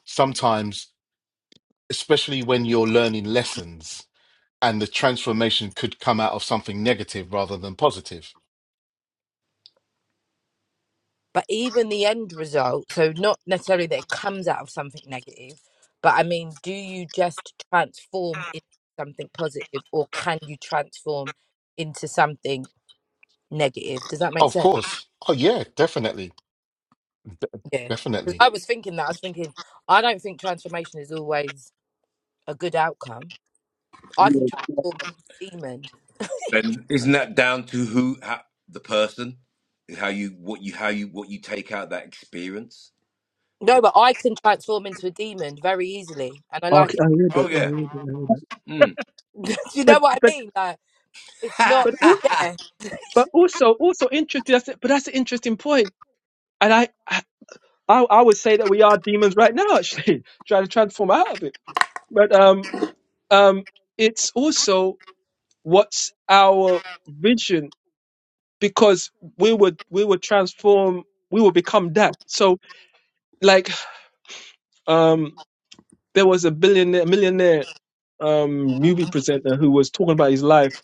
sometimes, especially when you're learning lessons and the transformation could come out of something negative rather than positive. But even the end result, so not necessarily that it comes out of something negative, but I mean, do you just transform into something positive or can you transform into something negative? Does that make Of sense? course. Oh, yeah, definitely. De- Yeah. 'Cause definitely. I was thinking that. I was thinking, I don't think transformation is always a good outcome. I can yeah, yeah. transform into a demon. Then isn't that down to who how, the person, how you what you how you what you take out of that experience? No, but I can transform into a demon very easily. And I Okay, like it. I hear that. Oh I yeah. hear that. I hear that. Mm. [LAUGHS] Do you But know what I but mean? Like, it's not, but al- yeah. but also also interesting. That's but that's an interesting point. And I I I would say that we are demons right now, actually, [LAUGHS] trying to transform out of it. But um. um, it's also what's our vision because we would we would transform we would become that so like um there was a billionaire millionaire um movie presenter who was talking about his life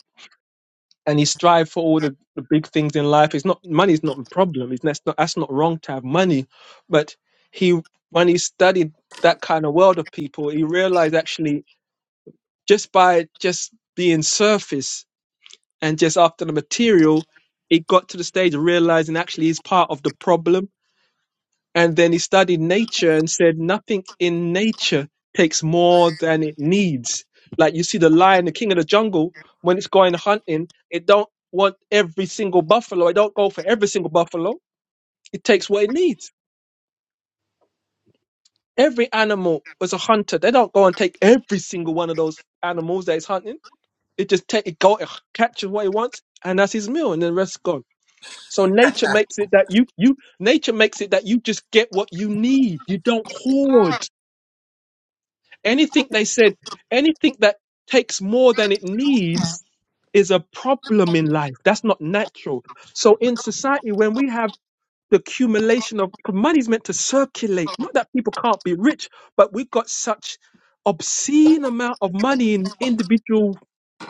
and he strived for all the, the big things in life it's not money's not a problem it's that's not that's not wrong to have money but he when he studied that kind of world of people he realized actually just by just being surface and just after the material, it got to the stage of realizing actually he's part of the problem. And then he studied nature and said nothing in nature takes more [LAUGHS] than it needs. Like you see the lion, the king of the jungle, when it's going hunting, it don't want every single buffalo. It don't go for every single buffalo. It takes what it needs. Every animal was a hunter. They don't go and take every single one of those animals that it's hunting. It just take it go it catches what it wants and that's his meal and then the rest gone. So nature makes it that you you nature makes it that you just get what you need. You don't hoard. Anything they said, anything that takes more than it needs is a problem in life. That's not natural. So in society, when we have the accumulation of 'cause money's meant to circulate. Not that people can't be rich, but we've got such obscene amount of money in individual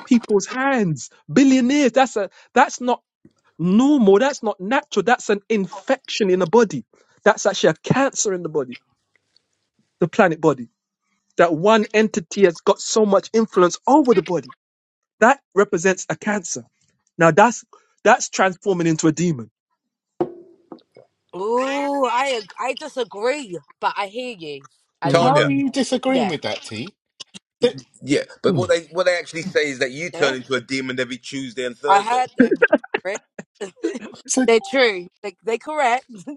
people's hands. Billionaires. That's a that's not normal. That's not natural. That's an infection in the body. That's actually a cancer in the body, the planet body. That one entity has got so much influence over the body. That represents a cancer. Now that's that's transforming into a demon. Ooh, I, ag- I disagree, but I hear you. As in, How are Tanya. Mhm. you disagreeing yeah. with that, T? That, Yeah, but what mm. they what they actually say is that you turn Yeah. into a demon every Tuesday and I Thursday. heard them. Right? [LAUGHS] So, They're true. They, they're correct. [LAUGHS]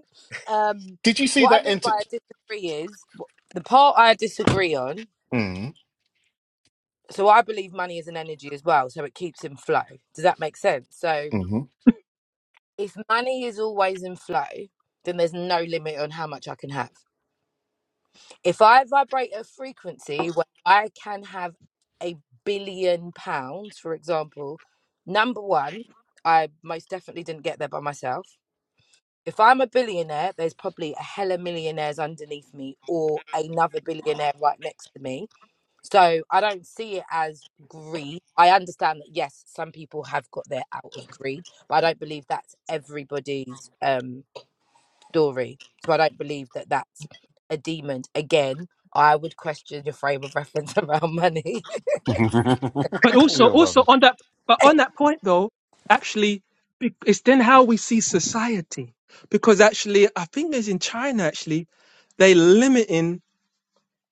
Um, did you see what I that mean by enter? I disagree is wh- the part I disagree on Mm, so I believe money is an energy as well, so it keeps in flow. Does that make sense? So mm-hmm. if money is always in flow, then there's no limit on how much I can have. If I vibrate a frequency where I can have a billion pounds, for example, number one, I most definitely didn't get there by myself. If I'm a billionaire, there's probably a hella millionaires underneath me or another billionaire right next to me So I don't see it as greed. I understand that yes, some people have got there out of greed, but I don't believe that's everybody's um story. So I don't believe that that's a demon. Again, I would question your frame of reference [LAUGHS] around money. [LAUGHS] But also, you're also rubbish. on that, but on that point though, actually, be- it's then how we see society. Because actually, I think it's in China. Actually, they limiting.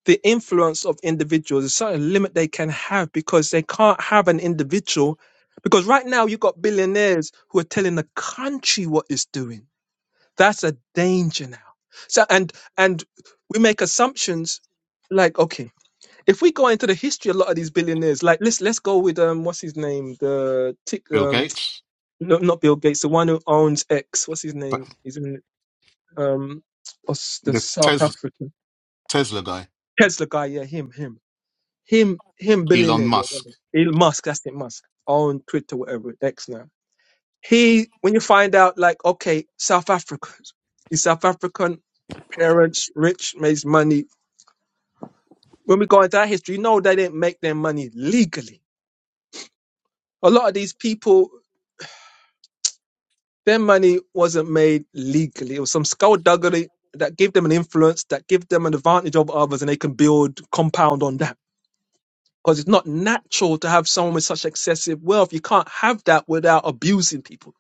the influence of individuals, a certain limit they can have because they can't have an individual. Because right now you've got billionaires who are telling the country what it's doing. That's a danger now. So and and we make assumptions like, okay, if we go into the history a lot of these billionaires, like let's let's go with um what's his name? The tick Bill um Gates, no, not Bill Gates, the one who owns X. What's his but name? He's in um what's the the South Tesla, African. Tesla guy, Tesla guy, yeah, him, him. him him Elon billionaire, yeah, Musk. whatever. Elon Musk, that's it, Musk on Twitter, whatever X now. He when you find out like okay, South Africans, his South African parents rich makes money. When we go into that history, you know they didn't make their money legally. A lot of these people, their money wasn't made legally. It was some skullduggery that gave them an influence, that give them an advantage over others, and they can build compound on that because it's not natural to have someone with such excessive wealth. You can't have that without abusing people.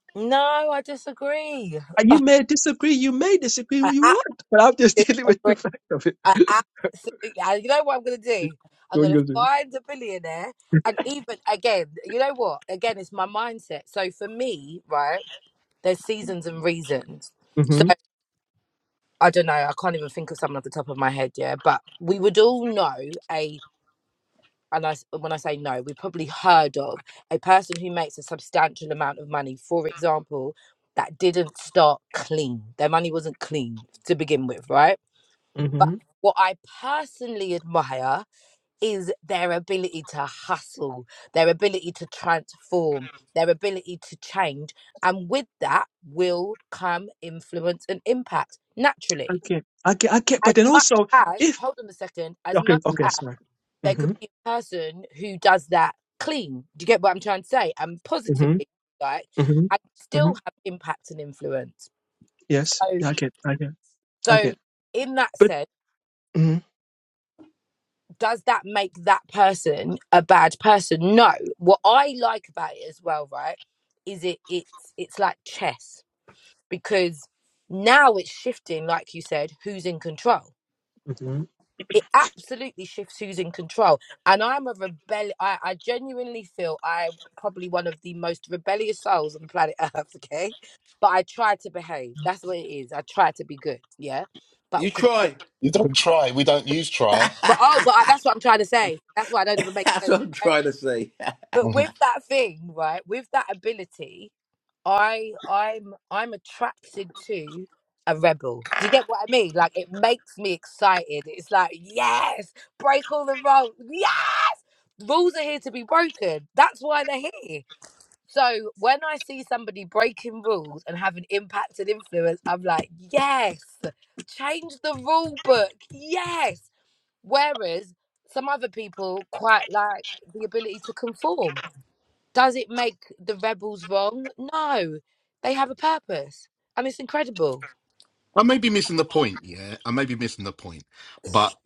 [LAUGHS] no, I disagree. And you may disagree, you may disagree who I [LAUGHS] you absolutely want, but I'm just [LAUGHS] dealing with disagree. the fact of it. [LAUGHS] I absolutely. And you know what I'm gonna do? I'm what you gonna gonna do? find a billionaire, and even again, you know what? Again, it's my mindset. So for me, right? there's seasons and reasons. So Mm-hmm. I don't know. I can't even think of someone off the top of my head. Yeah, but we would all know a, and I s- when I say no, we probably heard of a person who makes a substantial amount of money. For example, that didn't start clean. Their money wasn't clean to begin with, right? But Mm-hmm. what I personally admire is their ability to hustle, their ability to transform, their ability to change. And with that will come influence and impact I naturally. get, I get, I get. But As then much also, as, if hold on a second, as okay, much okay, as sorry. there Mm-hmm. could be a person who does that clean. Do you get what I'm trying to say? And Mm-hmm. positively, right? I Mm-hmm. Mm-hmm. still have impact and influence. Yes, So, I get, I get, I so get. in that But sense, mm-hmm. does that make that person a bad person? No. What I like about it as well, right, is it it's it's like chess because now it's shifting, like you said, who's in control. Mm-hmm. It absolutely shifts who's in control. And I'm a rebel I, I genuinely feel I'm probably one of the most rebellious souls on planet [LAUGHS] Earth, okay? But I try to behave. That's what it is. I try to be good, yeah? But You because I'm a try. You bit... don't try. We don't use [LAUGHS] try. That's but oh, but I, that's what I'm trying to say. That's why I don't even make sense. what I'm right? trying to say. but Mhm. with that thing right with that ability i i'm i'm attracted to a rebel do you get what i mean like it makes me excited it's like yes break all the rules yes rules are here to be broken that's why they're here so when i see somebody breaking rules and having impact and influence i'm like yes change the rule book yes whereas some other people quite like the ability to conform does it make the rebels wrong? No, they have a purpose, and it's incredible. I may be missing the point, yeah. I may be missing the point. but.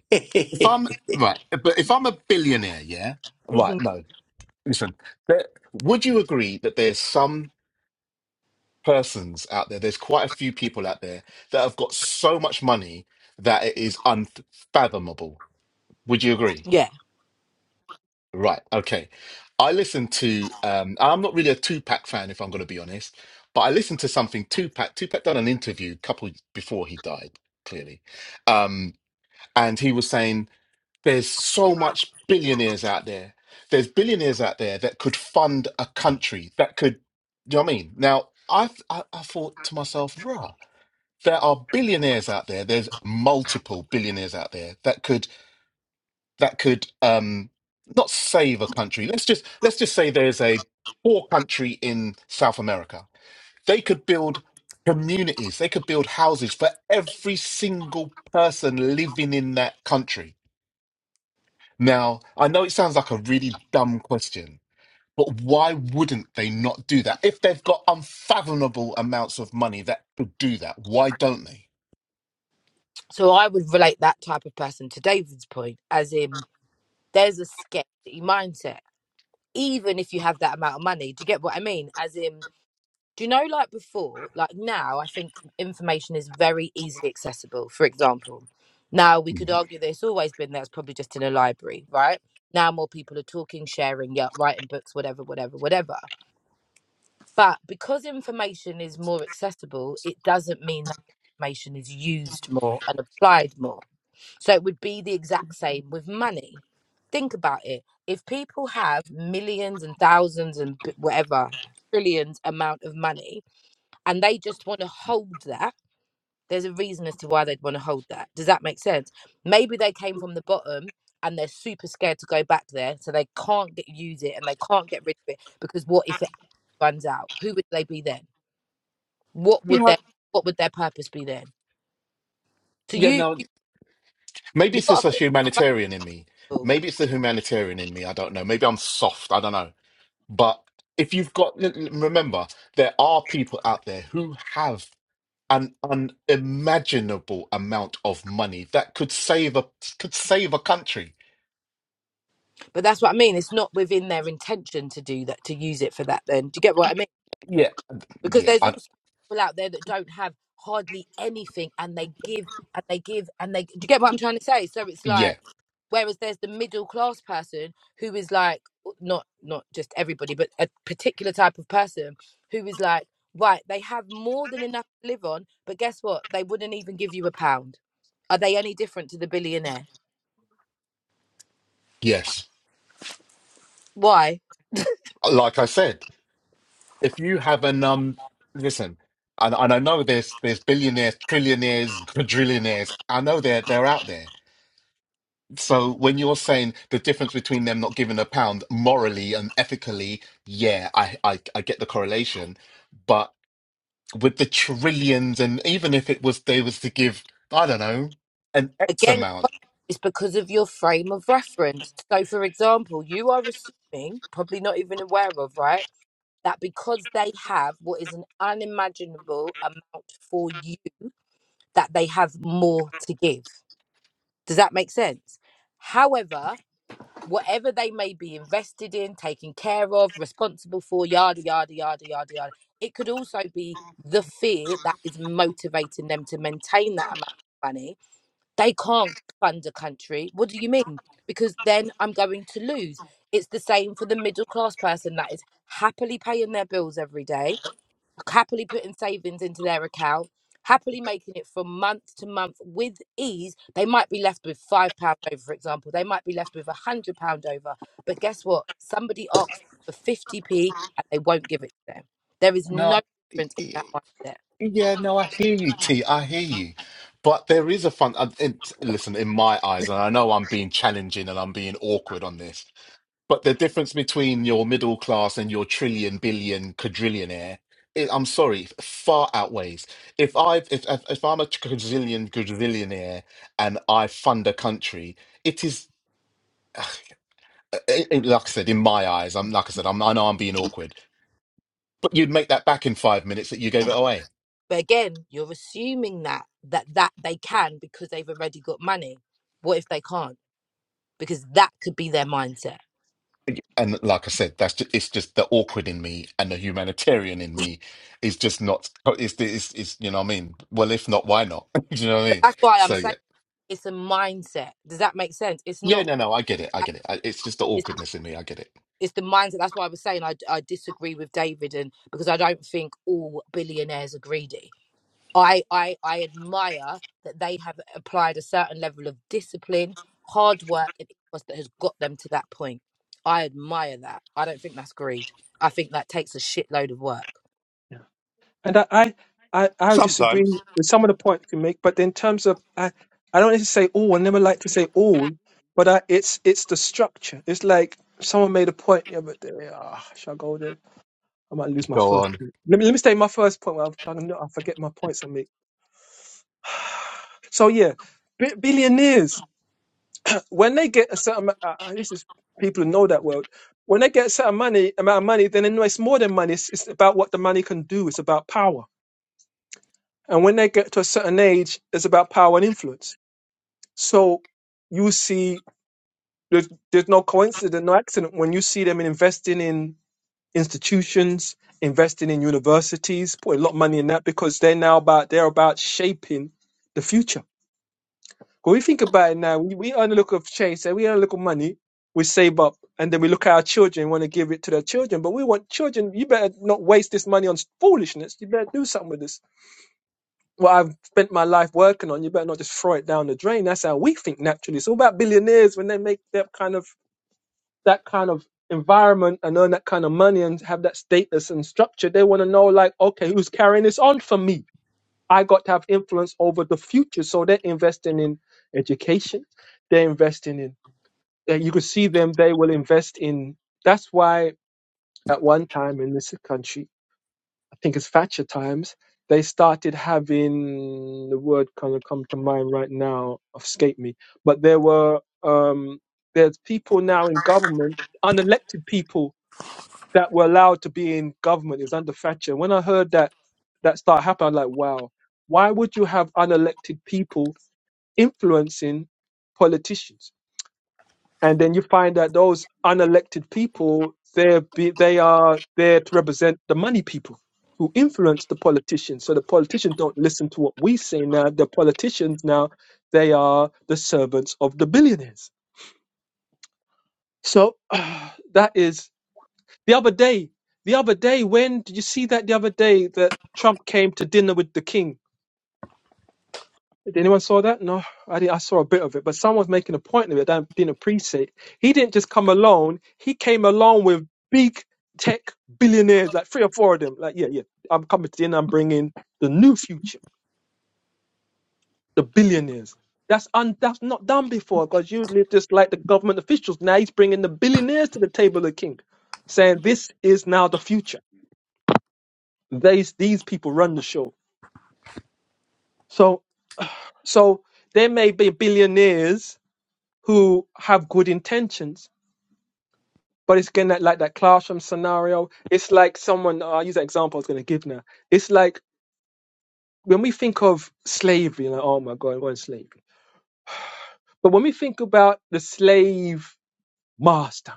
If [LAUGHS] I'm right, but if I'm a billionaire, yeah, right. hmm No, listen. There, would you agree that there's some persons out there? There's quite a few people out there that have got so much money that it is unfathomable. Would you agree? Yeah. Right. Okay. I listened to. Um, I'm not really a Tupac fan, if I'm going to be honest, but I listened to something Tupac. Tupac done an interview a couple before he died, clearly, um, and he was saying. There's so much billionaires out there. There's billionaires out there that could fund a country that could, you know what I mean? Now, I, th- I, I thought to myself, rah, there are billionaires out there. There's multiple billionaires out there that could, that could, um, not save a country. Let's just, let's just say there's a poor country in South America. They could build communities. They could build houses for every single person living in that country now, I know it sounds like a really dumb question, but why wouldn't they not do that? If they've got unfathomable amounts of money that could do that, why don't they? So I would relate that type of person to David's point, as in there's a scarcity mindset, even if you have that amount of money. Do you get what I mean? As in, do you know, like before, like now, I think information is very easily accessible. For example, now we could Mm. argue that it's always been there, it's probably just in a library, right? Now more people are talking, sharing, yeah, writing books, whatever, whatever, whatever. But because information is more accessible, it doesn't mean that information is used more and applied more. So it would be the exact same with money. Think about it. If people have millions and thousands and b- whatever, trillions amount of money, and they just want to hold that, there's a reason as to why they'd want to hold that. Does that make sense? Maybe they came from the bottom and they're super scared to go back there, so they can't get, use it and they can't get rid of it because what if it runs out? Who would they be then? what would their what would their purpose be then? So you you Maybe you it's got just to a think what's humanitarian in me. valuable, Maybe it's the humanitarian in me. I don't know. Maybe I'm soft. I don't know. But if you've got, l- l- remember, there are people out there who have an unimaginable amount of money that could save a could save a country. but that's what I mean. It's not within their intention to do that to use it for that. Then do you get what I mean? Yeah, Because yeah, there's I, also people out there that don't have hardly anything and they give and they give and they do you get what I'm trying to say? So it's like yeah, Whereas there's the middle class person who is like not not just everybody, but a particular type of person who is like, right, they have more than enough to live on, but guess what? They wouldn't even give you a pound. Are they any different to the billionaire? yes. Why? like I said, if you have an um, listen, and, and I know there's there's billionaires, trillionaires, quadrillionaires. I know they're they're out there. So when you're saying the difference between them not giving a pound morally and ethically, yeah, I I, I get the correlation, but with the trillions, and even if it was they was to give, I don't know, an X Again, amount, it's because of your frame of reference. So for example, you are assuming, probably not even aware of, right? That because they have what is an unimaginable amount for you, that they have more to give Does that make sense? However, whatever they may be invested in, taken care of, responsible for, yada, yada, yada, yada, yada, it could also be the fear that is motivating them to maintain that amount of money. They can't fund a country. What do you mean? Because then I'm going to lose. It's the same for the middle class person that is happily paying their bills every day happily putting savings into their account, happily making it from month to month with ease, they might be left with five pounds over, for example. They might be left with a hundred pound over. But guess what? Somebody asks for 50p and they won't give it to them. There is no. no difference in that mindset. Yeah, no, I hear you, T. I hear you. But there is a fun. uh, It, listen, in my eyes, and I know I'm being challenging and I'm being awkward on this, but the difference between your middle class and your trillion, billion, quadrillionaire, it, I'm sorry, far outweighs. If I if, if if I'm a quadrillion, quadrillionaire, and I fund a country, it is. [SIGHS] It, it- like I said, in my eyes, I'm like I said, I'm, I know I'm being awkward, but you'd make that back in five minutes that you gave it away. But again, you're assuming that that that they can because they've already got money. What if they can't? Because that could be their mindset. and like I said, that's just, it's just the awkward in me and the humanitarian in me is just not. It's, it's, it's you know what I mean. Well, if not, why not? [LAUGHS] Do you know what I But mean? that's why I'm So yeah, saying it's a mindset. Does that make sense? It's yeah, not. no, no, I get it, I get it. I, it's just the awkwardness in me. I get it. it's the mindset. That's why I was saying I, I disagree with David, and because I don't think all billionaires are greedy. I, I I admire that they have applied a certain level of discipline, hard work, and ethos that has got them to that point. I admire that. I don't think that's greed. I think that takes a shitload of work. yeah. And I, I, I, I disagree Sometimes with some of the points you make, but in terms of, I, I don't need to say all. I never like to say all, but I, it's it's the structure. It's like someone made a point the other day. Ah, shall I go there? I might lose my Go first on. point. Let me let me state my first point. Where I've, I know I forget my points I make. So yeah, bi- billionaires uh, when they get a certain, uh, this is people who know that world. When they get a certain money amount of money, then they know it's more than money. It's, it's about what the money can do. It's about power And when they get to a certain age, it's about power and influence. So you see, there's, there's no coincidence, no accident when you see them investing in institutions, investing in universities, putting a lot of money in that because they're now about they're about shaping the future. When we think about it now, we, we earn a little of change, say we earn a little money, we save up, and then we look at our children, want to give it to their children, but we want children. You better not waste this money on foolishness. You better do something with this What I've spent my life working on. You better not just throw it down the drain. That's how we think naturally. It's all about billionaires when they make that kind of that kind of environment and earn that kind of money and have that status and structure. They want to know, like, okay, who's carrying this on for me? I got to have influence over the future. So they're investing in education. They're investing in. uh, You can see them. They will invest in. That's why at one time in this country I think it's Thatcher times, they started having the word kind of come to mind right now, escape me. But there were um, there's people now in government, unelected people that were allowed to be in government is under Thatcher. When I heard that that start happening, I'm like, wow, why would you have unelected people influencing politicians? and then you find that those unelected people they're be, they are there to represent the money people who influence the politicians so the politicians don't listen to what we say now the politicians now they are the servants of the billionaires so [SIGHS] that is the other day the other day when did you see that the other day that trump came to dinner with the king Did anyone saw that? No, I did. I saw a bit of it, but someone's making a point of it. that I didn't appreciate. He didn't just come alone. He came along with big tech billionaires, like three or four of them. Like, yeah, yeah, I'm coming to the end. I'm bringing the new future, the billionaires. That's un, that's not done before because usually just like the government officials. Now he's bringing the billionaires to the table of the king, saying this is now the future. These these people run the show. So so there may be billionaires who have good intentions But it's again that like that classroom scenario. It's like someone. Uh, I'll use that example I was going to give now. It's like when we think of slavery, like oh my god, it wasn't slavery. But when we think about the slave master,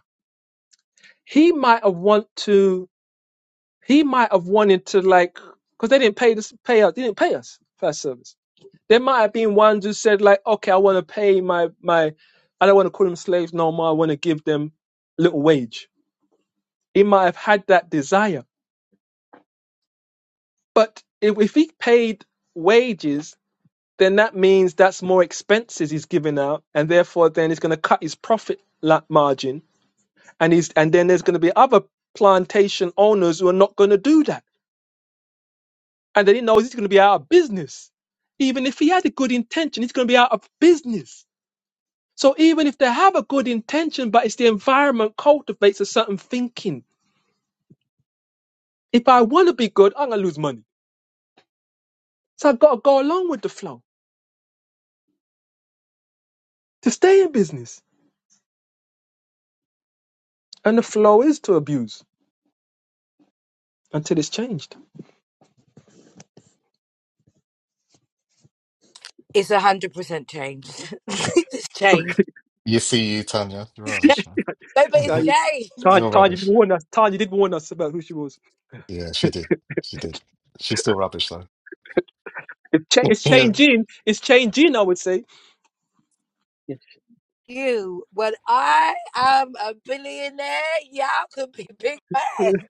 he might have want to. He might have wanted to like because they didn't pay this pay us. They didn't pay us for our service. There might have been ones who said like, okay, I want to pay my my. I don't want to call them slaves no more. I want to give them little wage. He might have had that desire But if, if he paid wages, then that means that's more expenses he's giving out, and therefore then it's going to cut his profit margin, and he's and then there's going to be other plantation owners who are not going to do that, and then he knows he's going to be out of business. Even if he had a good intention, he's going to be out of business. So even if they have a good intention, but it's the environment cultivates a certain thinking. If I want to be good, I'm going to lose money. So I've got to go along with the flow to stay in business. And the flow is to abuse. until it's changed. It's a hundred percent changed. [LAUGHS] it's changed. You see, you Tanya, you're It's changed. rubbish, man. No, but Uh, it's [LAUGHS] changed. Todd, You're Todd, you did rubbish. warn us. Todd, you did warn us about who she was. Yeah, she did. She did. She's still rubbish though. It cha- it's Yeah. changing. It's changing. I would say. Yeah. You, when I am a billionaire, y'all could be big fans.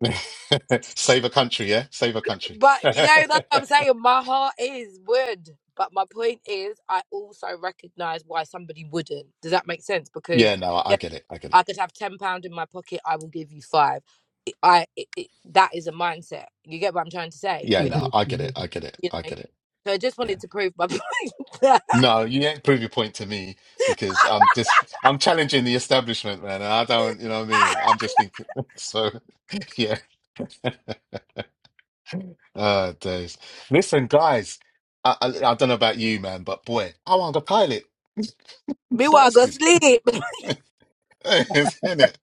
[LAUGHS] Save a country, yeah. Save a country. But you know, that's what I'm [LAUGHS] saying. My heart is would. But my point is, I also recognize why somebody wouldn't. Does that make sense? Because yeah, no, I yeah, get it. I get it. I could have ten pound in my pocket. I will give you five. It- I it, it, that is a mindset. You get what I'm trying to say? Yeah, With no, Mhm, I get it. I mhm. get it. you I know, get it. so I just Yeah. wanted to prove my [LAUGHS] point. No, you ain't prove your point to me because I'm just I'm challenging the establishment, man. And I don't, you know what I mean? I'm just thinking. [LAUGHS] So yeah. [LAUGHS] Uh days. Listen, guys, I, I I don't know about you, man, but boy, I want to pilot. [LAUGHS] [LAUGHS] Meanwhile, I go Bastard. sleep. [LAUGHS] [LAUGHS] Isn't it?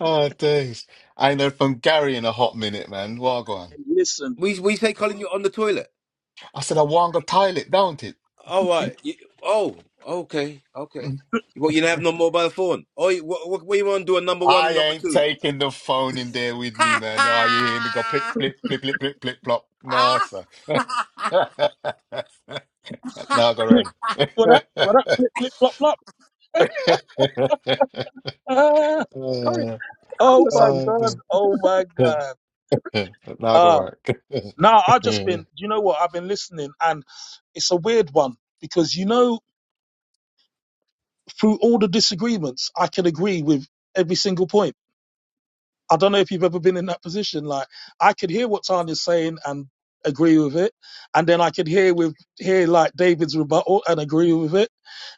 Oh days. I ain't heard from Gary in a hot minute, man. Well, go on. Hey, listen. we we say, Colin, you're on the toilet. I said I want to pilot, don't it? All right. You, oh, okay, okay. What you have no mobile phone? Oh, you- what, what, what you want to do? A number one I and number ain't two? taking the phone in there with me, man. Oh, you hear me go plip, plip, plip, plip, plip, plip, plop. No, sir. [LAUGHS] no, I go Flip, run. [LAUGHS] what up? What up? Flip, flip, flop, flop. uh, Ah, Curry, oh, curry oh or my something. God. no. Oh my [LAUGHS] no, God. I go Ah, work. now I've just [LAUGHS] been, you know what? I've been listening and it's a weird one because, you know, through all the disagreements, I can agree with every single point. I don't know if you've ever been in that position. Like I could hear what Tanya's saying and agree with it, and then I could hear with hear like David's rebuttal and agree with it,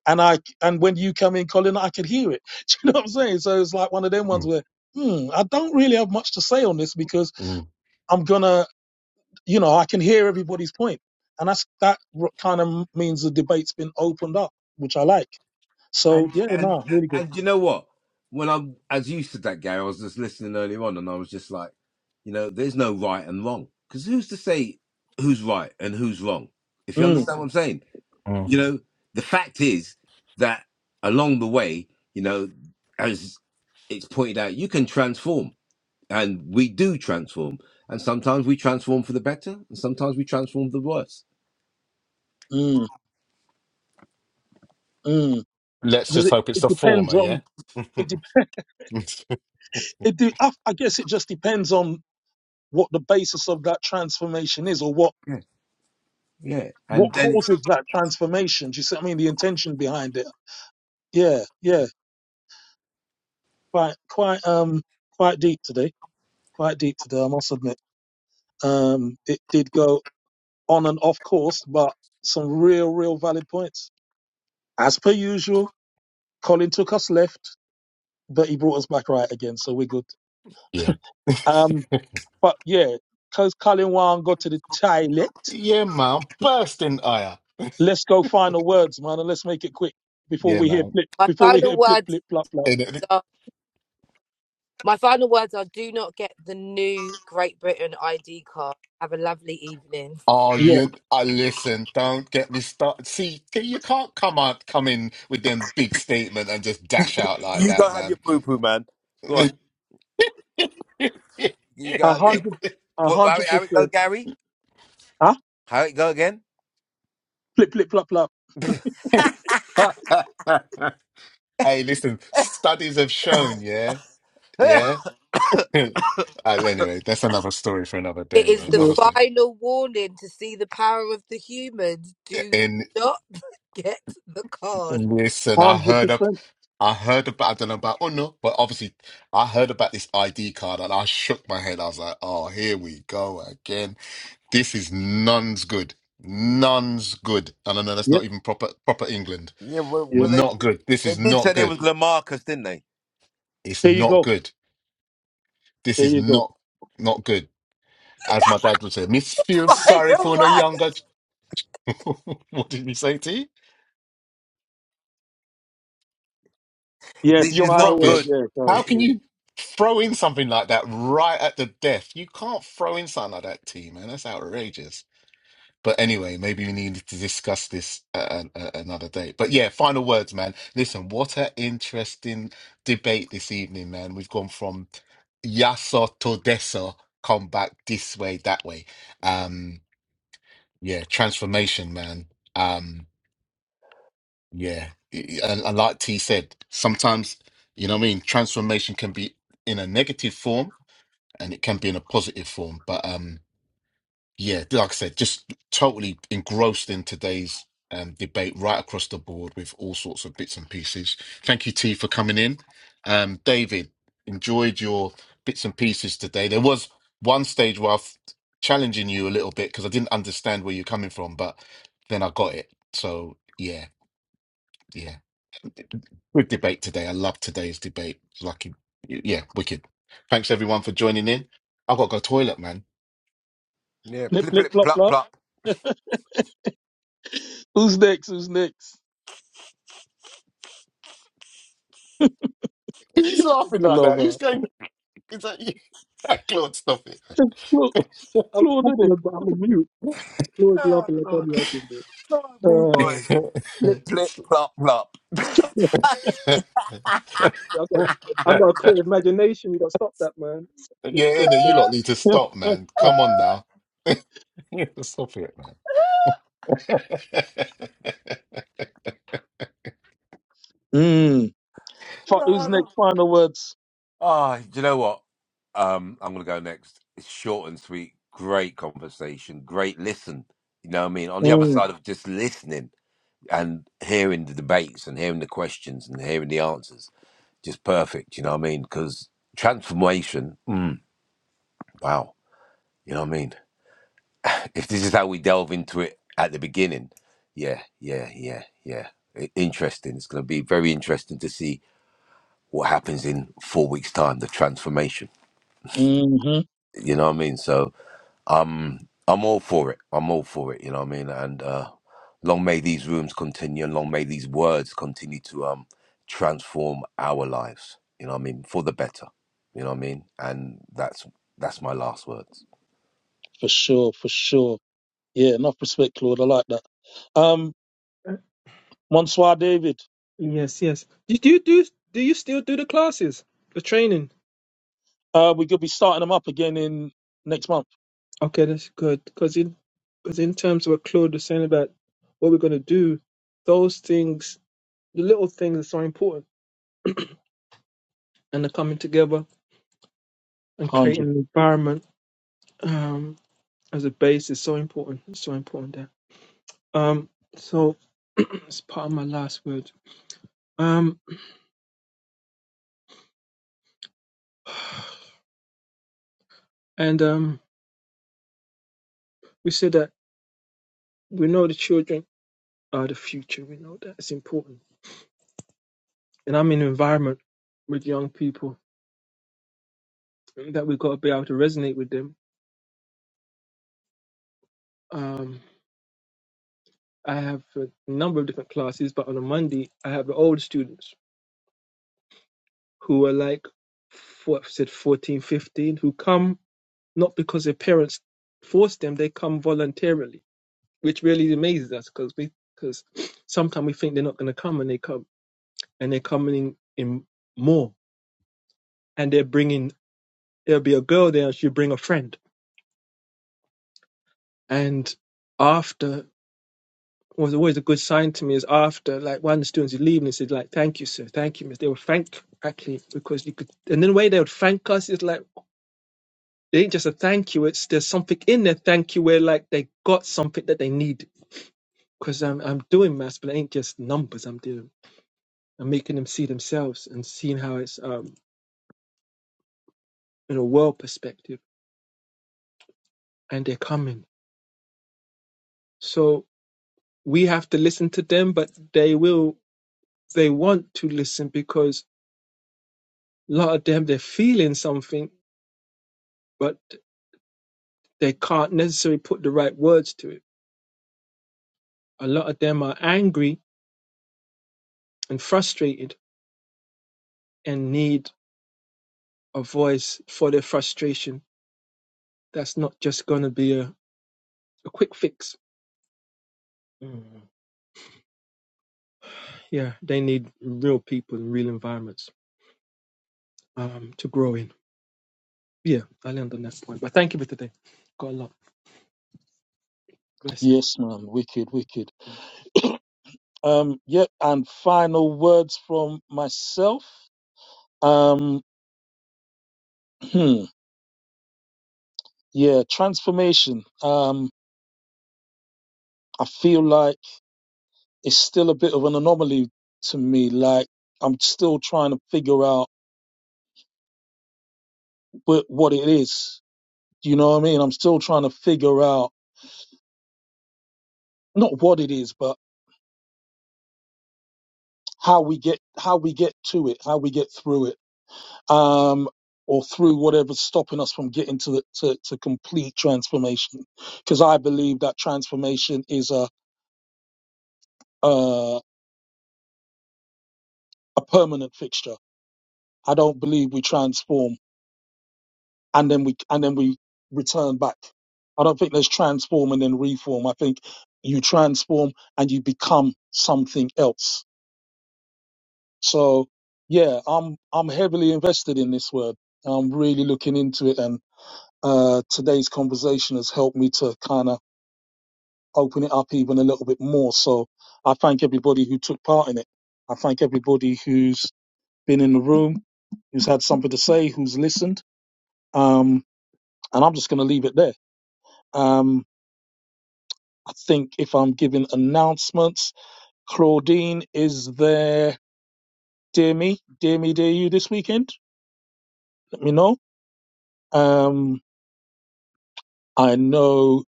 and I and when you come in, Colin, I could hear it. [LAUGHS] Do you know what I'm saying? So it's like one of them ones Mm, where. Hmm, I don't really have much to say on this because mm, I'm gonna, you know, I can hear everybody's point, and that's that kind of means the debate's been opened up, which I like. So And yeah, and no, really good. and you know what? When I'm as you said that, Gary, I was just listening earlier on, and I was just like, you know, there's no right and wrong because who's to say who's right and who's wrong? If you Mm, understand what I'm saying, mm. you know, the fact is that along the way, you know, as it's pointed out, you can transform, and we do transform, and sometimes we transform for the better, and sometimes we transform for the worse. mm, mm. Let's Does just it? hope it's the It former, depends yeah? on. [LAUGHS] it. it de- I, I guess it just depends on what the basis of that transformation is or what Yeah, yeah, and what then it's causes that transformation do you see what i mean the intention behind it yeah yeah quite quite um quite deep today quite deep today i must admit um it did go on and off course but some real real valid points as per usual colin took us left but he brought us back right again so we're good yeah. um [LAUGHS] but yeah because colin wang got to the toilet yeah, man. Bursting ire. Let's go final words, man, and let's make it quick before Yeah, we hear man. flip My before we hear final flip words flip flop flop. are my final words are: Do not get the new Great Britain ID card. Have a lovely evening. Oh, Yeah. you! I listen. Don't get me started. See, you can't come out, come in with them big statement and just You, dash out like you you go that, have man. your poo poo, man. Go on. You go A out to the hundred a Wha- How hundred it how it go, percent. Gary? Huh? How it go again? Flip flip flop [LAUGHS] [LAUGHS] hey, listen. Studies have shown, yeah, yeah, yeah. [LAUGHS] Uh, anyway, that's another story for another It day. Yeah? is the Another A story. final warning to see the power of the humans. Do And not [LAUGHS] get the card. listen, I hundred heard up. percent. I heard about, I don't know about Uno, but obviously I heard about this ID card and I shook my head. I was like, oh, here we go again This is none's good. None's good. And I know that's Yep, not even proper proper England. well, yep. well they Not good. This they is did not say they good. was Lamarcus, didn't they? It's There you not go. good. This There is you go. not not good. As my dad would say, Miss [LAUGHS] feels sorry Final for no one. younger. ch-" [LAUGHS] what did he say to you? This Yes, You're is final not word, good. rubbish. yeah, sorry. How can Yeah. you throw in something like that right at the death? You can't throw in something like that, T man. That's outrageous. But anyway, maybe we need to discuss this at an- at another day. But yeah, final words, man. Listen, what an interesting debate this evening, man. We've gone from Yasso to Deso, come back this way, that way. Um, yeah, transformation, man. Um, yeah, I- I- and, and like T said, sometimes, you know what I mean, transformation can be in a negative form and it can be in a positive form. But um, yeah, like I said, just totally engrossed in today's um, debate right across the board with all sorts of bits and pieces. Thank you, T, for coming in. Um, David, enjoyed your bits and pieces today. There was one stage where I was challenging you a little bit because I didn't understand where you're coming from, but then I got it. So, yeah, yeah. Good debate today. I love today's debate. Lucky. Yeah, wicked. Thanks, everyone, for joining in. I've got to go toilet, man. Yeah, Flip plip flip plip flop plop flop. plop. Who's next? Who's next? He's [LAUGHS] laughing like that. Glover. Who's going It's like, [LAUGHS] yeah, clone stuff it. Claude, I'm Claude did talking it. about. I'm a mute. [LAUGHS] Floyd's Oh, laughing like Lord. I'm laughing. But Sorry, me Uh, boy. Plip plip plop plop. [LAUGHS] [LAUGHS] I got, I got a clear imagination. You got to stop that, man. Stop, yeah, stop, Anna, you stop. lot need to stop, man. [LAUGHS] Come on now. [LAUGHS] stop it, man. [LAUGHS] Mm. Fi- Who's Lord. next? Final words. oh, do you know what? Um, I'm gonna go next. It's short and sweet. Great conversation. Great listen. You know what I mean? On the other Mm. side of just listening and hearing the debates and hearing the questions and hearing the answers just perfect. You know what I mean? Because transformation, mm, wow. You know what I mean? [LAUGHS] If this is how we delve into it at the beginning, yeah, yeah, yeah, yeah. I- Interesting. It's going to be very interesting to see what happens in four weeks' time. The transformation. hmm You know what I mean? So um, I'm all for it. I'm all for it. You know what I mean? And uh, long may these rooms continue, and long may these words continue to um, transform our lives. You know what I mean? For the better. You know what I mean? And that's that's my last words. For sure, for sure. Yeah, enough respect, Claude. I like that. Um, Monsoir David, Yes, yes. Do do you do do you still do the classes, the training? uh, we're gonna be starting them up again in next month. Okay, that's good. Because in because in terms of what Claude was saying about what we're going to do, those things the little things are so important and the coming together and Hundred. creating an environment um, as a base is so important it's so important there um, so [CLEARS THROAT] it's part of my last word um, and um, we said that we know the children are the future we know that it's important and i'm in an environment with young people that we've got to be able to resonate with them um, i have a number of different classes but on a monday i have the old students who are like four, said 14, 15 who come not because their parents force them, they come voluntarily, which really amazes us because we because sometimes we think they're not going to come and they come and they're coming in more and they're bringing there'll be a girl there and she'll bring a friend and after was always a good sign to me is after like one of the students is leaving they said like thank you sir thank you miss they would thank actually because you could and then the way they would thank us is like they ain't just a thank you it's there's something in their thank you where like they got something that they needed because I'm I'm doing maths, but it ain't just numbers I'm doing. I'm making them see themselves and seeing how it's um in a world perspective, and they're coming. So we have to listen to them, but they will they want to listen because a lot of them they're feeling something, but they can't necessarily put the right words to it. A lot of them are angry and frustrated and need a voice for their frustration. That's not just going to be a, a quick fix. Mm. Yeah, they need real people and real environments um, to grow in. Yeah, I learned on that point. But thank you for today. Got a lot. Blessings. Yes, man. Wicked, wicked. Um, yep. And final words from myself. Um, [CLEARS THROAT] yeah, transformation. Um, I feel like it's still a bit of an anomaly to me. Like I'm still trying to figure out what, what it is. You know what I mean? I'm still trying to figure out not what it is, but how we get how we get to it, how we get through it, um, or through whatever's stopping us from getting to the to, to complete transformation. Because I believe that transformation is a, a a permanent fixture. I don't believe we transform and then we and then we return back. I don't think there's transform and then reform. I think you transform and you become something else. So yeah, I'm I'm heavily invested in this word. I'm really looking into it and. uh, today's conversation has helped me to kind of open it up even a little bit more. So I thank everybody who took part in it. I thank everybody who's been in the room, who's had something to say, who's listened. Um, and I'm just going to leave it there. Um, I think if I'm giving announcements, Claudine is there. Dear me, dear me, dear you this weekend. Let me know. Um, I know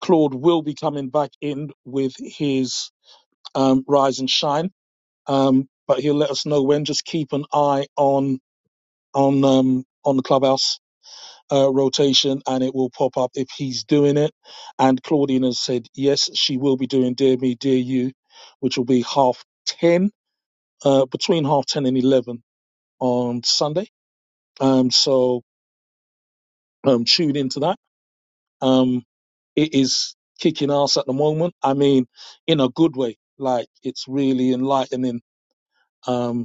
Claude will be coming back in with his um, Rise and Shine um, but he'll let us know when. Just keep an eye on on um, on the clubhouse uh, rotation, and it will pop up if he's doing it. And Claudine has said yes, she will be doing "Dear Me, Dear You," which will be half ten uh, between half ten and eleven on Sunday. Um, so um, tune into that. Um, it is kicking ass at the moment. I mean, in a good way. Like it's really enlightening. Um,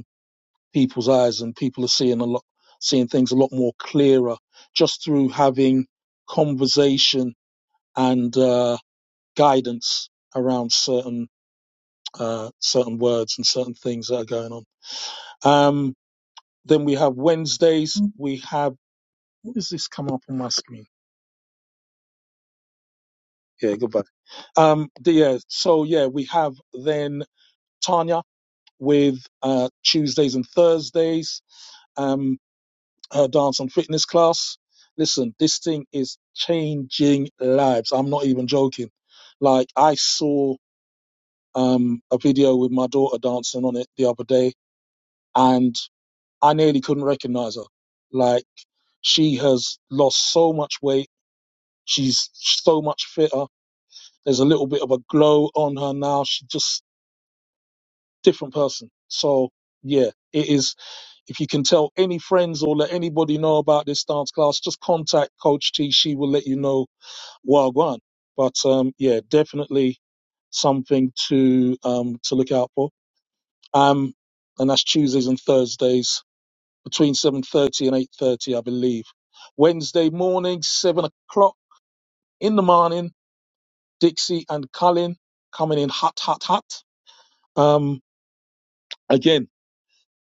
people's eyes and people are seeing a lot seeing things a lot more clearer just through having conversation and uh, guidance around certain uh, certain words and certain things that are going on um, then we have Wednesdays we have what is this come up on my screen yeah goodbye um, the, yeah so yeah we have then Tanya with uh, Tuesdays and Thursdays um, her dance and fitness class. Listen, this thing is changing lives. I'm not even joking. Like I saw um, a video with my daughter dancing on it the other day, and I nearly couldn't recognize her. Like she has lost so much weight. She's so much fitter. There's a little bit of a glow on her now. She's just different person. So yeah, it is. If you can tell any friends or let anybody know about this dance class, just contact Coach T. She will let you know Well, go But um, yeah, definitely something to um, to look out for. Um, and that's Tuesdays and Thursdays between 7:30 and 8:30, I believe. Wednesday morning, seven o'clock in the morning. Dixie and Colin coming in hot, hot, hot. Um, again,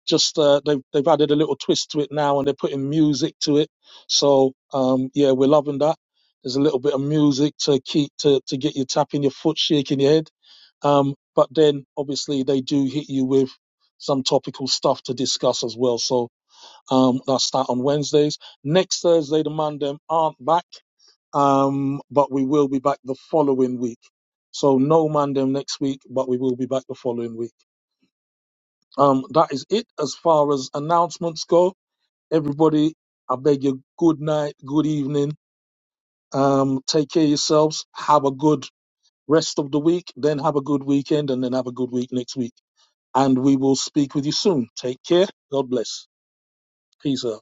just uh, they've they've added a little twist to it now, and they're putting music to it. So um, yeah, we're loving that. There's a little bit of music to keep to to get you tapping your foot, shaking your head Um, but then obviously they do hit you with some topical stuff to discuss as well. So um, that's that on Wednesdays. Next Thursday, the Mandem aren't back, um, but we will be back the following week. So no Mandem next week, but we will be back the following week. Um, that is it as far as announcements go. Everybody, I beg you, good night, good evening. Um, take care of yourselves. Have a good rest of the week, then have a good weekend, and then have a good week next week. and we will speak with you soon. Take care. God bless. Peace out.